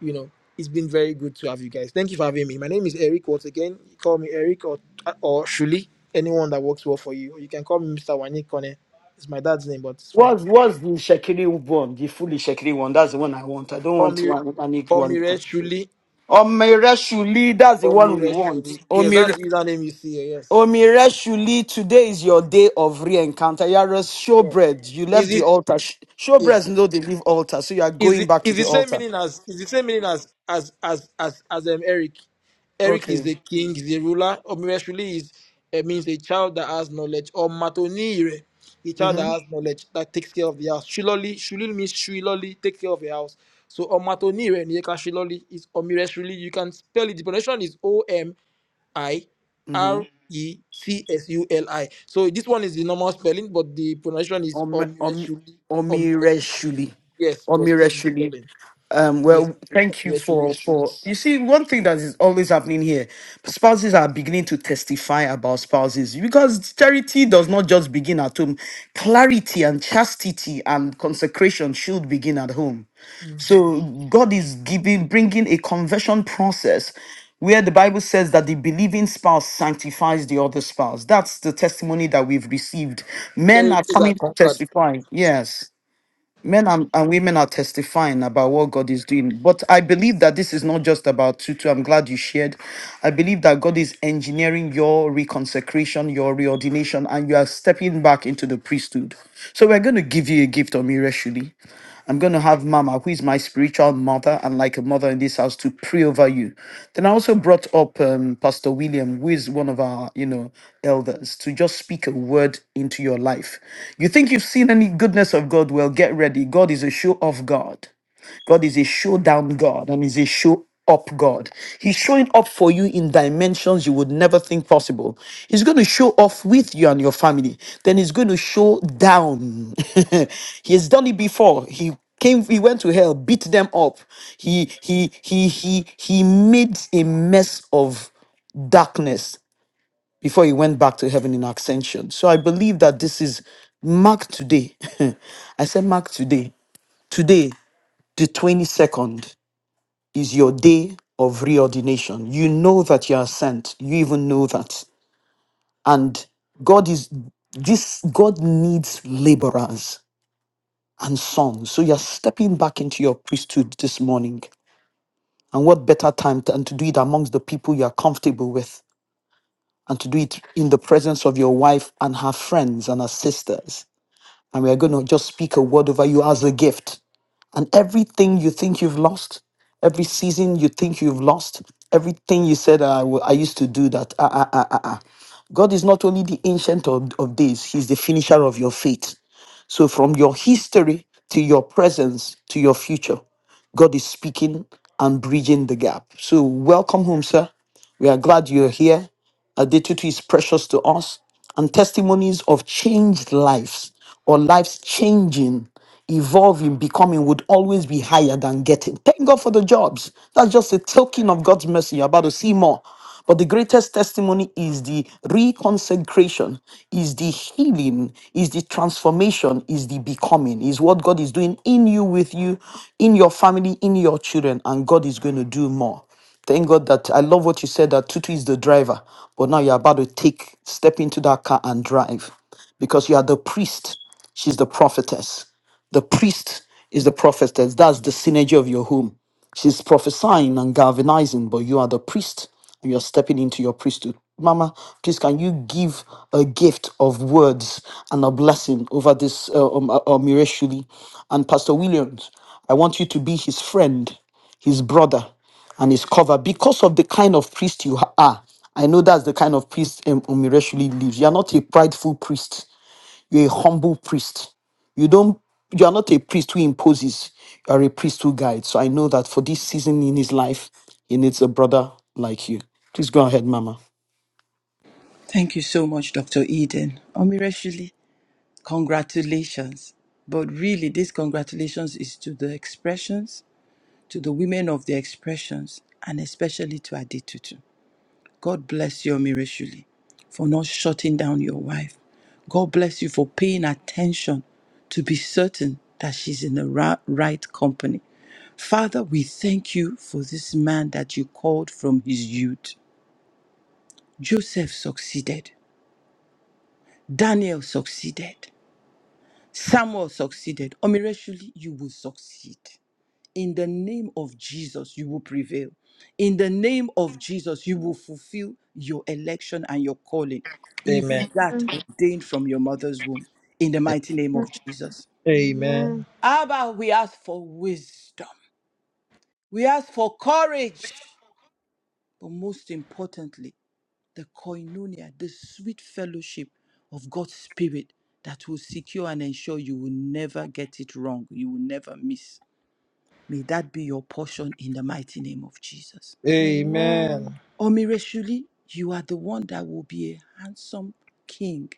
you know. It's been very good to have you guys. Thank you for having me. My name is Eric once again. You call me Eric or or Shuli, anyone that works well for you. Or you can call me Mr. Wani Kone. It's my dad's name, but it's fine. What's what's the Shekiri one? The fully Shekiri one. That's the one I want. I don't Call want me one panic one. Omire Shuli. Omireshuli, that's the one we Omire want. Shuli. Yes, Omire that's the username you see here. Omireshuli, today is your day of re-encounter. You are a Yes. showbread. You left Is the it altar. Sh- yes? Showbreads know they leave altar, so you are Is going it back to is the the same altar. meaning as is the same meaning as as as as as um, Eric? Eric is Okay. the king, is the ruler. Omireshuli is it means a child that has knowledge. Or matonire, a child that Mm-hmm. has knowledge that takes care of the house. Shiloli, shulil means shiloli, take care of the house. So omatonire niyeka shiloli is omireshuli. You can spell it. The pronunciation is O M I Mm-hmm. R E T S U L I. So this one is the normal spelling, but the pronunciation is Om, om, omireshuli. omireshuli. Yes, but this is Omireshuli. falling. Um, Yes, well, thank you for, resolute for you see one thing that is always happening here. Spouses are beginning to testify about spouses because charity does not just begin at home. Clarity and chastity and consecration should begin at home. So God is giving, bringing a conversion process where the Bible says that the believing spouse sanctifies the other spouse. That's the testimony that we've received. Men are territories are coming to conquered. testify. Yes. Men and, and women are testifying about what God is doing. But I believe that this is not just about Tutu. I'm glad you shared. I believe that God is engineering your reconsecration, your reordination, and you are stepping back into the priesthood. So we're going to give you a gift of Mirashuli. I'm going to have Mama, who is my spiritual mother and like a mother in this house, to pray over you. Then I also brought up um, Pastor William, who is one of our, you know, elders, to just speak a word into your life. You think you've seen any goodness of God? Well, get ready. God is a show of God. God is a showdown God and is a show up God. He's showing up for you in dimensions you would never think possible. He's going to show off with you and your family. Then he's going to show down. he has done it before. He came he went to hell, beat them up. He he he he he made a mess of darkness before he went back to heaven in ascension. So I believe that this is Mark today. I said Mark today. Today, the 22nd is your day of reordination. You know that you are sent. You even know that. And God is this God needs laborers and sons. So you're stepping back into your priesthood this morning. And what better time than to do it amongst the people you are comfortable with and to do it in the presence of your wife and her friends and her sisters. And we are going to just speak a word over you as a gift And everything you think you've lost, every season you think you've lost, everything you said, "Ah, I, wa- I used to do that. Ah, ah, ah, ah, ah. God is not only the ancient of, of days, He's the finisher of your faith. So from your history to your presence to your future, God is speaking and bridging the gap. So welcome home, sir. We are glad you're here. Adetutu is precious to us and testimonies of changed lives or lives changing evolving, becoming would always be higher than getting. Thank God for the jobs. That's just a token of God's mercy. You're about to see more. But the greatest testimony is the reconsecration, is the healing, is the transformation, is the becoming, is what God is doing in you, with you, in your family, in your children, and God is going to do more. Thank God that I love what you said that Tutu is the driver, but now you're about to take, step into that car and drive because you are the priest, she's the prophetess. The priest is the prophetess. That's the synergy of your home. She's prophesying and galvanizing, but you are the priest and you're stepping into your priesthood. Mama, please can you give a gift of words and a blessing over this uh, um, uh, um, Ireshuli? and Pastor Williams? I want you to be his friend, his brother, and his cover because of the kind of priest you ha- are. I know that's the kind of priest um, Omireshuli lives. You're not a prideful priest you're a humble priest. You don't you are not a priest who imposes, you are a priest who guides. So I know that for this season in his life, he needs a brother like you. Please go ahead, Mama. Thank you so much, Dr. Eden. Omirashuli, congratulations. But really, this congratulations is to the expressions, to the women of the expressions, and especially to Adetutu. God bless you, Omirashuli, for not shutting down your wife. God bless you for paying attention to be certain that she's in the ra- right company. Father, we thank you for this man that you called from his youth. Joseph succeeded. Daniel succeeded. Samuel succeeded. Omirashuli, you will succeed. In the name of Jesus, you will prevail. In the name of Jesus, you will fulfill your election and your calling, Amen. even that ordained from your mother's womb. In the mighty name of Jesus. Amen. Abba, we ask for wisdom. We ask for courage. But most importantly, the koinonia, the sweet fellowship of God's Spirit that will secure and ensure you will never get it wrong. You will never miss. May that be your portion in the mighty name of Jesus. Amen. Omireshuli, you are the one that will be a handsome king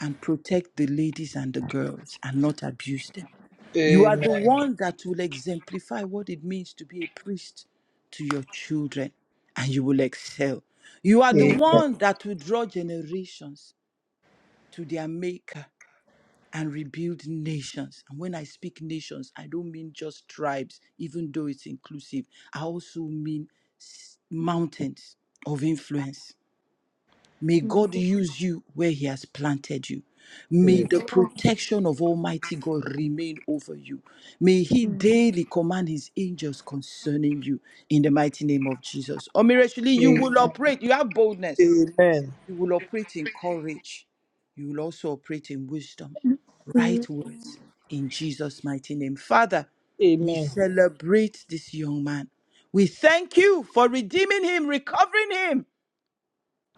and protect the ladies and the girls and not abuse them. Amen. You are the Amen. one that will exemplify what it means to be a priest to your children and you will excel. You are the Amen. one that will draw generations to their maker and rebuild nations. And when I speak nations, I don't mean just tribes, even though it's inclusive. I also mean s- mountains of influence. May God use you where He has planted you. May the protection of Almighty God remain over you. May He daily command His angels concerning you in the mighty name of Jesus. Omirashili, you Amen. will operate. You have boldness. Amen. You will operate in courage. You will also operate in wisdom, right words in Jesus' mighty name. Father, we celebrate this young man. We thank you for redeeming him, recovering him.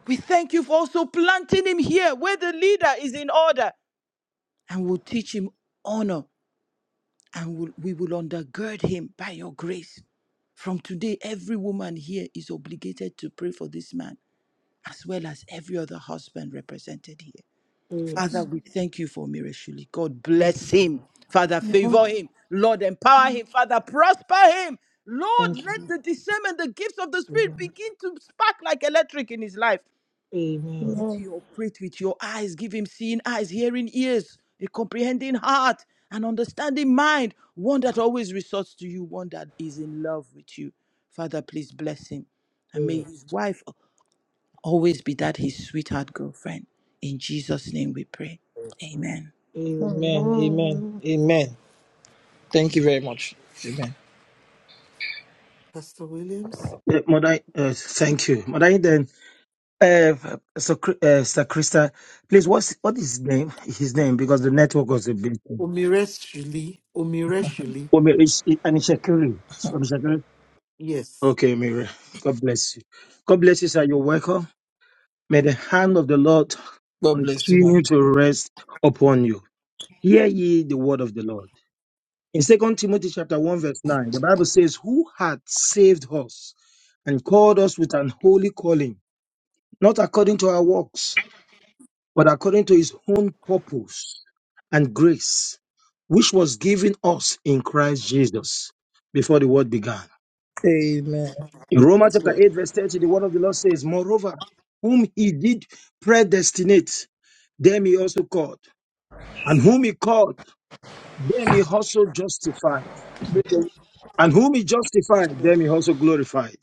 We thank you for also planting him here where the leader is in order and will teach him honor and will, we will undergird him by your grace. From today, every woman here is obligated to pray for this man as well as every other husband represented here. Father, Yes. we thank you for Mirashuli. God Thank you. bless him. Father, favor him. Lord, empower him. Father, prosper him. Lord, Thank let you. the discernment, the gifts of the Spirit Amen. begin to spark like electric in his life. Let Amen. you operate with your eyes. Give him seeing eyes, hearing ears, a comprehending heart, an understanding mind. One that always resorts to you, one that is in love with you. Father, please bless him. And may Yes. his wife always be that his sweetheart girlfriend. In Jesus' name we pray. Amen. Amen. Amen. Amen. Thank you very Mhm. much. Amen. Pastor Williams? Uh, Mother, uh, thank you, Mother. Then, uh, so uh, Sir Krista, please, what's what is his name? His name because the network was a bit. Omireshuli. Omireshuli. Oh, Mary, it's- it- and it's Shakiri. It's from Shakiri. Yes. Okay, Mary. God bless you. God bless you, sir. You're welcome. May the hand of the Lord God bless you, man. continue to rest upon you. Hear ye the word of the Lord. In Second Timothy chapter one verse nine, the Bible says, "Who hath saved us and called us with an holy calling, not according to our works." but according to his own purpose and grace, which was given us in Christ Jesus before the world began. Amen. In Romans Yes, chapter Lord. 8, verse 30, the word of the Lord says, Moreover, whom he did predestinate, them he also called. And whom he called, them he also justified. Break every- And whom he Yes. justified, Lord. them he also glorified.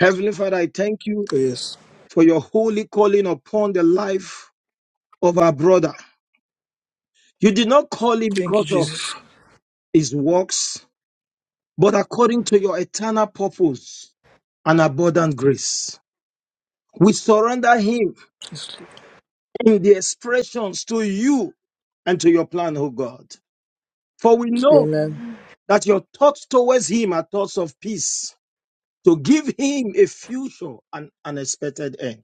Heavenly Father, I thank you Oh, yes. for your holy calling upon the life of our brother. You did not call him Thank you, because of Jesus. his works, but according to your eternal purpose and abundant grace. We surrender him Just look. in the expressions to you and to your plan, O God. For we know Amen. that your thoughts towards him are thoughts of peace, to give him a future and unexpected end.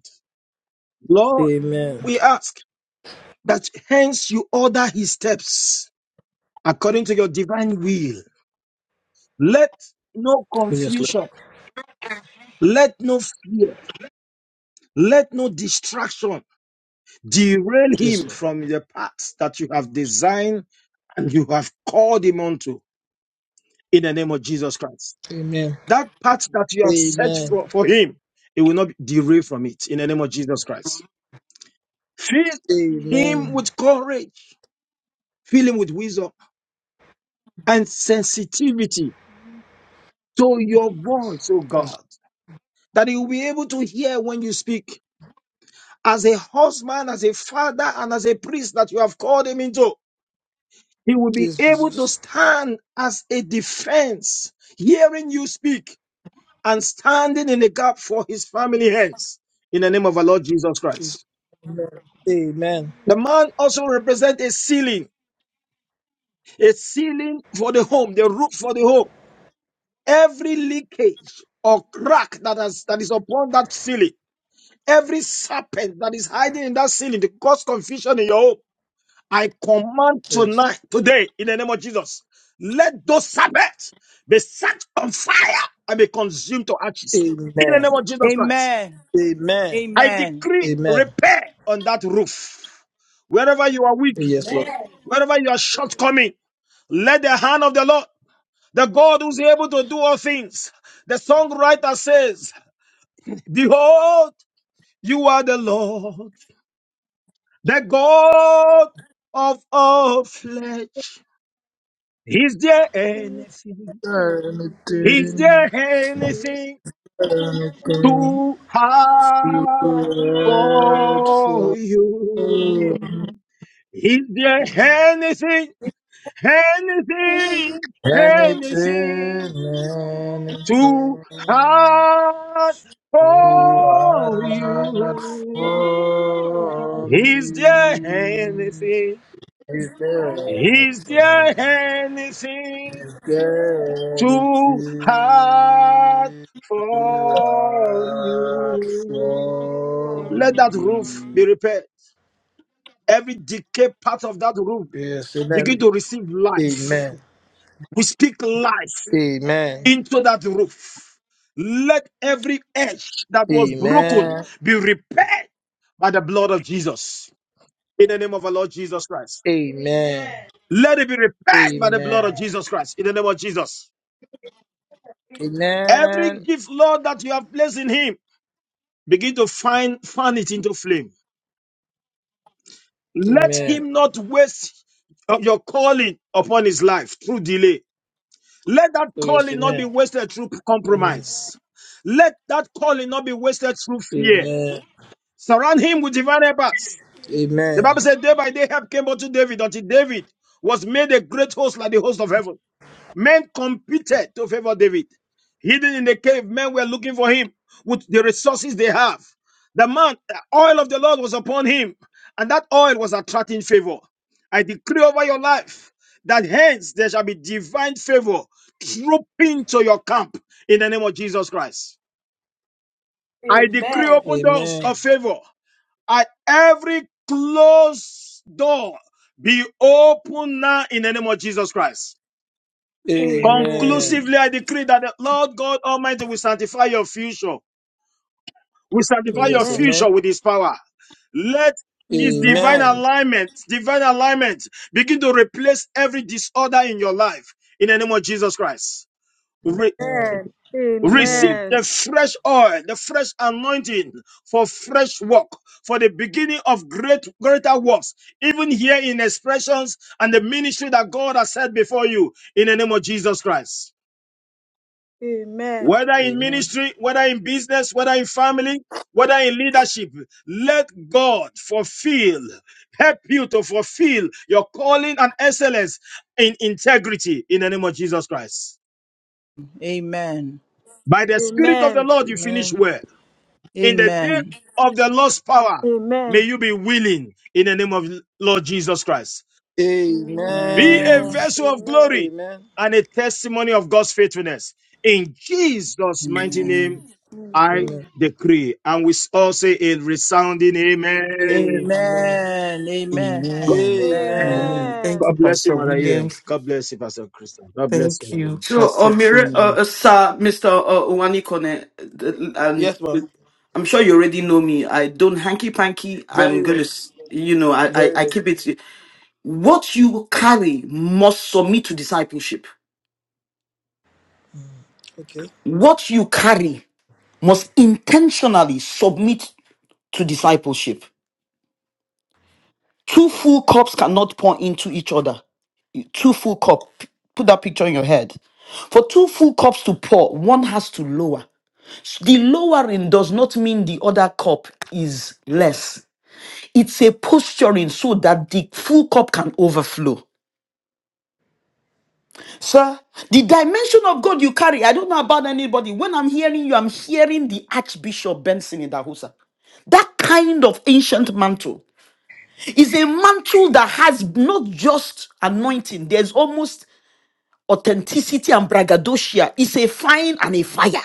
Lord, Amen. we ask that hence you order his steps according to your divine will. Let no We just look. confusion, let no fear, let no distraction Derail Just him look. from the path that you have designed and you have called him onto in the name of Jesus Christ. Amen. That path that you have set Amen. for, for him, he will not be derailed from it in the name of Jesus Christ. Fill him Amen. with courage, fill him with wisdom and sensitivity to your voice, oh Yes, God, that he will be able to hear when you speak as a husband, as a father, and as a priest that you have called him into. He will be yes able to Jesus. stand as a defense, hearing you speak and standing in the gap for his family hence in the name of our Lord Jesus Yes. Christ. Amen. Amen. The man also represents a ceiling, a ceiling for the home, the roof for the home. Every leakage or crack that, has, that is upon that ceiling, every serpent that is hiding in that ceiling to cause confusion in your home I command Yes. tonight, today, in the name of Jesus, let those sabbaths be set on fire and be consumed to ashes. In the name Amen. of Jesus Christ, Amen. Amen. I Amen. decree Amen. repair on that roof. Wherever you are weak, Yes, Jesus. Lord. wherever you are shortcoming, let the hand of the Lord, the God who's able to do all things, the songwriter says, Behold, you are the Lord, the God of all flesh. Is there anything? Is there anything too hard for you? Is there anything, anything, Anything, anything too anything hard you for are not you? for Is there me. anything? Is there Is there anything? anything too hard Eternity for out you? for Let that roof you. be repaired. Every decayed part of that roof Yes, amen. begin to receive life. Amen. We speak life Amen. into that roof. Let every edge that was broken Amen. be repaired by the blood of Jesus. In the name of our Lord Jesus Christ. Amen. Let it be repaired Amen. by the blood of Jesus Christ. In the name of Jesus. Every Amen. gift, Lord, that you have placed in him, begin to find, fan it into flame. Let Amen. him not waste of your calling upon his life through delay Let that Oh yes, calling not be amen. wasted through Amen. compromise. Let that calling not be wasted through fear. Amen. Surround him with divine helpers. The Amen. Bible said, day by day help came unto David until David was made a great host like the host of heaven. Men competed to favor David. Hidden in the cave, men were looking for him with the resources they have. The man, the oil of the Lord was upon him, and that oil was attracting favor. I decree over your life that hence there shall be divine favor trooping to your camp in the name of Jesus Christ. I decree Amen. open doors Amen. Amen. of favor. At every closed door, be open now in the name of Jesus Christ. Amen. Conclusively, I decree that the Lord God Almighty will sanctify your future, will Oh sanctify your yes, future with His power. Let His divine Amen. alignment, divine alignment, begin to replace every disorder in your life in the name of Jesus Christ. Re- Amen. Amen. Amen. receive Amen. the fresh oil, the fresh anointing for fresh work, for the beginning of great, greater works, even here in expressions and the ministry that God has set before you in the name of Jesus Christ. Amen. whether in Amen. ministry, whether in business, whether in family, whether in leadership, let God fulfill, help you to fulfill your calling and excellence in integrity in the name of Jesus Christ. Amen. By the Spirit of the Amen. Lord, you finish Amen. well. In the day Amen. of the Lord's power, may Amen. you be willing in the name of Lord Jesus Christ. Amen. Be a Amen. Amen. vessel of glory Amen. and a testimony of God's faithfulness. In Jesus' mighty name, Amen. I Mhm. decree. And we all say a resounding amen. Amen. Amen. Amen. Amen. Amen. God Amen. Amen. Amen. Thank you, God Amen. bless you, Pastor Mother Eden. Williams. God bless you, Pastor Christian. God bless Thank you, you. So, Pastor uh, Mire, uh, Chinwe. uh, Sir, Mr. Uh, Uwani Kone, and Yes, ma. I'm sure you already know me. I don't hanky panky. I'm Very gonna, well. s- you know, I, I, Very I well. keep it. What you carry must submit to discipleship. Okay. What you carry must intentionally submit to discipleship. Two full cups cannot pour into each other. Two full cup. Put that picture in your head. For two full cups to pour, one has to lower. The lowering does not mean the other cup is less. It's a posturing so that the full cup can overflow. Sir, the dimension of God you carry, I don't know about anybody. When I'm hearing you, I'm hearing the Archbishop Benson in Dahusa. That kind of ancient mantle. It's a mantle that has not just anointing, there's almost authenticity and braggadocio. It's a fire and a fire.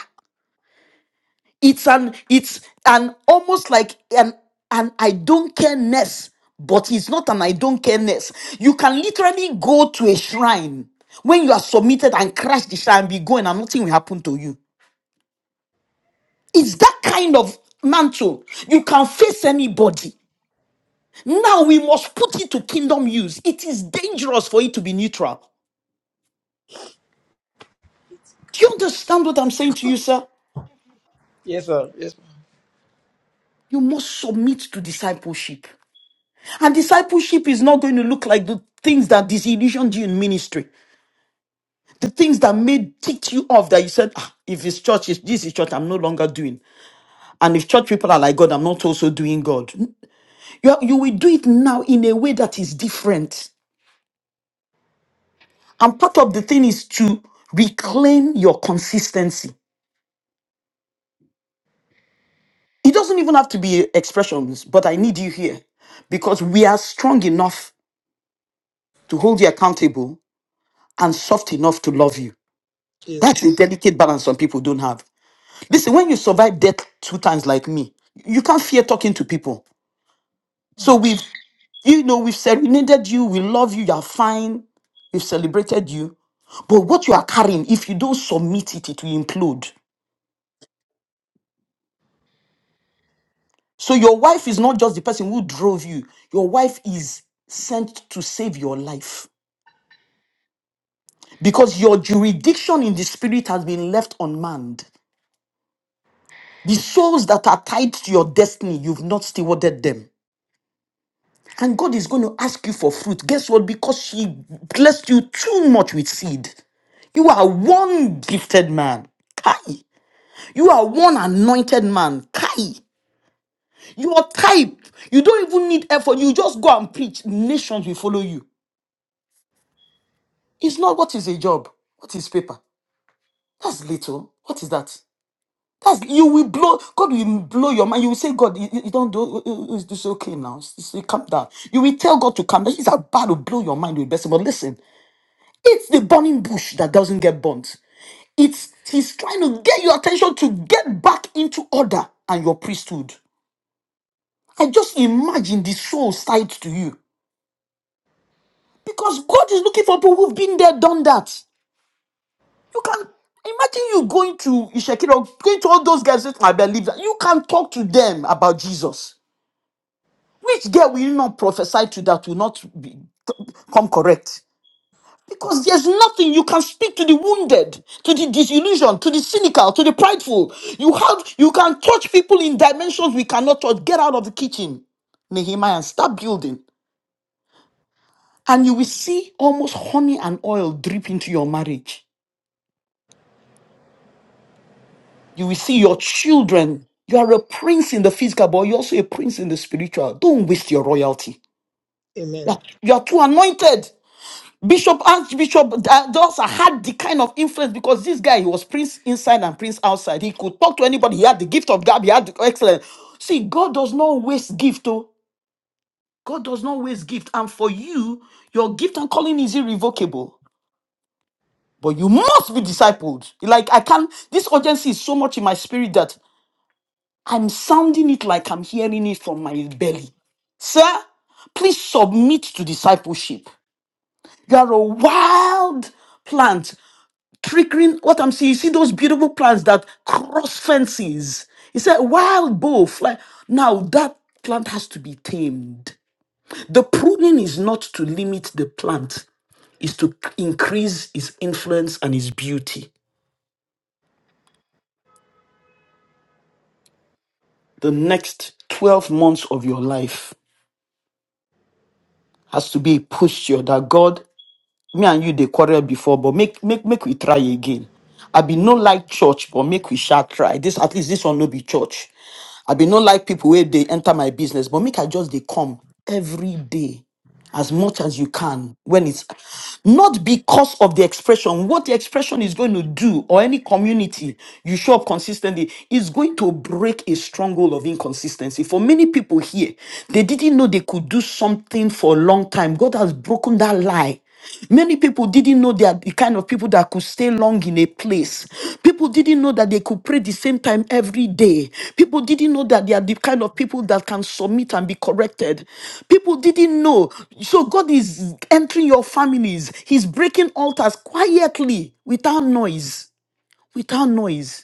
It's an it's an almost like an an I don't care-ness, but it's not an I don't care-ness. You can literally go to a shrine when you are submitted and crash the shrine and be going and nothing will happen to you. It's that kind of mantle. You can face anybody. Now we must put it to kingdom use. It is dangerous for it to be neutral. Do you understand what I'm saying to you, sir? Yes, ma. Yes, ma. You must submit to discipleship. And discipleship is not going to look like the things that disillusioned you in ministry, the things that made ticked you off that you said, ah, if it's church, it's, this is church, I'm no longer doing. And if church people are like God, I'm not also doing God. You, are- you will do it now in a way that is different. And part of the thing is to reclaim your consistency. It doesn't even have to be expressions, but I need you here because we are strong enough. to hold you accountable and soft enough to love you. That's Yes. a delicate balance some people don't have. Listen, when you survive death two times like me, you can't fear talking to people. So we've, you know, we've serenaded you, we love you, you're fine, we've celebrated you. But what you are carrying, if you don't submit it, it will implode. So your wife is not just the person who drove you, your wife is sent to save your life. Because your jurisdiction in the spirit has been left unmanned. The souls that are tied to your destiny, you've not stewarded them. And God is going to ask you for fruit. Guess what? Because He blessed you too much with seed. You are one gifted man. Kai. You are one anointed man. Kai. You are type. You don't even need effort. You just go and preach. Nations will follow you. It's not what is a job. What is paper? That's little. What is that? That's you will blow. God will blow your mind. You will say, God, you, you- you don't do. It's, it's okay now. It's, it's- you calm down. You will tell God to calm down. He's about to blow your mind with blessing. But listen, it's the burning bush that doesn't get burnt. It's he's trying to get your attention to get back into order and your priesthood. I just imagine the soul side to you because God is looking for people who've been there, done that. You can imagine you going to Ishakira, going to all those guys. I believe that you can talk to them about Jesus. Which girl will you not prophesy to that will not be, come correct? Because there's nothing you can speak to the wounded, to the disillusioned, to the cynical, to the prideful. You have you can touch people in dimensions we cannot touch. Get out of the kitchen, Nehemiah, and start building. And you will see almost honey and oil drip into your marriage. You will see your children. You are a prince in the physical, but you're also a prince in the spiritual. Don't waste your royalty. Amen. Yeah, You are too anointed. Bishop Archbishop uh, Dosa had the kind of influence because this guy he was prince inside and prince outside. He could talk to anybody. He had the gift of gab. He had the excellence. See, God does not waste gift. Oh, God does not waste gift. And for you, your gift and calling is irrevocable. But you must be discipled. Like I can. This urgency is so much in my spirit that I'm sounding it like I'm hearing it from my belly, sir. Please submit to discipleship. You are a wild plant triggering what I'm seeing. You see those beautiful plants that cross fences. He said, wild boar fly. Now that plant has to be tamed. The pruning is not to limit the plant, is to increase its influence and its beauty. The next 12 months of your life has to be a posture that God, me and you they quarrel before, but make make make we try again. I be no like church, but make we shall try. This at least this one no be church. I be no like people where they enter my business, but make I just they come every day as much as you can when it's not because of the expression what the expression is going to do or any community you show up consistently is going to break a stronghold of inconsistency for many people here they didn't know they could do something for a long time god has broken that lie Many people didn't know they are the kind of people that could stay long in a place. People didn't know that they could pray the same time every day. People didn't know that they are the kind of people that can submit and be corrected. People didn't know. So God is entering your families, He's breaking altars quietly without noise. Without noise.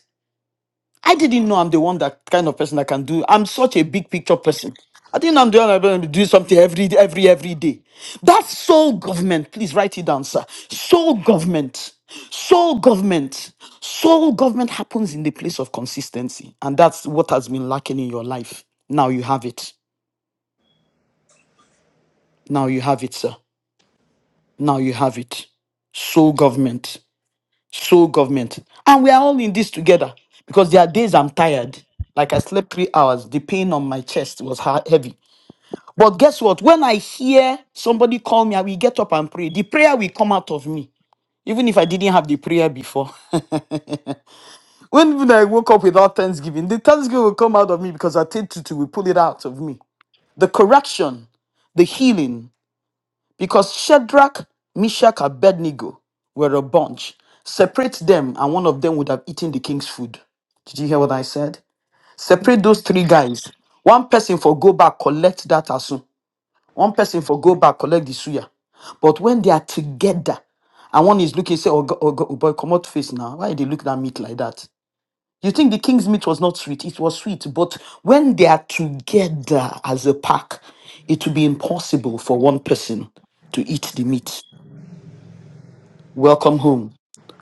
I didn't know I'm the one that kind of person that can do. I'm such a big picture person. I didn't know I'm the one that can do something every every every day. That sole government, please write it down, sir. Sole government, sole government, sole government happens in the place of consistency, and that's what has been lacking in your life. Now you have it. Now you have it, sir. Now you have it. Sole government. sole government. And we are all in this together because there are days I'm tired. Like I slept three hours, the pain on my chest was ha- heavy. But guess what? When I hear somebody call me, I will get up and pray. The prayer will come out of me, even if I didn't have the prayer before. When even I woke up without thanksgiving, the thanksgiving will come out of me because I take to will pull it out of me. The correction, the healing, Because Shadrach, Meshach, and Abednego were a bunch. Separate them, and one of them would have eaten the king's food. Did you hear what I said? Separate those three guys. One person for go back, collect that asun. One person for go back, collect the suya. But when they are together, and one is looking, say, oh, go- oh, go- oh boy, come out face now. Why they look at meat like that? You think the king's meat was not sweet? It was sweet, but when they are together as a pack, it will be impossible for one person to eat the meat. Welcome home.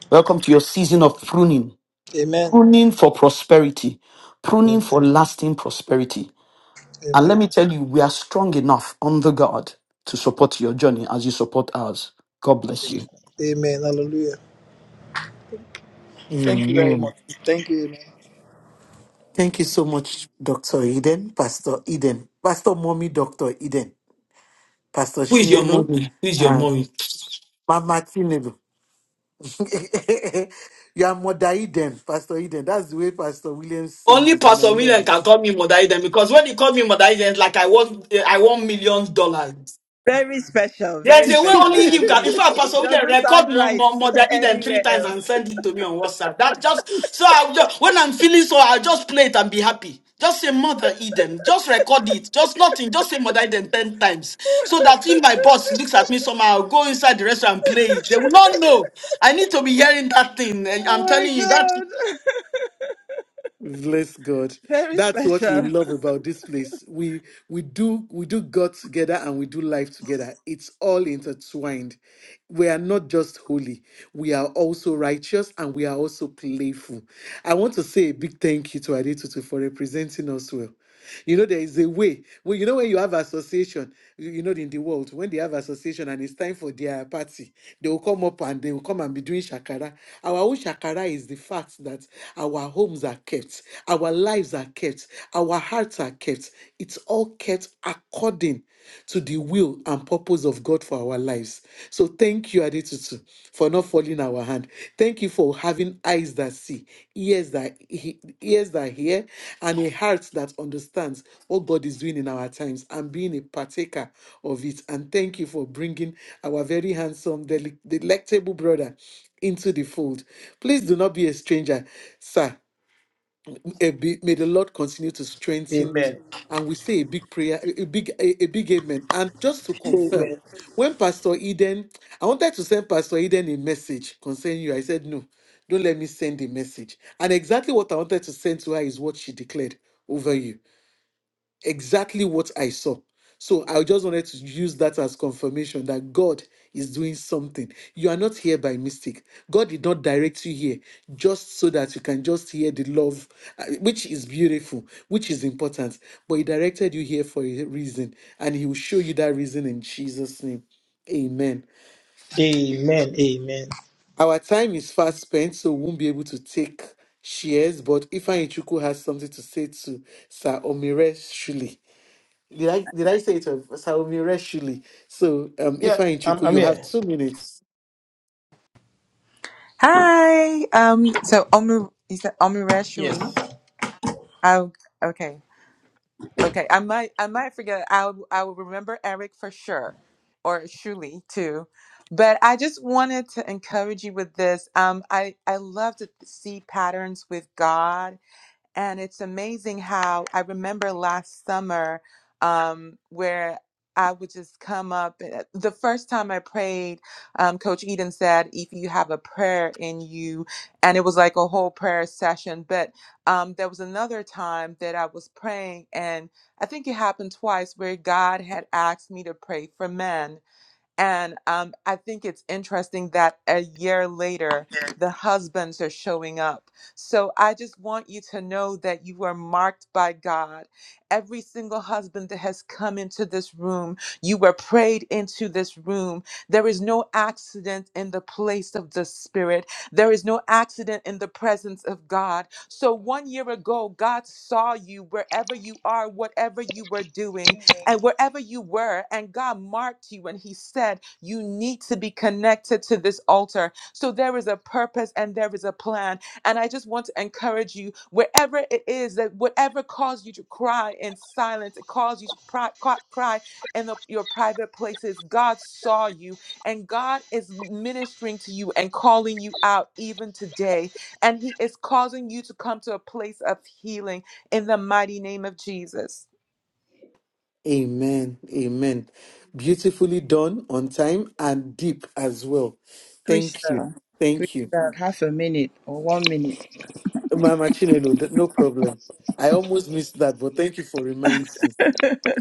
Welcome to your season of pruning. Amen. Pruning for prosperity. Pruning Amen. for lasting prosperity. And let me Amen. tell you, we are strong enough under God to support your journey as you support ours. God bless you. Amen. Hallelujah. Thank you very Amen. much. Thank you. Amen. Thank you so much, Dr. Eden, Pastor Eden, Pastor Mommy, Dr. Eden, Pastor Who is your Shinelo, mommy? Who is your and mommy? Mama Chinelo. you are Mother Eden, Pastor Eden. That's the way Pastor Williams says Only it, and I Pastor love William it. can call me Mother Eden because when he called me Mother Eden, it's like I want I want millions dollars. Very special. Very There's a way special. only I him can. agree. In fact, Pastor It William doesn't record sound more, right more, more than Eden three anywhere times else. and send it to me on WhatsApp. That just so I just when I'm feeling so, I'll just play it and be happy. Just say Mother Eden. Just record it. Just nothing. Just say Mother Eden ten times. So that if my boss looks at me somehow, I'll go inside the restaurant and play it. They will not know. I need to be hearing that thing. And Oh I'm my telling you that God. Bless God. Very That's what we special. love about this place. We we do we do God together and we do life together. It's all intertwined. We are not just holy. We are also righteous and we are also playful. I want to say a big thank you to Adetutu for representing us well. You know, there is a way. Well, you know, when you have association, you you know, in the world, when they have association and it's time for their party, they will come up and they will come and be doing shakara. Our own shakara is the fact that our homes are kept, our lives are kept, our hearts are kept. It's all kept according to the will and purpose of God for our lives. So thank you, Adetutu, for not falling our hand. Thank you for having eyes that see, ears that he- ears that hear, and a heart that understands what God is doing in our times and being a partaker of it. And thank you for bringing our very handsome, deli- delectable brother into the fold. Please do not be a stranger, sir. A big, may the Lord continue to strengthen you. Amen. And we say a big prayer, a a big, a, a big amen. And just to confirm, Amen. when Pastor Eden, I wanted to send Pastor Eden a message concerning you. I said, no, don't let me send a message. And exactly what I wanted to send to her is what she declared over you exactly what I saw. So I just wanted to use that as confirmation that God is doing something. You are not here by mistake. God did not direct you here just so that you can just hear the love, uh, which is beautiful, which is important. But He directed you here for a reason, and He will show you that reason in Jesus' name. Amen. Amen. Amen. Our time is fast spent, so we won't be able to take shares. But Ifeanyi Chuku has something to say to Sir Omire Shuli. Did I did I say it was Saomi Reshuli? So um if Yeah, I I'm, Chuku, I'm you have here. two minutes. Hi. Um. So Omu, you said Omurashuli. Yes. I okay. Okay. I might. I might forget. I'll. I will remember Eric for sure, or Shuli too. But I just wanted to encourage you with this. Um. I. I love to see patterns with God And it's amazing how I remember last summer um, where I would just come up. eh, The first time I prayed, um, Coach Eden said, if you have a prayer in you, and it was like a whole prayer session. But um, there was another time that I was praying, and I think it happened twice where God had asked me to pray for men and um, I think it's interesting that a year later, the husbands are showing up. So I just want you to know that you are marked by God. Every single husband that has come into this room, you were prayed into this room. There is no accident in the place of the Spirit, there is no accident in the presence of God. So one year ago, God saw you wherever you are, whatever you were doing and wherever you were, and God marked you and He said, You need to be connected to this altar. So there is a purpose and there is a plan. And I just want to encourage you, wherever it is that whatever caused you to cry in silence, it caused you to cry, cry in the, your private places, God saw you and God is ministering to you and calling you out even today. And He is causing you to come to a place of healing in the mighty name of Jesus. Amen. Amen. Beautifully done on time and deep as well. Thank you. Crystal. Thank you. Crystal. Half a minute or one minute. Mama Chinelo, th- no problem. I almost missed that, but thank you for reminding me.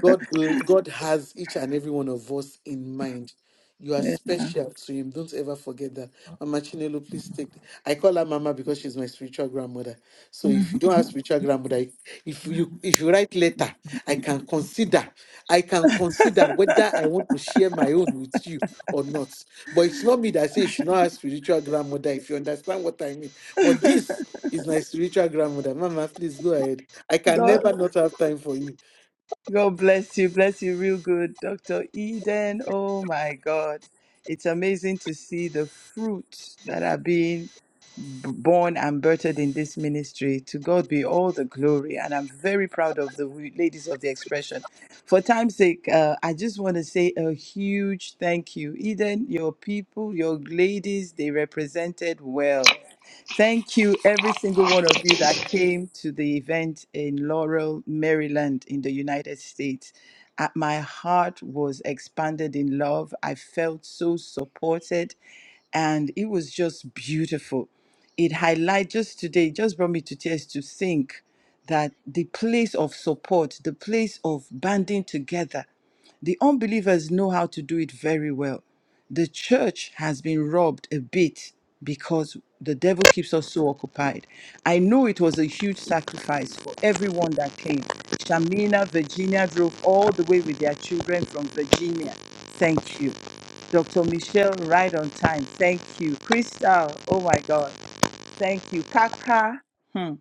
God, will- God has each and every one of us in mind. You are Yeah. special to Him. Don't ever forget that. Mama Chinelo, please take. I call her Mama because she's my spiritual grandmother. So if you don't have spiritual grandmother, if you if you write letter, I can consider. I can consider whether I want to share my own with you or not. But it's not me that say you should not have spiritual grandmother. If you understand what I mean. But this is my spiritual grandmother. Mama, please go ahead. I can God, never not have time for you. God bless you. Bless you real good, Dr. Eden. Oh my God. It's amazing to see the fruits that are being b- born and birthed in this ministry. To God be all the glory. And I'm very proud of the w- ladies of the expression. For time's sake, uh, I just want to say a huge thank you. Eden, your people, your ladies, they represented well. Thank you, every single one of you that came to the event in Laurel, Maryland, in the United States. Uh, My heart was expanded in love. I felt so supported, and it was just beautiful. It highlight just today, just brought me to tears to think that the place of support, the place of banding together, the unbelievers know how to do it very well the church has been robbed a bit because the devil keeps us so occupied. I know it was a huge sacrifice for everyone that came. Shamina, Virginia drove all the way with their children from Virginia. Thank you. Dr. Michelle, right on time. Thank you. Crystal, oh my God. Thank you. Kaka. hmm.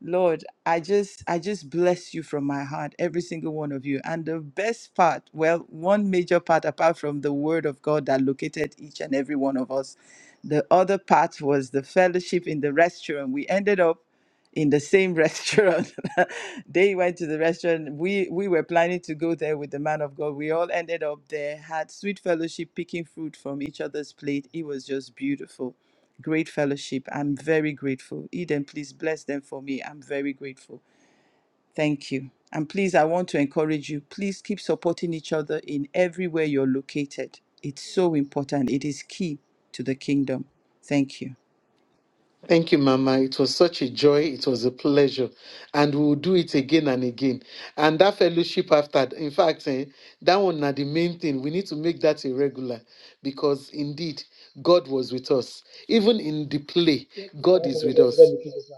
Lord, I just I just bless you from my heart, every single one of you. And the best part, well, one major part apart from the word of God that located each and every one of us, the other part was the fellowship in the restaurant. We ended up in the same restaurant. they went to the restaurant. We we were planning to go there with the man of God. We all ended up there, had sweet fellowship, picking fruit from each other's plate. It was just beautiful great fellowship. I'm very grateful. Eden, please bless them for me. I'm very grateful. Thank you. And please, I want to encourage you. Please keep supporting each other in everywhere you're located. It's so important. It is key to the kingdom. Thank you. Thank you, Mama. It was such a joy. It was a pleasure. And we will do it again and again. And that fellowship after, in fact, eh, that one are the main thing. We need to make that a regular because indeed, God was with us. Even in the play, God is with Let us. me keep this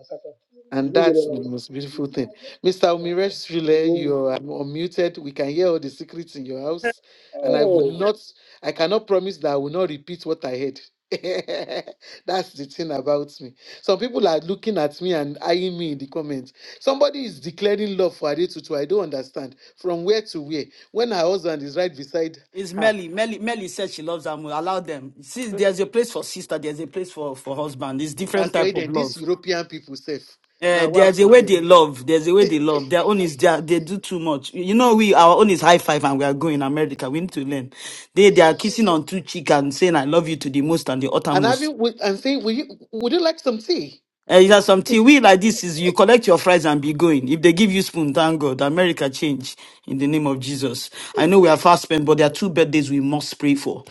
You And know that's the you most beautiful thing. Mr. don't Umireshvile, know. you are unmuted. We can hear all the secrets in your house. And I would Mm. Oh. not, I cannot promise that I will not repeat what I heard. that's the thing about me. Some people are looking at me and eyeing me in the comments. Somebody is declaring love for Adetutu. I don't understand. From where to where? When her husband is right beside is her. Melly. Melly Melly said she loves them. Allow them. See, Mm. there's a place for sister, there's a place for, for husband. It's different Pastor type of Eden, these love. European people safe. Uh, Now, what there's a for way them? they love. There's a way they love. Their own is their, they do too much. You know, we our own is high five and we are going America. We need to learn. They they are kissing on two cheek and saying I love you to the most and the And uttermost. having, and saying, would you, would you like some tea? Uh, there's something we like this is you collect your fries and be going. If they give you spoon, thank God. America change in the name of Jesus. I know we are fast spent, but there are two birthdays we must pray for.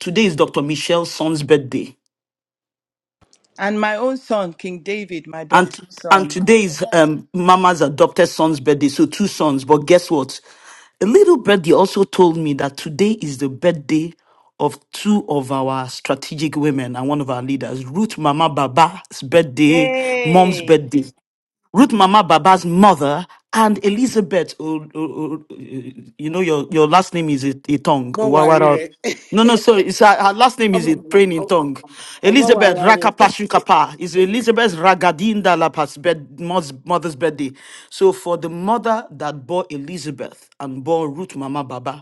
Today is Dr. Michelle Son's birthday. And my own son, King David, my And adoptive and son. today is um, Mama's adopted son's birthday, so two sons. But guess what? A little birdie also told me that today is the birthday of two of our strategic women and one of our leaders, Ruth Mama Baba's birthday, Mom's Hey, birthday. Ruth Mama Baba's mother and Elizabeth. oh, oh, oh, you know, your, your last name is a, a tongue. Mo worry Wawara. rẹ. No, no, sorry. It's her, her last name am is a praying in tongue. Elizabeth wara worried. Rakapashukapa is Elizabeth Ragadinda Lapa's bed, mother's, mother's birthday. So for the mother that bore Elizabeth and bore Ruth Mama Baba,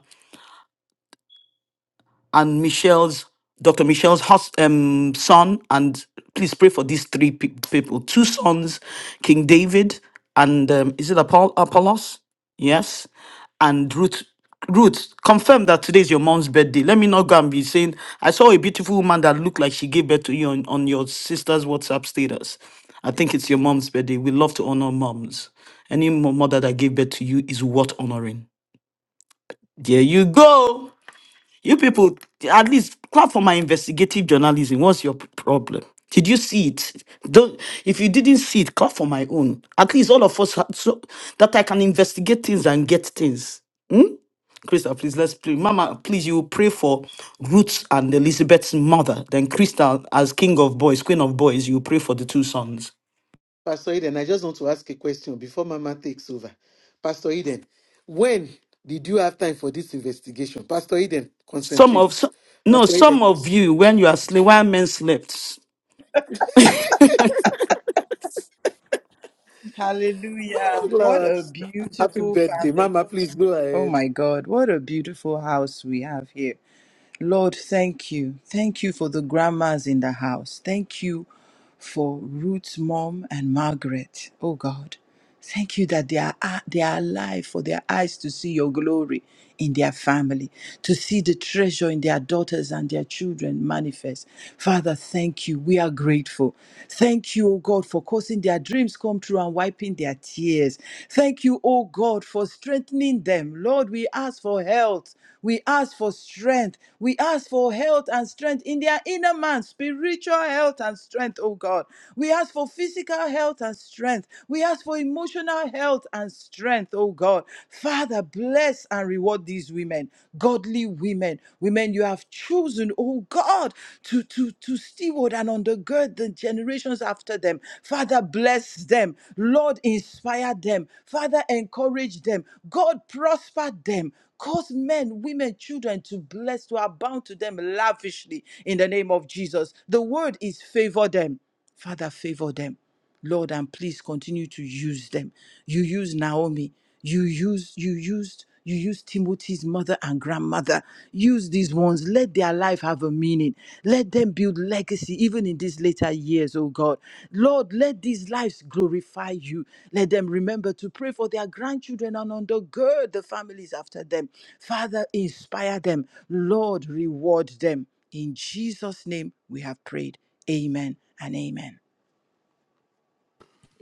and Michelle's Dr. Michelle's hus- um, son, and please pray for these three pe- people: two sons, King David, and um, is it Apoll- Apollos? Yes, and Ruth. Ruth, confirm that today is your mom's birthday. Let me not go and be saying I saw a beautiful woman that looked like she gave birth to you on, on your sister's WhatsApp status. I think it's your mom's birthday. We love to honor moms. Any mo- mother that gave birth to you is worth honoring. There you go. You people, at least clap for my investigative journalism. What's your p- problem? Did you see it? Don't, if you didn't see it, clap for my own. At least all of us ha- so that I can investigate things and get things. Hmm? Krista, please let's pray. Mama, please, you will pray for Ruth and Elizabeth's mother. Then Krista, as king of boys, queen of boys, you will pray for the two sons. Pastor Eden, I just want to ask a question before Mama takes over. Pastor Eden, when did you have time for this investigation? Pastor Eden, Some of concentrate. so, no, Pastor some Eden. of you, when you are sleep, while men slept. Oh hallelujah. What Lord. a Happy beautiful birthday. family. Mama, please go Oh ahead. my God, what a beautiful house we have here. Lord, thank you. Thank you for the grandmas in the house. Thank you for Ruth's mom and Margaret. Oh God, thank you that they are, they are alive for their eyes to see your glory in their family, to see the treasure in their daughters and their children manifest. Father, thank you. We are grateful. Thank you, oh God, for causing their dreams come true and wiping their tears. Thank you, oh God, for strengthening them. Lord, we ask for health. We ask for strength. We ask for health and strength in their inner man, spiritual health and strength, oh God. We ask for physical health and strength. We ask for emotional health and strength, oh God. Father, bless and reward these women, godly women, women you have chosen, oh God, to to to, to steward and undergird the generations after them. Father, bless them. Lord, inspire them. Father, encourage them. God, prosper them. Cause men, women, children to bless, to abound to them lavishly in the name of Jesus. The word is favor them. Father, favor them. Lord, and please continue to use them. You use Naomi. You use you used you use Timothy's mother and grandmother. Use these ones. Let their life have a meaning. Let them build legacy even in these later years, oh God. Lord, let these lives glorify you. Let them remember to pray for their grandchildren and undergird the families after them. Father, inspire them. Lord, reward them. In Jesus' name we have prayed. Amen and amen.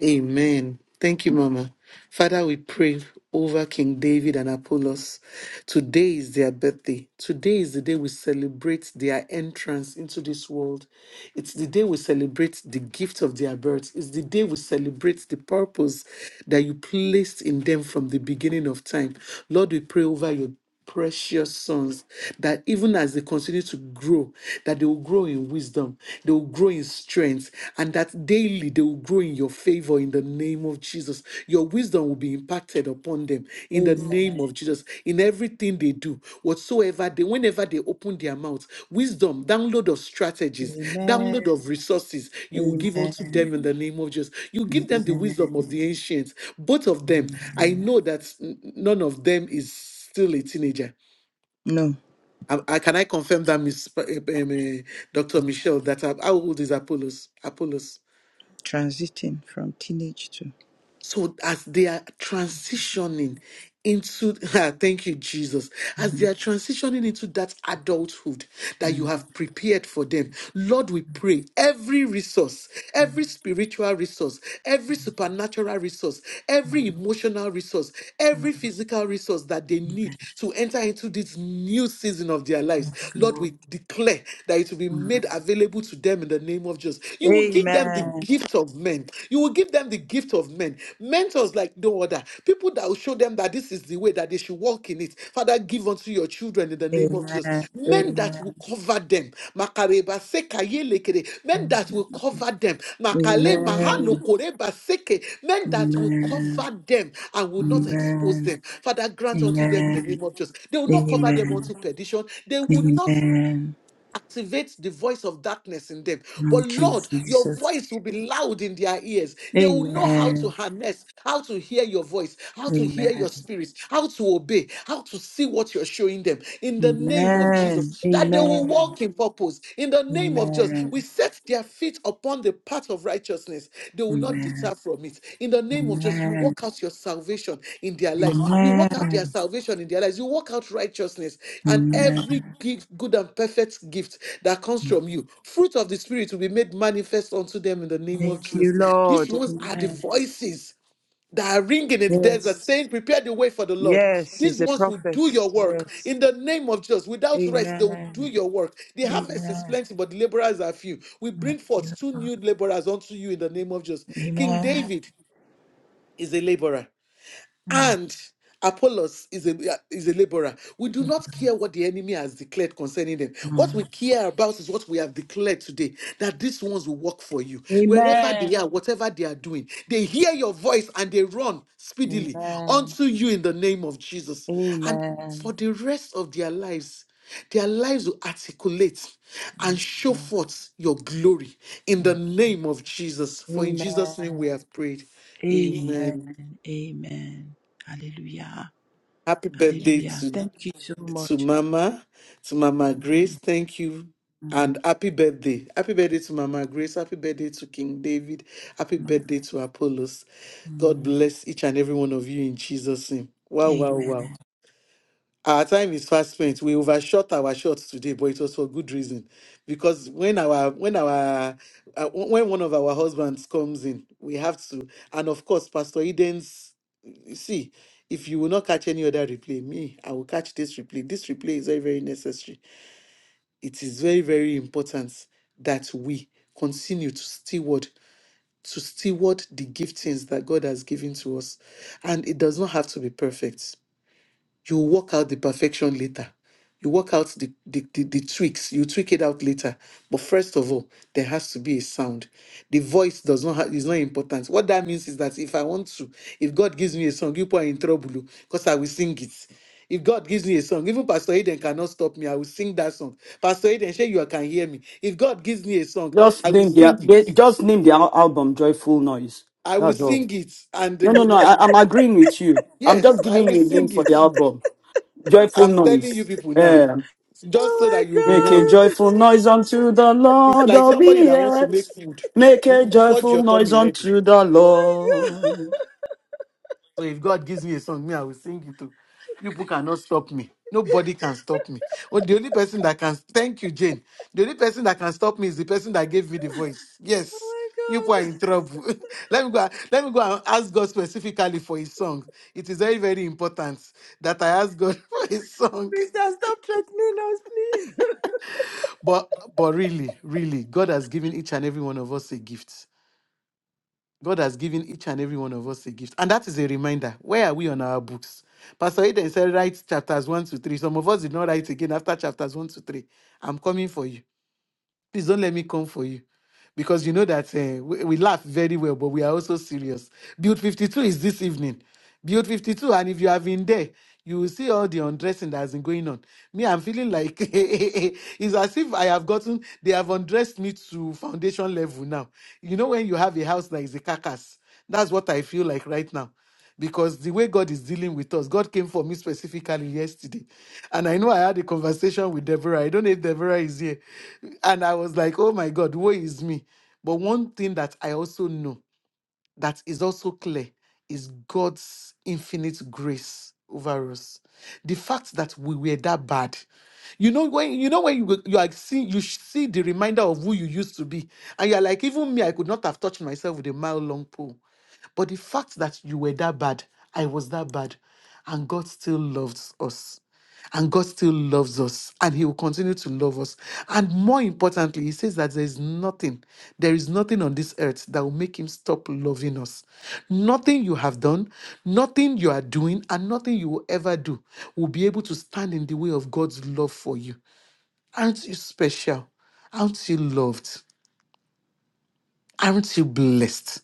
Amen. Thank you, Mama. Father, we pray over King David and Apollos. Today is their birthday. Today is the day we celebrate their entrance into this world. It's the day we celebrate the gift of their birth. It's the day we celebrate the purpose that you placed in them from the beginning of time. Lord, we pray over you precious sons that even as they continue to grow that they will grow in wisdom they will grow in strength and that daily they will grow in your favor in the name of jesus your wisdom will be impacted upon them in the name of jesus in everything they do whatsoever they whenever they open their mouths, wisdom download of strategies Amen. download of resources you will give Amen. unto them in the name of jesus you give them the Amen. wisdom of the ancients both of them i know that mm, none of them is still a teenager. No, I, I, can I confirm that, Miss um, uh, Dr. Michelle, that uh, how old is Apollos? Apollos. transiting from teenage to. So as they are transitioning into, ah, thank you, Jesus, as they Mm, are transitioning into that adulthood that you mm, have prepared for them, Lord, we pray every resource, every spiritual resource, every supernatural resource, every emotional resource, mm. every physical resource that they need to enter into this new season of their lives, Yes, Lord, Lord. we declare that it will be Mm. made available to them in the name of Jesus. You will give them the Amen. gift of men. You will give them the gift of men. Mentors like no other. People that will show them that this is the way that they should walk in it. Father, give unto your children in the name of Jesus. Amen. Men that Amen. will cover them. Makareba seka yelekere. Men that will cover them. Amen. Makale mahalo koreba seke. Men that will cover Amen. them and Amen. will not expose Amen. them. Father, grant unto Amen. them in the Amen. name of Jesus. They will not cover them unto perdition. They will not activate the voice of darkness in them. But Thank you, Lord, your Jesus. voice will be loud in their ears. They will know how to Amen. harness, how to hear your voice, how to hear Amen. your spirit, how to obey, how to see what you're showing them in the name of Amen. Jesus. That they will Amen. Amen. walk in purpose in the name of Jesus. We Amen. set their feet upon the on the path of righteousness. They will not deter from it. In the name of Jesus, you Amen. walk out your salvation in their lives. You walk out Amen. their salvation in their lives. You walk out righteousness and Amen. every gift, good and perfect gift that comes from you. Fruit of the Spirit will be made manifest unto them in the name of Thank you, Jesus. These Lord. ones are the Amen. voices that are ringing in the desert, Yes. saying, Prepare the way for the Lord. Yes, he's These a ones will prophet. do your work Yes. in the name of Jesus. Without rest, they will do Amen. your work. The harvest is Amen. plenty, but the laborers are few. We bring Thank you. forth two new laborers unto you in the name of Jesus. King Amen. David is a laborer Mm. and Apollos is a is a laborer. We do not care what the enemy has declared concerning them. What we Mm. care about is what we have declared today that these ones will work for you. Wherever Amen. they are, whatever they are doing, they hear your voice and they run speedily Amen. unto you in the name of Jesus. And for Amen. the rest of their lives, their lives will articulate and Thank you. show Lord. forth your glory in Thank the you. name of Jesus. For in Jesus' name Amen. we have prayed. Amen. Amen. Amen. Hallelujah. Happy birthday Hallelujah. to, Thank you so to much. Mama, to Mama Mm, Grace. Thank you. mm, And happy birthday. Happy birthday to Mama Grace. Happy birthday to King David. Happy mm, birthday to Apollos. God mm. bless each and every one of you in Jesus' name. Wow, wow, wow. Amen. Our time is fast spent. We overshot our shots today, but it was for good reason. Because when our when our uh, when one of our husbands comes in, we have to, and of course, Pastor Eden's you see, if you will not catch any other replay, me, I will catch this replay. This replay is very, very necessary. It is very, very important that we continue to steward, to steward the giftings that God has given to us. And it does not have to be perfect you work out the perfection later. You work out the, the, the, the tweaks, you tweak it out later. But first of all, there has to be a sound. The voice does not have, is not important. What that means is that if I want to, if God gives me a song, you are in trouble because I will sing it. If God gives me a song, even Pastor Eden cannot stop me. I will sing that song. Pastor Eden, sure you can hear me. If God gives me a song, Just I will name their sing it. they just name their al- album Joyful Noise. I will That's all. sing it. And No, no, no. uh, I, I, I- I'm agreeing with you. I'm yes, just I giving will you a name sing for it. the album. Joyful I'm telling you Noise. people now. Yeah. Oh just so my that you'll be Make a warned. God. joyful noise unto the It's Lord like of somebody the that wants to make earth. food. Make a You- you Purge joyful your noise tummy ready. unto the Oh my god! Lord. So if God gives me a song, me, I will sing it too. People cannot stop me. Nobody can stop me. Well, the only person that can thank you, Jane. The only person that can stop me is the person that gave me the voice. Yes. Oh You people are my god! in trouble. let me go. Let me go and ask God specifically for His song. It is very, very important that I ask God for His song. Krista, stop threatening us, please. But, but really, really, God has given each and every one of us a gift God has given each and every one of us a gift. And that is a reminder. Where are we on our books? Pastor Eden said, write chapters 1 to 3. Some of us did not write again after chapters 1 to 3. I'm coming for you please don't let me come for you. Because you know that eh, we, we laugh very well, but we are also serious. Build 52 is this evening. Build 52, and if you have been there, you will see all the undressing that has been going on. Me, I'm feeling like it's as if I have gotten, they have undressed me to foundation level now. You know, when you have a house that is a carcass, that's what I feel like right now because the way God is dealing with us, God came for me specifically yesterday. And I know I had a conversation with Deborah. I don't know if Deborah is here. And I was like, oh my God, woe is me. But one thing that I also know that is also clear is God's infinite grace over us. The fact that we were that bad. You know when you know when you go- you are seeing you see the reminder of who you used to be, and you are like, even me, I could not have touched myself with a mile long pole. But the fact that you were that bad, I was that bad, and God still loves us. And God still loves us, and He will continue to love us. And more importantly, He says that there is nothing, there is nothing on this earth that will make Him stop loving us. Nothing you have done, nothing you are doing, and nothing you will ever do will be able to stand in the way of God's love for you. Aren't you special? Aren't you loved? Aren't you blessed?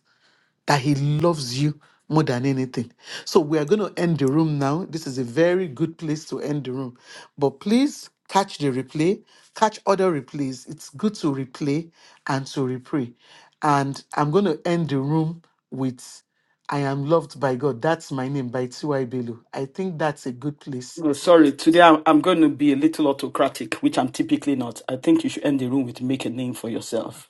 that he loves you more than anything. So we are going to end the room now. This is a very good place to end the room. But please catch the replay, catch other replays. It's good to replay and to replay. And I'm going to end the room with I am loved by God. That's my name by T.Y. Belu. I think that's a good place. No, sorry. Today I'm, I'm going to be a little autocratic, which I'm typically not. I think you should end the room with make a name for yourself.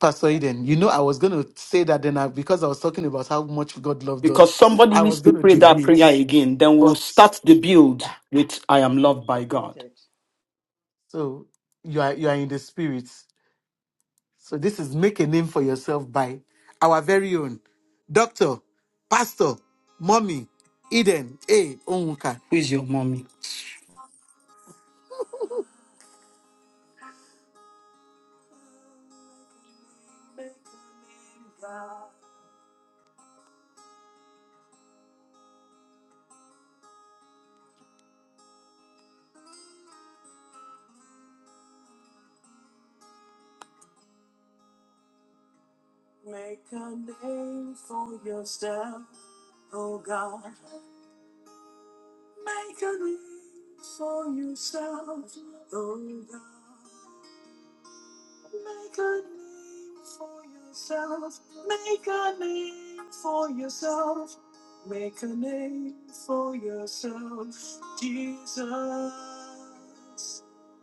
Pastor Eden, you know, I was going to say that then I, because I was talking about how much God loved because us, somebody I needs was going to to pray that deviate. prayer again. Then we'll start the build with I am loved by God. Supported. So you are you are in the spirit. So this is make a name for yourself by our very own doctor, pastor, mommy, Eden, A, Onwuka. Who is your mommy? God, Make a name for yourself, oh God. Make a name for yourself, oh God. Make a name for yourself. Make a name for yourself. Make a name for yourself, Jesus.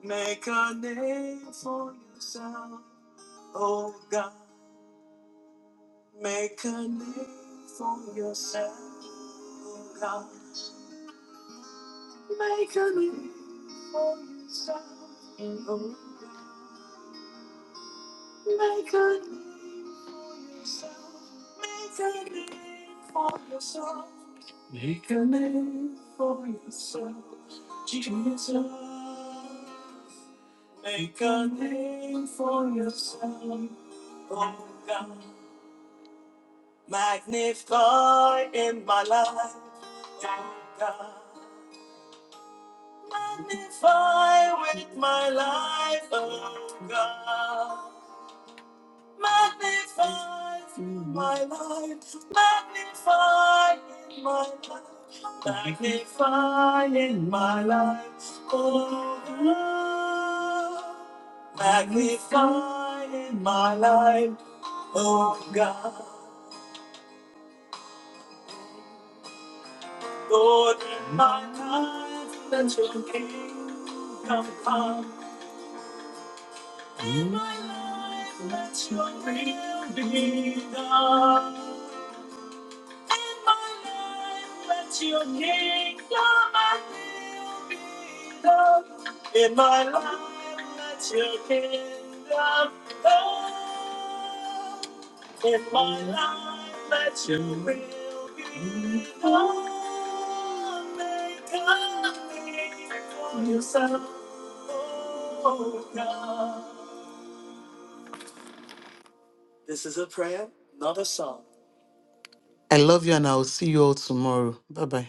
Make a name for yourself, oh God. Make a name for yourself, oh God. Make a name for yourself, oh God. Make a name for yourself. Make a name for yourself. Make a name for yourself. Jesus. Make a name for yourself. Oh God. Magnify in my life. Oh God. Magnify with my life. Oh God. Magnify in my life, magnify in my life, magnify in my life, oh God. Magnify in my life, oh God. Lord, in my life, let your kingdom come. In my life, let your will be done. In my life, let your kingdom and will be done. In my life, let your kingdom come. In my life, let your will be done. Make a name for yourself, oh God. This is a prayer, not a song. I love you, and I will see you all tomorrow. Bye bye.